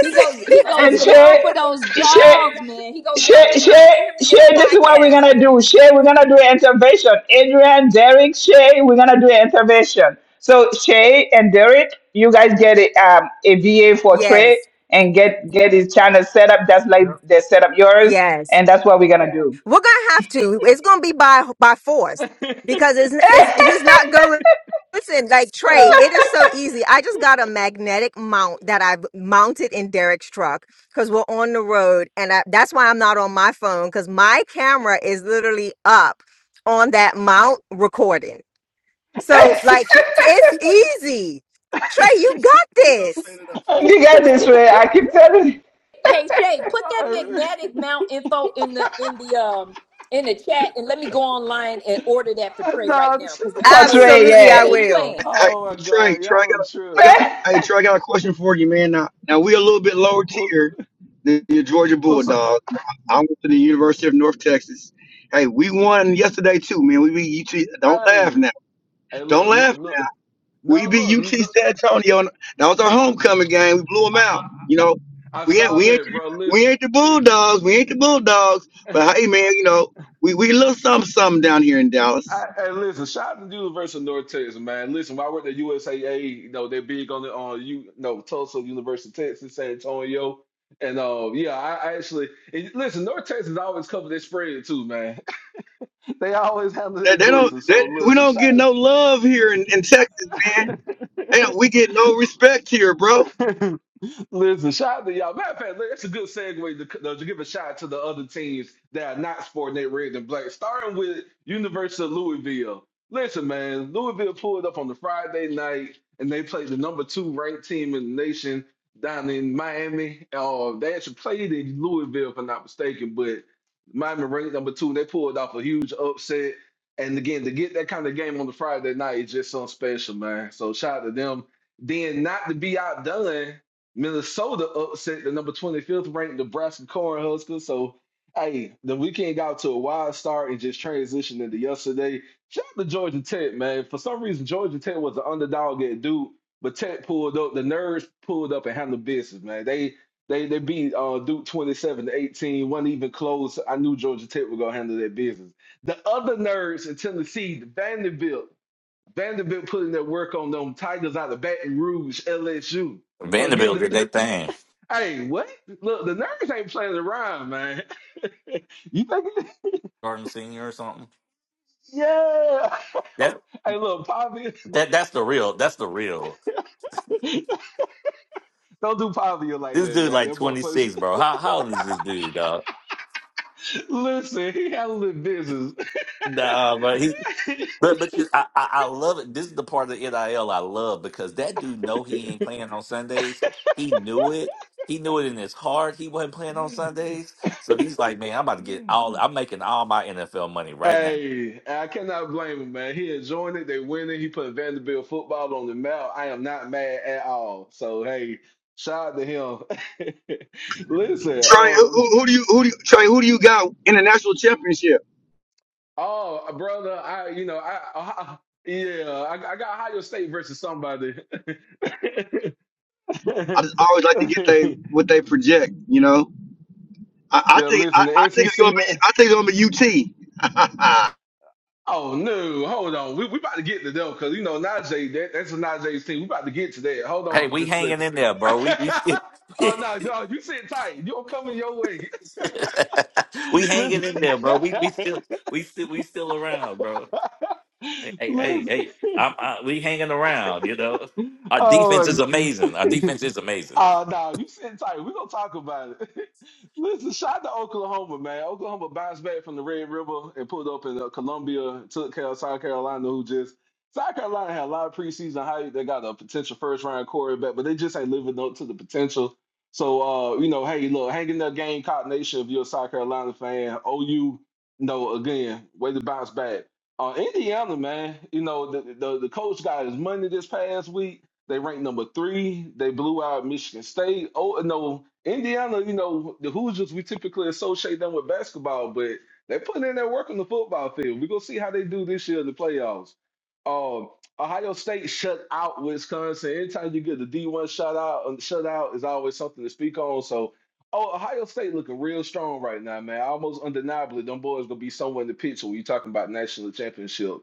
C: He goes he goes
A: And
C: down
A: share,
C: for those
A: share,
C: jogs, man. He goes down.
A: share,
C: We trying to
A: share,
C: get him to get a
A: share. This is what we're
C: podcast.
A: gonna do. Share, we're gonna do an intervention. Adrian, Derek, Shay, we're gonna do an intervention. So Shay and Derek, you guys get a, um, a VA for Trey
D: yes,
A: and get get his channel set up. That's like they set up yours,
D: yes,
A: and that's what we're gonna do.
D: We're gonna have to. It's gonna be by by force because it's, it's he's not going. Listen, like
E: Hey,
D: Trey,
E: look.
D: it is so easy. I just got a magnetic mount that I've mounted in Derek's truck because we're on the road, and I, that's why I'm not on my phone because my camera is literally up on that mount recording. So like it's easy. Trey, you got this.
E: Hey.
A: you got this, Trey. I keep telling you.
C: Hey Shay, put that magnetic mount info in the in the um in the chat and let me go online and order that for Trey right
E: Not.
C: now. Cause this
A: for
C: dude,
D: Absolutely,
A: Trey,
D: I
C: he
D: will.
C: playing.
E: Oh my God, y'all are true.
A: yeah.
E: What- What's up? Hey. Hey, look. n- Look. No, look. No, I, I, I saw that, bro. Listen. I, and listen, shout out to University of North Texas, man. Listen, when I worked at USAA, you know, they're big on the on you, you know, Tulsa, University of Texas, San Antonio. And uh, yeah, I, I actually and listen, North Texas always cover their spread too, man. they always handle their business. So listen, shout Listen, shout out to y'all. Matter of fact, look, that's a good segue to, to give a shout out to the other teams that are not sporting their red and black, starting with University of Louisville. Listen, man, Louisville pulled up on the Friday night and they played the number two ranked team in the nation down in Miami. Uh, they actually played in Louisville, if I'm not mistaken, but Miami ranked number two. They pulled off a huge upset. And again, to get that kind of game on the Friday night is just something special, man. So shout out to them then not to be outdone. Minnesota upset the number 25th ranked Nebraska Cornhuskers. So, hey, the weekend got to a wild start and just transitioned into yesterday. Shout out to Georgia Tech, man. For some reason, Georgia Tech was the underdog at Duke, but Tech pulled up. The nerds pulled up and handled business, man. They they they beat uh, Duke 27 to 18, wasn't even close. I knew Georgia Tech was gonna handle their business. The other nerds in Tennessee, Vanderbilt, Vanderbilt putting their work on them Tigers out of Baton Rouge, LSU. So again,
M: Vanderbilt
E: the,
M: did that thing.
E: Hey, what? Look, the nerds ain't playing around, man. You think? It-
M: Garden Senior or something.
E: Yeah.
M: That
E: Hey, look, Pavia.
M: that that's the real. That's the real.
E: Don't do Pavia like
M: This
E: that,
M: dude
E: man.
M: like
E: That boy
M: twenty
E: plays.
M: six, bro. How how old is this dude, dog?
E: Listen, he handled business.
M: Nah, but he But but you, I, I I love it. This is the part of the NIL I L I love because that dude know he ain't playing on Sundays. He knew it. He knew it in his heart. He wasn't playing on Sundays. So he's like, man, I'm about to get all. I'm making all my NFL money right now.
E: Hey, I cannot blame him, man. He enjoying it. They winning. He put Vanderbilt football on the map. I am not mad at all. So hey, shout out to him. Listen, oh, Oh, uh, brother, I you know I, I yeah I, I got Ohio State versus somebody.
P: I
E: yeah,
P: don't know. I,
E: listen, the
P: you
E: SEC
P: and
E: man.
P: me.
E: Oh no, hold on, we we about to get to them because you know Najee that, that's a Najee's team. We about to get to that. Hold on
M: Hey,
E: for
M: we
E: just a
M: hanging
E: second.
M: in there, bro. We we still
E: oh no, dog, you sit tight. You don't coming your way.
M: we
E: listen,
M: hanging in there, bro. We we still we still we still around, bro. Hey hey hey,
E: listen.
M: hey. I'm, I, we hanging around. You know, our defense
E: Oh
M: is amazing. Our defense is amazing.
E: Oh no, you sitting tight. We're gonna talk about it. Listen, shout out to Oklahoma, man. Oklahoma bounced back from the Red River and pulled up in uh, Columbia, took care of South Carolina, who just South Carolina had a lot of preseason hype. They got a potential first round quarterback, but they just ain't living up to the potential. So uh, you know, hey, look, hanging that game Cock Nation if you're a South Carolina fan, OU, you know, again, way to bounce back. Uh, Indiana, man, you know, the, the the coach got his money this past week they ranked number three. They blew out Michigan State. Oh no, Indiana. You know the Hoosiers. We typically associate them with basketball, but they putting in their work on the football field. We are gonna see how they do this year in the playoffs. Um, Ohio State shut out Wisconsin. Anytime you get the D one shut out, um, shut out is always something to speak on. So, oh, Ohio State looking real strong right now, man. Almost undeniably, them boys gonna be somewhere in the picture when you're talking about national championship.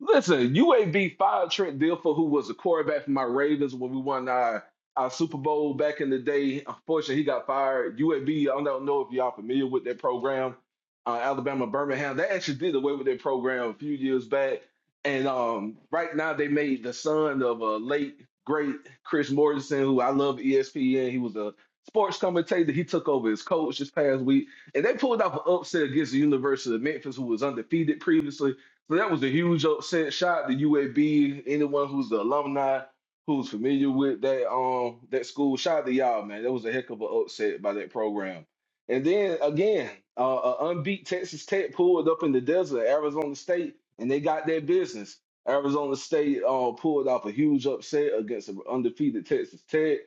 E: Listen, UAB fired Trent Dilfer, who was a quarterback for my Ravens when we won our, our Super Bowl back in the day. Unfortunately, he got fired. UAB, I don't know if y'all familiar with that program, uh, Alabama Birmingham. They actually did away with their program a few years back. And um, right now, they made the son of a late, great Chris Mortensen, who I love ESPN. He was a sports commentator. He took over as coach this past week. And they pulled off an upset against the University of Memphis, who was undefeated previously so that was a huge upset shot to UAB. Anyone who's the alumni, who's familiar with that um that school, shout out to y'all, man. That was a heck of an upset by that program. And then again, uh, uh unbeat Texas Tech pulled up in the desert, Arizona State, and they got their business. Arizona State uh, pulled off a huge upset against an undefeated Texas Tech.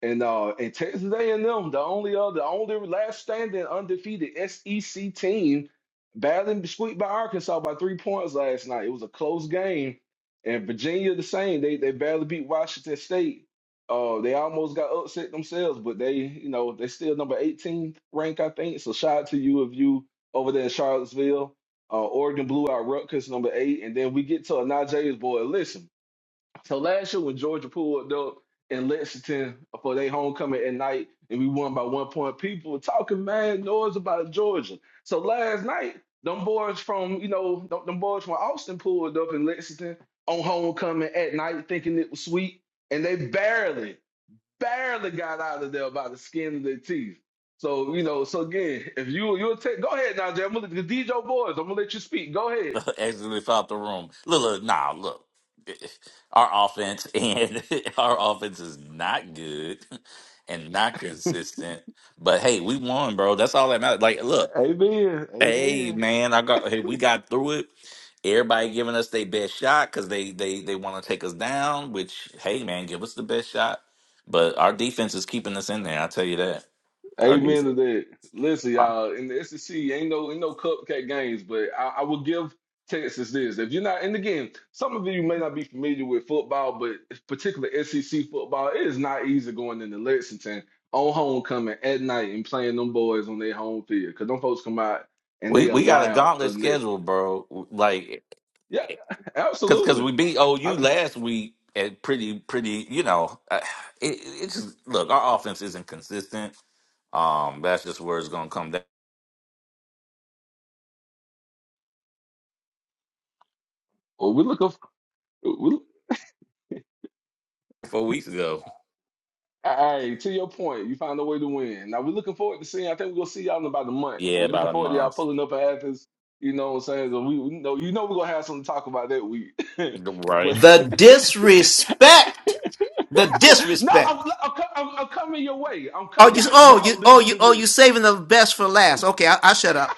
E: And uh, and Texas A&M, the only other, the only last standing undefeated SEC team, badly squeaked by Arkansas by three points last night. It was a close game, and Virginia the same. They they barely beat Washington State. Uh, they almost got upset themselves, but they you know they still number 18 rank I think. So shout out to you if you over there in Charlottesville. Uh, Oregon blew out Rutgers number eight, and then we get to a Najee's boy. Listen. So last year when Georgia pulled up in Lexington for their homecoming at night and we won by one point, people were talking mad noise about Georgia. So last night, them boys from, you know, them, them boys from Austin pulled up in Lexington on homecoming at night thinking it was sweet. And they barely, barely got out of there by the skin of their teeth. So, you know, so again, if you you'll take go ahead now, Jay. I'm gonna let the DJ boys, I'm gonna let you speak. Go ahead.
M: exited out the room. Look, look, nah, look. Our offense and our offense is not good and not consistent. But hey, we won, bro. That's all that matters. Like, look,
E: Amen.
M: hey,
E: Amen.
M: man, I got. Hey, we got through it. Everybody giving us their best shot because they they they want to take us down. Which, hey, man, give us the best shot. But our defense is keeping us in there. I will tell you that. Our
E: Amen
M: defense.
E: to that. Listen, y'all, in the SEC, ain't no ain't no cupcake games, but I, I will give Texas this. If you're not, and again, some of you may not be familiar with football, but particularly SEC football, it is not easy going into Lexington on homecoming at night and playing them boys on their home field. Cause them folks come out and
M: We
E: they
M: we got a
E: allow
M: gauntlet
E: unless
M: schedule, bro. Like
E: yeah,
M: Cause, cause
E: absolutely.
M: we beat
E: I,
M: OU last week at pretty, pretty. You know, uh, it, it just look our offense isn't consistent. Um, that's just where it's gonna come down.
E: well, we look up.
M: Four weeks ago,
E: Hey, to your point, you found a way to win. Now we're looking forward to seeing. I think we're gonna see y'all in about a month. So
M: yeah,
E: we're looking
M: about a
E: forward to y'all
M: month,
E: pulling up at Athens. You know what I'm saying? So we, we know you know we're gonna have something to talk about that week.
M: right?
E: but
H: The disrespect, the
E: no, I'm,
H: disrespect.
E: I'm, co- I'm, I'm coming your way. I'm co-
H: Oh, you,
E: y'all,
H: oh, you,
E: y'all
H: oh, you, oh,
E: literally
H: you saving the best for last. Okay, I, I shut up.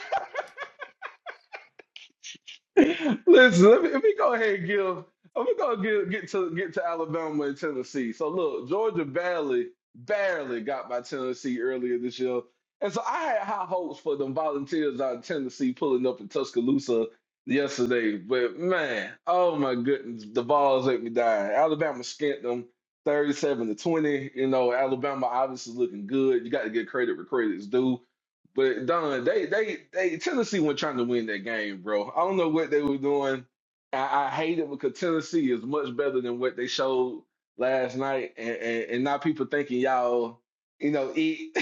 E: Listen, let me, let me go ahead and give. Let me go get get to get to Alabama and Tennessee. So look, Georgia barely barely got by Tennessee earlier this year, and so I had high hopes for them Volunteers out of Tennessee pulling up in Tuscaloosa yesterday. But man, oh my goodness, the balls let me die. Alabama skint them thirty-seven to twenty. You know, Alabama obviously looking good. You got to get credit where credit's due. But Don, they they they Tennessee were trying to win that game, bro. I don't know what they were doing. I, I hate it because Tennessee is much better than what they showed last night, and and, and now people thinking y'all, you know, eat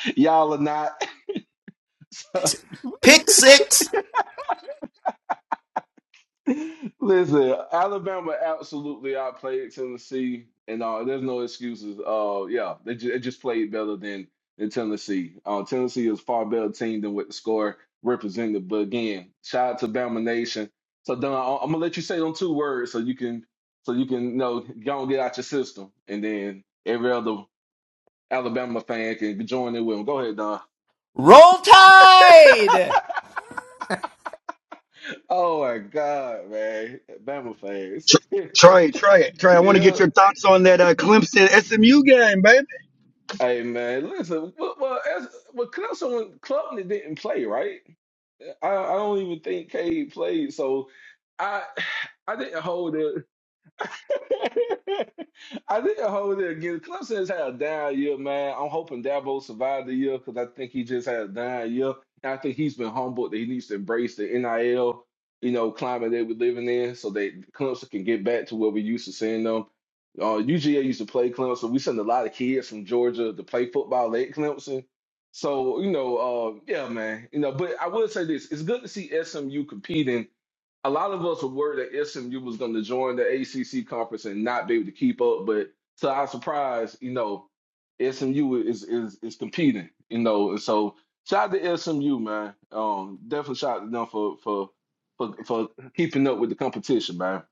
E: y'all are not.
H: Pick six,
E: Listen, Alabama absolutely outplayed Tennessee, and uh, there's no excuses. Uh, yeah, they, ju- they just played better than than Tennessee. Uh, Tennessee is far better team than what the score represented. But again, shout out to Bama Nation. So Don, I- I'm gonna let you say them two words so you can so you can you know go and get out your system, and then every other Alabama fan can join in with them. Go ahead, Don.
H: roll tide.
E: Oh my God, man, Bama fans. yeah, Hey man, listen. Well, well, as, well Caruso and Klubnik didn't play, right? I, I don't even think Cade played, so I I didn't hold it. I think I'll hold it again. Clemson's had a down year, man. I'm hoping Dabo survived the year because I think he just had a down year. And I think he's been humbled that he needs to embrace the NIL, you know, climate that we're living in so that Clemson can get back to where we used to seeing them. Uh, UGA used to play Clemson. We send a lot of kids from Georgia to play football at Clemson. So, you know, uh, yeah, man. You know, but I will say this. It's good to see SMU competing a lot of us were worried that SMU was going to join the ACC conference and not be able to keep up, but to our surprise, you know, SMU is is is competing, you know, and so shout out to SMU, man. Um, definitely shout out to them for for for for keeping up with the competition, man.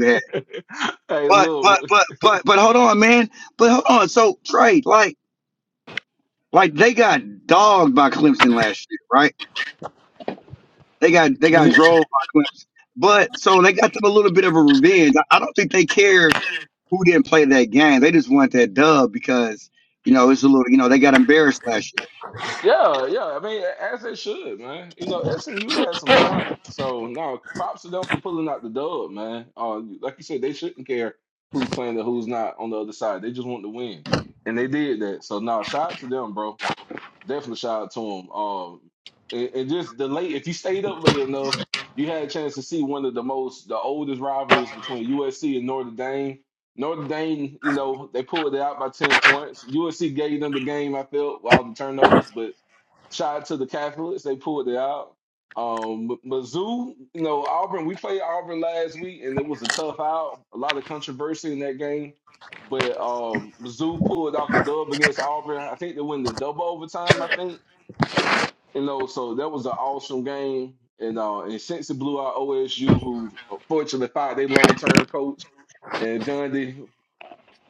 E: hey, look, Yeah, yeah. I mean, as they should, man. You know, SMU has some talent. So now props to them for pulling out the dub, man. Uh, like you said, they shouldn't care who's playing or who's not on the other side. They just want to win. And they did that. So now shout out to them, bro. Definitely shout out to them. Um and, and just the late if you stayed up late enough, you had a chance to see one of the most the oldest rivalries between USC and Notre Dame. Notre Dame, you know, they pulled it out by 10 points. USC gave them the game, I felt, while the turnovers, but Shout out to the Catholics. They pulled it out. Um, Mizzou, you know, Auburn, we played Auburn last week and it was a tough out. A lot of controversy in that game. But um, Mizzou pulled off the dub against Auburn. I think they win the double overtime, I think. You know, so that was an awesome game. And uh, and since it blew out OSU, who uh, fortunately fired their long term coach and Gundy.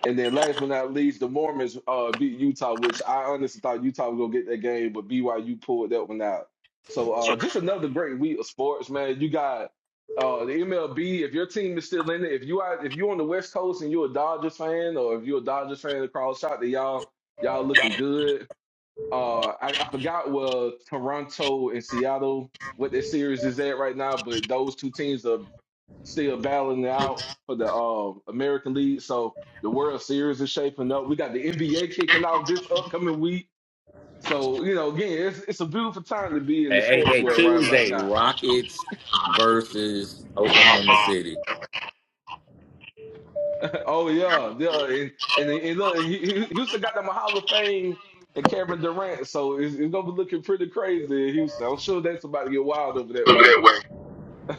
E: And then last but not least, the Mormons uh, beat Utah, which I honestly thought Utah was gonna get that game, but BYU pulled that one out. So uh, just another great week of sports, man. You got uh, the MLB. If your team is still in it, if you are, if you're on the West Coast and you're a Dodgers fan, or if you're a Dodgers fan across shot, then y'all y'all looking good uh I, I forgot where Toronto and Seattle what their series is at right now, but those two teams are still battling it out for the uh, American League. So the World Series is shaping up. We got the NBA kicking off this upcoming week. So you know, again, it's it's a beautiful time to be in the
M: Hey, hey,
E: sports
M: hey,
E: world right about
M: Tuesday,
E: now.
M: Rockets versus Oklahoma City.
E: oh yeah, yeah, and and, and look, he, he- Houston got them a Hall of Fame and Kevin Durant, so it's, it's gonna be looking pretty crazy in Houston. I'm sure that's about to get wild over that
Q: Look
E: way.
Q: that way.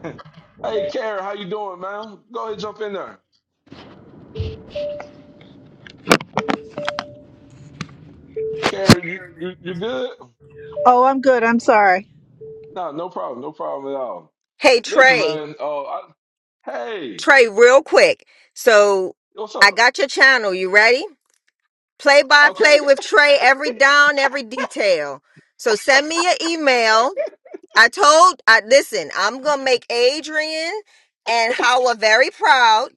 E: Hey, Kara, how you doing, man? Go ahead, jump in there. Kara, you you you good?
Q: Oh, I'm good. I'm sorry.
E: No, no problem, no problem at all.
D: Hey
E: Listen,
D: Trey.
E: man. Oh, I, hey,
D: Trey, real quick. So
E: what's
D: I
E: up?
D: got your channel. You ready? Play by play
E: Okay.
D: with Trey, every down, every detail. So send me your email. I told I listen, I'm gonna make Adrian and Howard very proud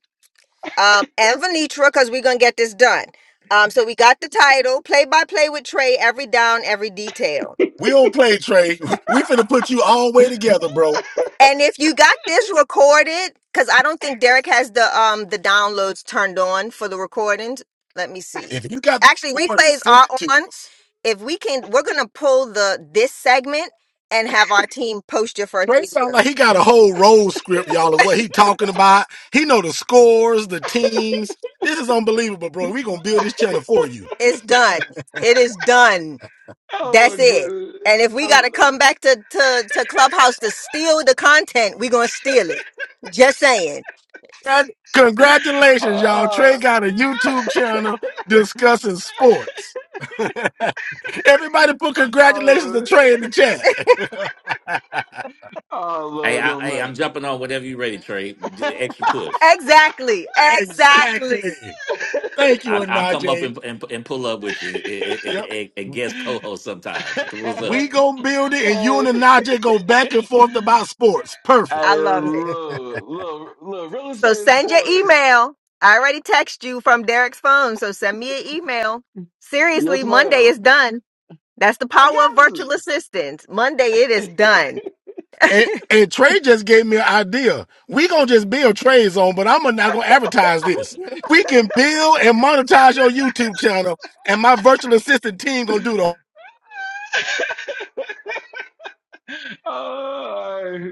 D: um, and Venetra because we're gonna get this done. Um, so we got the title, play by play with Trey, every down, every detail. We don't play, Trey. We finna put you all the way together, bro. And if you got this recorded, because I don't think Derek has the um the downloads turned on for the recordings. Let me see. If you got the Actually, recording, replays send are it to on. us. If we can, we're gonna pull the this segment and have our team post your first Trey sound video. like he got a whole role script, y'all, of what he talking about he know the scores, the teams. This is unbelievable, bro. We gonna build this channel for you. It's done. It is done.
E: Oh
D: That's
E: my
D: it.
E: goodness.
D: And if
E: I,
D: we gotta
E: lo-
D: come back to to, to Clubhouse to steal the content, we gonna steal it. Just saying. That- congratulations, y'all.
E: uh,
D: Trey got a YouTube channel discussing sports. Everybody put congratulations to
E: oh,
D: Trey in the chat.
E: oh,
M: Hey,
E: Lord,
M: I, hey,
E: don't
M: I'm jumping on whatever you ready, Trey.
E: make.
M: D- Extra push.
D: Exactly. Exactly. Exactly. Thank you,
M: I, I'll come up
D: Anaje.
M: and, and and pull up with you and,
D: Yep.
M: and, and guest co-host sometimes. What's up?
D: We gonna build it, and you
E: hey,
D: and the Najee go back and forth about sports. Perfect.
E: hey,
D: I love it.
E: look, look, look. Real
D: So
E: estate and
D: send your
E: sports.
D: email. I already text you from Derek's phone, so send me an email.
E: Yes,
D: Seriously, Monday
E: ma'am.
D: is done. That's the
E: I
D: power of
E: got
D: virtual
E: you.
D: assistants. Monday it is done. And, and Trey just gave me an idea. We gonna just build Trey zone, but I'm not gonna advertise this. We can build and monetize your YouTube channel, and my virtual assistant team gonna do the.
E: Oh,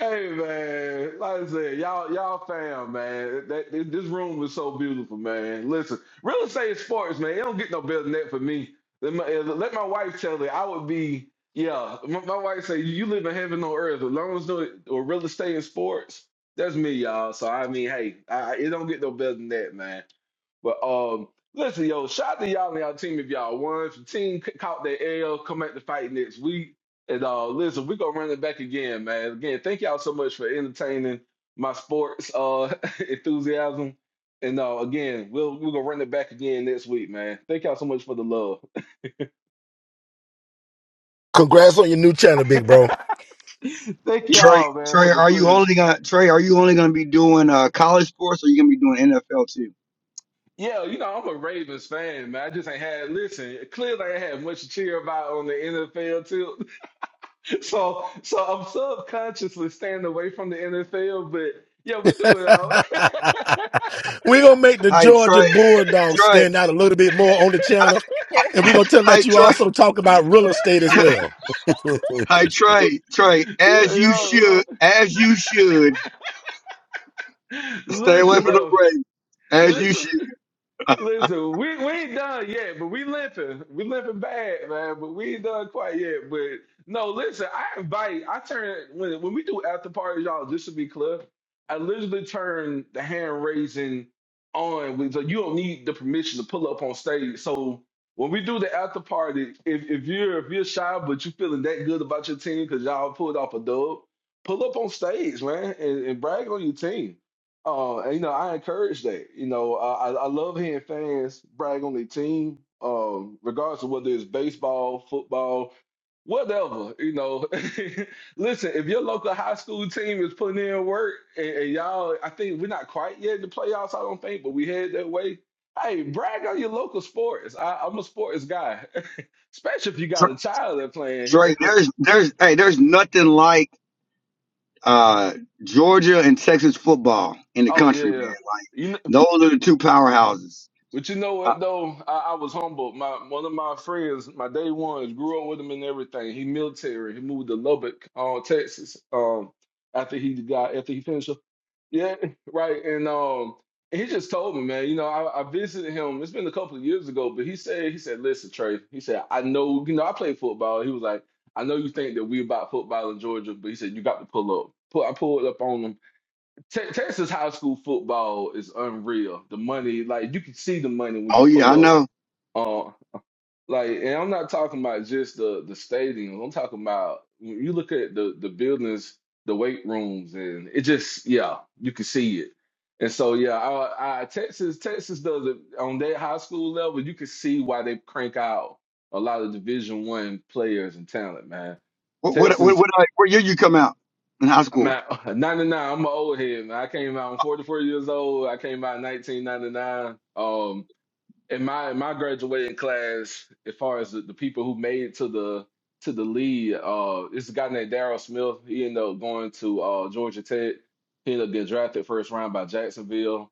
E: hey man, like I said, y'all, y'all fam, man. That, that- this room is so beautiful, man. Listen, real estate and sports, man. It don't get no better than that for me. Let my, uh, let my wife tell it. I would be, yeah. My, my wife say, "You live in heaven on earth." As long as no or real estate and sports, that's me, y'all. So I mean, hey, I, it don't get no better than that, man. But um, listen, yo, shout out to y'all and y'all team if y'all won. If your team c- caught their L, come back to fight next week. And uh, listen, we're gonna run it back again, man. Again, thank y'all so much for entertaining my sports uh enthusiasm. And uh, again, we'll we're gonna run it back again next week, man. Thank y'all so much for the love.
D: Congrats on your new channel, big bro.
E: thank y'all, man, for the push. Yeah, you know, I'm a Ravens fan, man. I just ain't had listen, clearly I ain't had much to cheer about on the NFL too. So so I'm subconsciously staying away from the NFL, but yeah, we do it all.
D: We're gonna make the
P: Hi,
D: Georgia
P: Troy.
D: Bulldogs
P: Troy.
D: stand out a little bit more on the channel. And we're gonna tell them that
P: Hi,
D: you
P: Troy.
D: also talk about real estate as well.
P: Hi, Troy. Troy.
E: Yeah,
P: As you
E: yo.
P: should. As you should. Stay away
E: Listen
P: from the
E: though,
P: rain. As you
E: listen,
P: should.
E: listen. We we ain't done yet, but we limping. We limping bad, man. But we ain't done quite yet. But no, listen. I invite. I turn when when we do after parties, y'all. Just to be clear, I literally turn the hand raising on. with- So you don't need the permission to pull up on stage. So when we do the after party, if if you're if you're shy but you feeling that good about your team because y'all pulled off a dub, pull up on stage, man, and, and brag on your team. Uh, and, you know, I encourage that. You know, I, I I love hearing fans brag on their team, um, regardless of whether it's baseball, football, whatever. You know, listen, if your local high school team is putting in work, and, and y'all, I think we're not quite yet in the playoffs. I don't think, but we head that way. Hey, brag on your local sports. I, I'm a sports guy, especially if you
P: Troy.
E: got a child that playing.
P: Troy, There's. There's. Hey. There's.
E: oh yeah, you know. But you know what though, I, I was humbled. My one of my friends, my day ones, grew up with him and everything. He military. He moved to Lubbock, uh, Texas. Um, after he got after he finished, up- yeah, right. And um, he just told me, man. You know, I, I visited him. It's been a couple of years ago, but he said he said, listen, Trey. He said, I know. You know, I play football. He was like, I know you think that we about football in Georgia, but he said you got to pull up. Pull, I pulled up on him Te- Texas high school football is unreal. The money, like you can see the money when you
P: Oh yeah. I
E: pull
P: know.
E: up. Uh, like, and I'm not talking about just the the stadiums. I'm talking about when you look at the the buildings, the weight rooms, and it just yeah, you can see it. And so yeah, I, I, Texas Texas does it on that high school level. You can see why they crank out a lot of Division One players and talent, man.
P: What. What. What. what I, where year you come out in high school?
E: Man, 99, I'm an old head, man. I came out, I'm 44 years old. I came out in 1999. Um, in my in my graduating class, as far as the, the people who made it to the to the lead, uh, this guy named Daryl Smith. He ended up going to uh Georgia Tech. He ended up getting drafted first round by Jacksonville.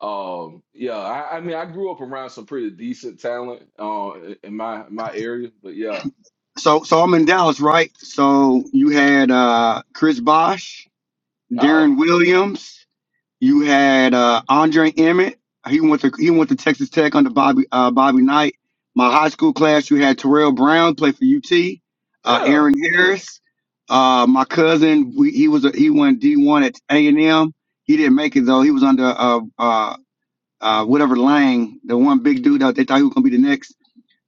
E: Um, yeah, I, I mean, I grew up around some pretty decent talent, uh, in my my area, but yeah.
P: So. So I'm in Dallas, right? So you had uh Chris Bosch,
E: Oh,
P: Darren Williams. You had uh, Andre Emmett. He went to he went to Texas Tech under Bobby uh, Bobby Knight. My high school class, you had Terrell Brown play for UT. Uh,
E: yeah.
P: Aaron Harris. Uh, my cousin, we, he was a, he went D one at A and M. He didn't make it though. He was under uh, uh, uh, whatever Lang, the one big dude out they thought he was gonna be the next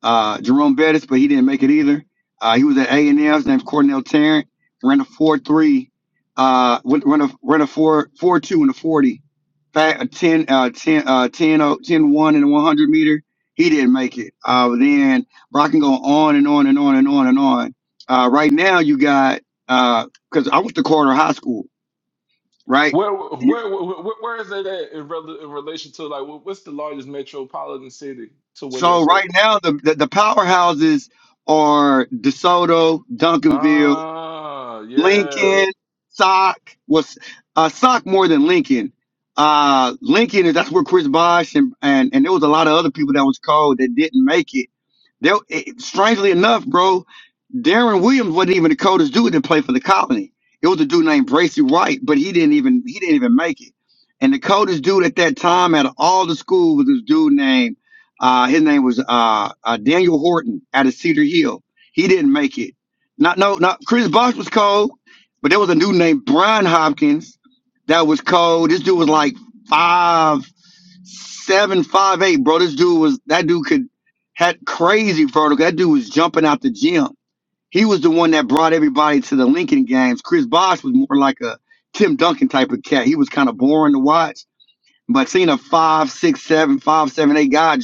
P: uh, Jerome Bettis, but he didn't make it either. Uh, he was at A and M. His name's Cornell Tarrant. Ran a four three, uh, went- ran a ran a four four two in the forty, Fa- a 10, uh, 10, uh, 10, oh, ten one in the one hundred meter. He didn't make it. Uh, but then bro, I can go on and on and on and on and on. Uh, right now you got uh, because I went to Carter High School, right?
E: Where where where, where is it at in, rel- in relation to like what- what's the largest metropolitan city to where
P: So
E: that's at?
P: right now the the, the powerhouses are DeSoto, Duncanville.
E: Ah, yeah,
P: Lincoln, Sock was uh, Sock more than Lincoln. Uh, Lincoln is that's where Chris Bosh and, and and there was a lot of other people that was called that didn't make it. There, it, strangely enough, bro, Darren Williams wasn't even the coldest dude that played for the Colony. It was a dude named Bracy White, but he didn't even he didn't even make it. And the coldest dude at that time out of all the school was this dude named uh, his name was uh, uh, Daniel Horton out of Cedar Hill. He didn't make it not no, not Chris Bosh was cold, but there was a dude named Brian Hopkins that was cold. This dude was like five seven, five eight, bro. This dude was that dude could had crazy vertical. That dude was jumping out the gym. He was the one that brought everybody to the Lincoln games. Chris Bosh was more like a Tim Duncan type of cat. He was kind of boring to watch. But seeing a five, six, seven, five, seven, eight guy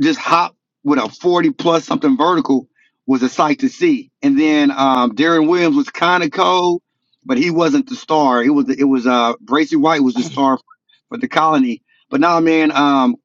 P: just hop with a 40 plus something vertical was a sight to see. And then um, Darren Williams was kind of cold, but he wasn't the star. It was it was uh Bracy White was the star for the colony. But now, man, um,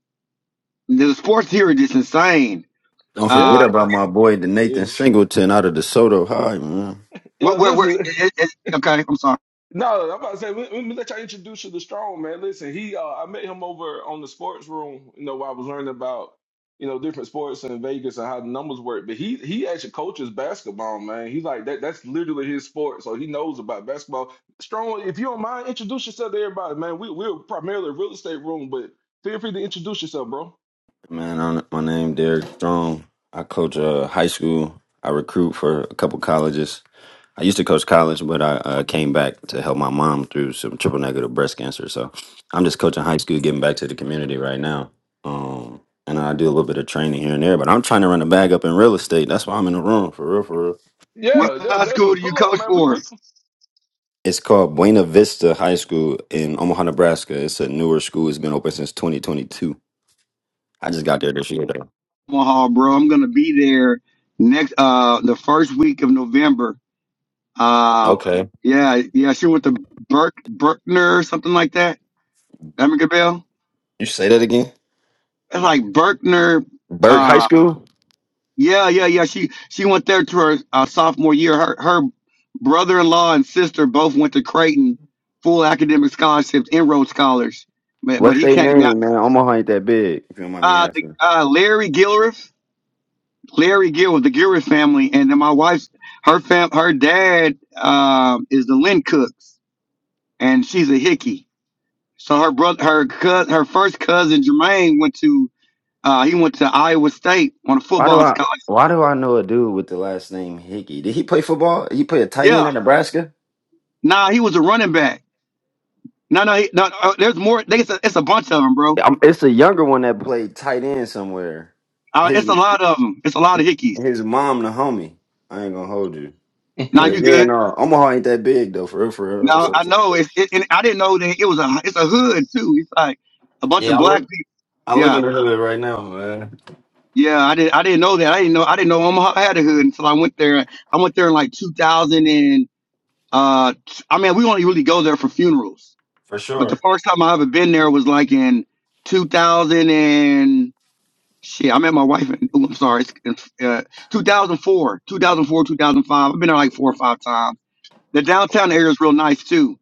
P: the sports here are just insane.
R: Don't forget
P: Uh,
E: yeah,
R: about my boy, the
E: yeah.
R: Nathan Singleton out of DeSoto High, man.
E: Yeah,
P: where, where, where
E: Listen,
P: it, it, okay, I'm sorry.
E: No, I'm about to say let let me let y'all introduce you to Strong, man. Listen, he uh, I met him over on the sports room, you know, where I was learning about, you know, different sports in Vegas and how the numbers work. But he he actually coaches basketball, man. He's like that that's literally his sport, so he knows about basketball. Strong, if you don't mind, introduce yourself to everybody, man. We we're primarily a real estate room, but feel free to introduce yourself, bro.
R: Man, I'm, my name Derek Strong. I coach uh, high school. I recruit for a couple colleges. I used to coach college, but I uh, came back to help my mom through some triple negative breast cancer. So I'm just coaching high school, getting back to the community right now. Um, and I do a little bit of training here and there, but I'm trying to run a bag up in real estate. That's why I'm in the room, for real, for real.
P: What
E: Yeah, yeah,
P: high school
E: definitely.
P: do you
E: Pull up,
P: coach
E: man. We
P: for?
E: we
R: It's called Buena Vista High School in Omaha, Nebraska. It's a newer school. It's been open since 2022 I just got there this year though.
P: Omaha, bro. I'm gonna be there next uh the first week of November. Uh,
R: Okay.
P: yeah, yeah. She went to Burke Berkner or something like that Amica Bell.
R: You say that again?
P: It's like Berkner.
R: Burke High
P: Uh,
R: School?
P: yeah, yeah, yeah. She she went there to her uh, sophomore year. Her her brother-in-law and sister both went to Creighton, full academic scholarships, enrolled scholars. But but
R: What's
P: he
R: their
P: came down.
R: name, man? Omaha ain't that big, if you don't mind me
P: Uh, the,
R: asking.
P: uh, Larry Gilriff, Larry Gilriff, the Gilriff family, and then my wife's her fam, her dad um is the Lynn Cooks, and she's a Hickey. So her brother, her cous her first cousin Jermaine went to uh, he went to Iowa State on a
R: Why do
P: football
R: I
P: scholarship
R: why do I know a dude with the last name Hickey? Did he play football? He played a tight end
P: Yeah.
R: at Nebraska?
P: Nah, he was a running back. No, no, he, no. Uh, there's more. They, it's, a, it's a bunch of them, bro.
R: Um it's a younger one that played tight end somewhere.
P: Uh,
R: His
P: it's a lot of them. It's a lot of hickeys.
R: his mom the homie. I ain't gonna hold you.
P: Now
R: But
P: you
R: yeah,
P: good?
R: no, Omaha ain't that big though, for real, for real.
P: No,
R: So-
P: I know. It's, it, and I didn't know that it was a. It's a hood too. It's like a bunch of
R: yeah, I
P: black
R: live
P: people.
R: I live in
P: Yeah,
R: the hood right now, man.
P: yeah. I didn't. I didn't know that. I didn't know. I didn't know Omaha had a hood until I went there. I went there in like 2000 and. Uh, t- I mean, we only really go there for funerals.
R: For
P: But the
R: sure.
P: first time I ever been there was like in 2000 Shit, I met my wife in, oh, I'm sorry, it's in, uh, 2004, 2004, 2005. I've been there like four or five times. The downtown area is real nice too.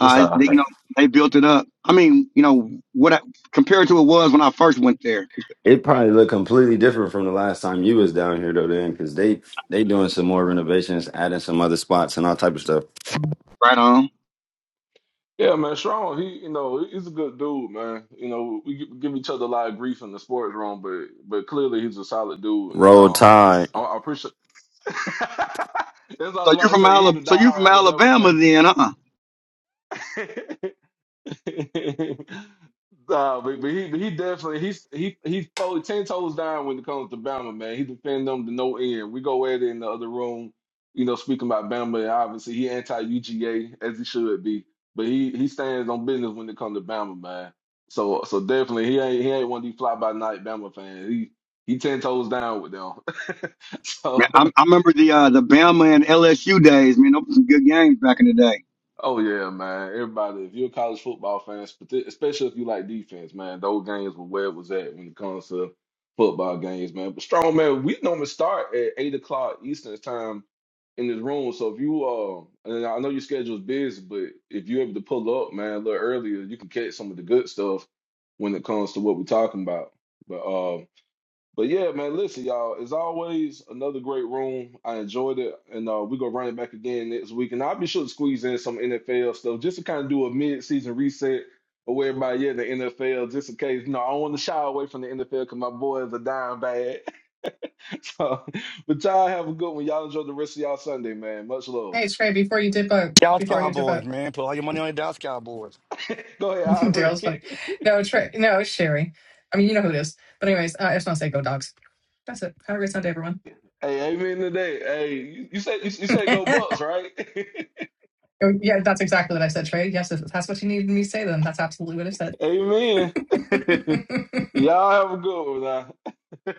R: It's
P: Uh,
R: all
P: they, you
R: right.
P: know, they built it up. I mean, you know, what I, compared to it was when I first went there.
R: It probably look completely different from the last time you was down here though, then, because they they doing some more renovations, adding some other spots and all type of stuff.
P: Right on.
E: Yeah, man, Sean, he, you know, he's a good dude, man. You know, we gi- give each other a lot of grief in the sports room, but but clearly he's a solid dude, and,
R: Roll
E: um,
R: Tide.
E: I, I appreciate. That's what I was
P: So
E: about
P: you're
E: to
P: from
E: say. He's
P: Alabama.
E: a
P: So you're
E: diehard
P: from
E: Alabama
P: Alabama then, huh?
E: fan. Nah, but, but he but he definitely he's he he's fully ten toes down when it comes to Bama, man. He defend them to no end. We go at it in the other room, you know, speaking about Bama, and obviously he anti UGA as he should be. But he he stands on business when it comes to Bama, man. So so definitely he ain't he ain't one of these fly by night Bama fans. He he ten toes down with them. so
P: Man, I, I remember the uh, the Bama and LSU days. Man, those were some good games back in the day.
E: Oh yeah, man. Everybody, if you're a college football fan, spe- especially if you like defense, man, those games were where it was at when it comes to football games, man. But strong man, we normally start at eight o'clock Eastern time in this room. So if you uh, and I know your schedule's busy, but if you're able to pull up, man, a little earlier, you can catch some of the good stuff when it comes to what we're talking about. But uh but yeah, man, listen, y'all. As always, another great room. I enjoyed it, and uh, we're gonna run it back again next week. And I'll be sure to squeeze in some NFL stuff just to kind of do a mid-season reset of where everybody at in the NFL, just in case. You know, I don't want to shy away from the NFL because my boys are dying bad. So, but y'all have a good one. Y'all enjoy the rest of y'all Sunday, man. Much love.
S: Hey Trey, before you dip out, before
E: Uh
S: you dip out,
E: huh. Go ahead, Ivory.
S: Daryl's funny. No, Trey, no, it's Sherry. I mean, you know who it is. But anyways, uh, I just want to say, go dogs. That's it. Have a great Sunday, everyone.
E: Hey, amen today. Hey, you, you said you, you said go Bucks, right?
S: Oh, yeah, that's exactly what I said, Trey. Yes, if that's what you needed me to say, then that's absolutely what I said.
E: amen. Y'all have a good one. Now.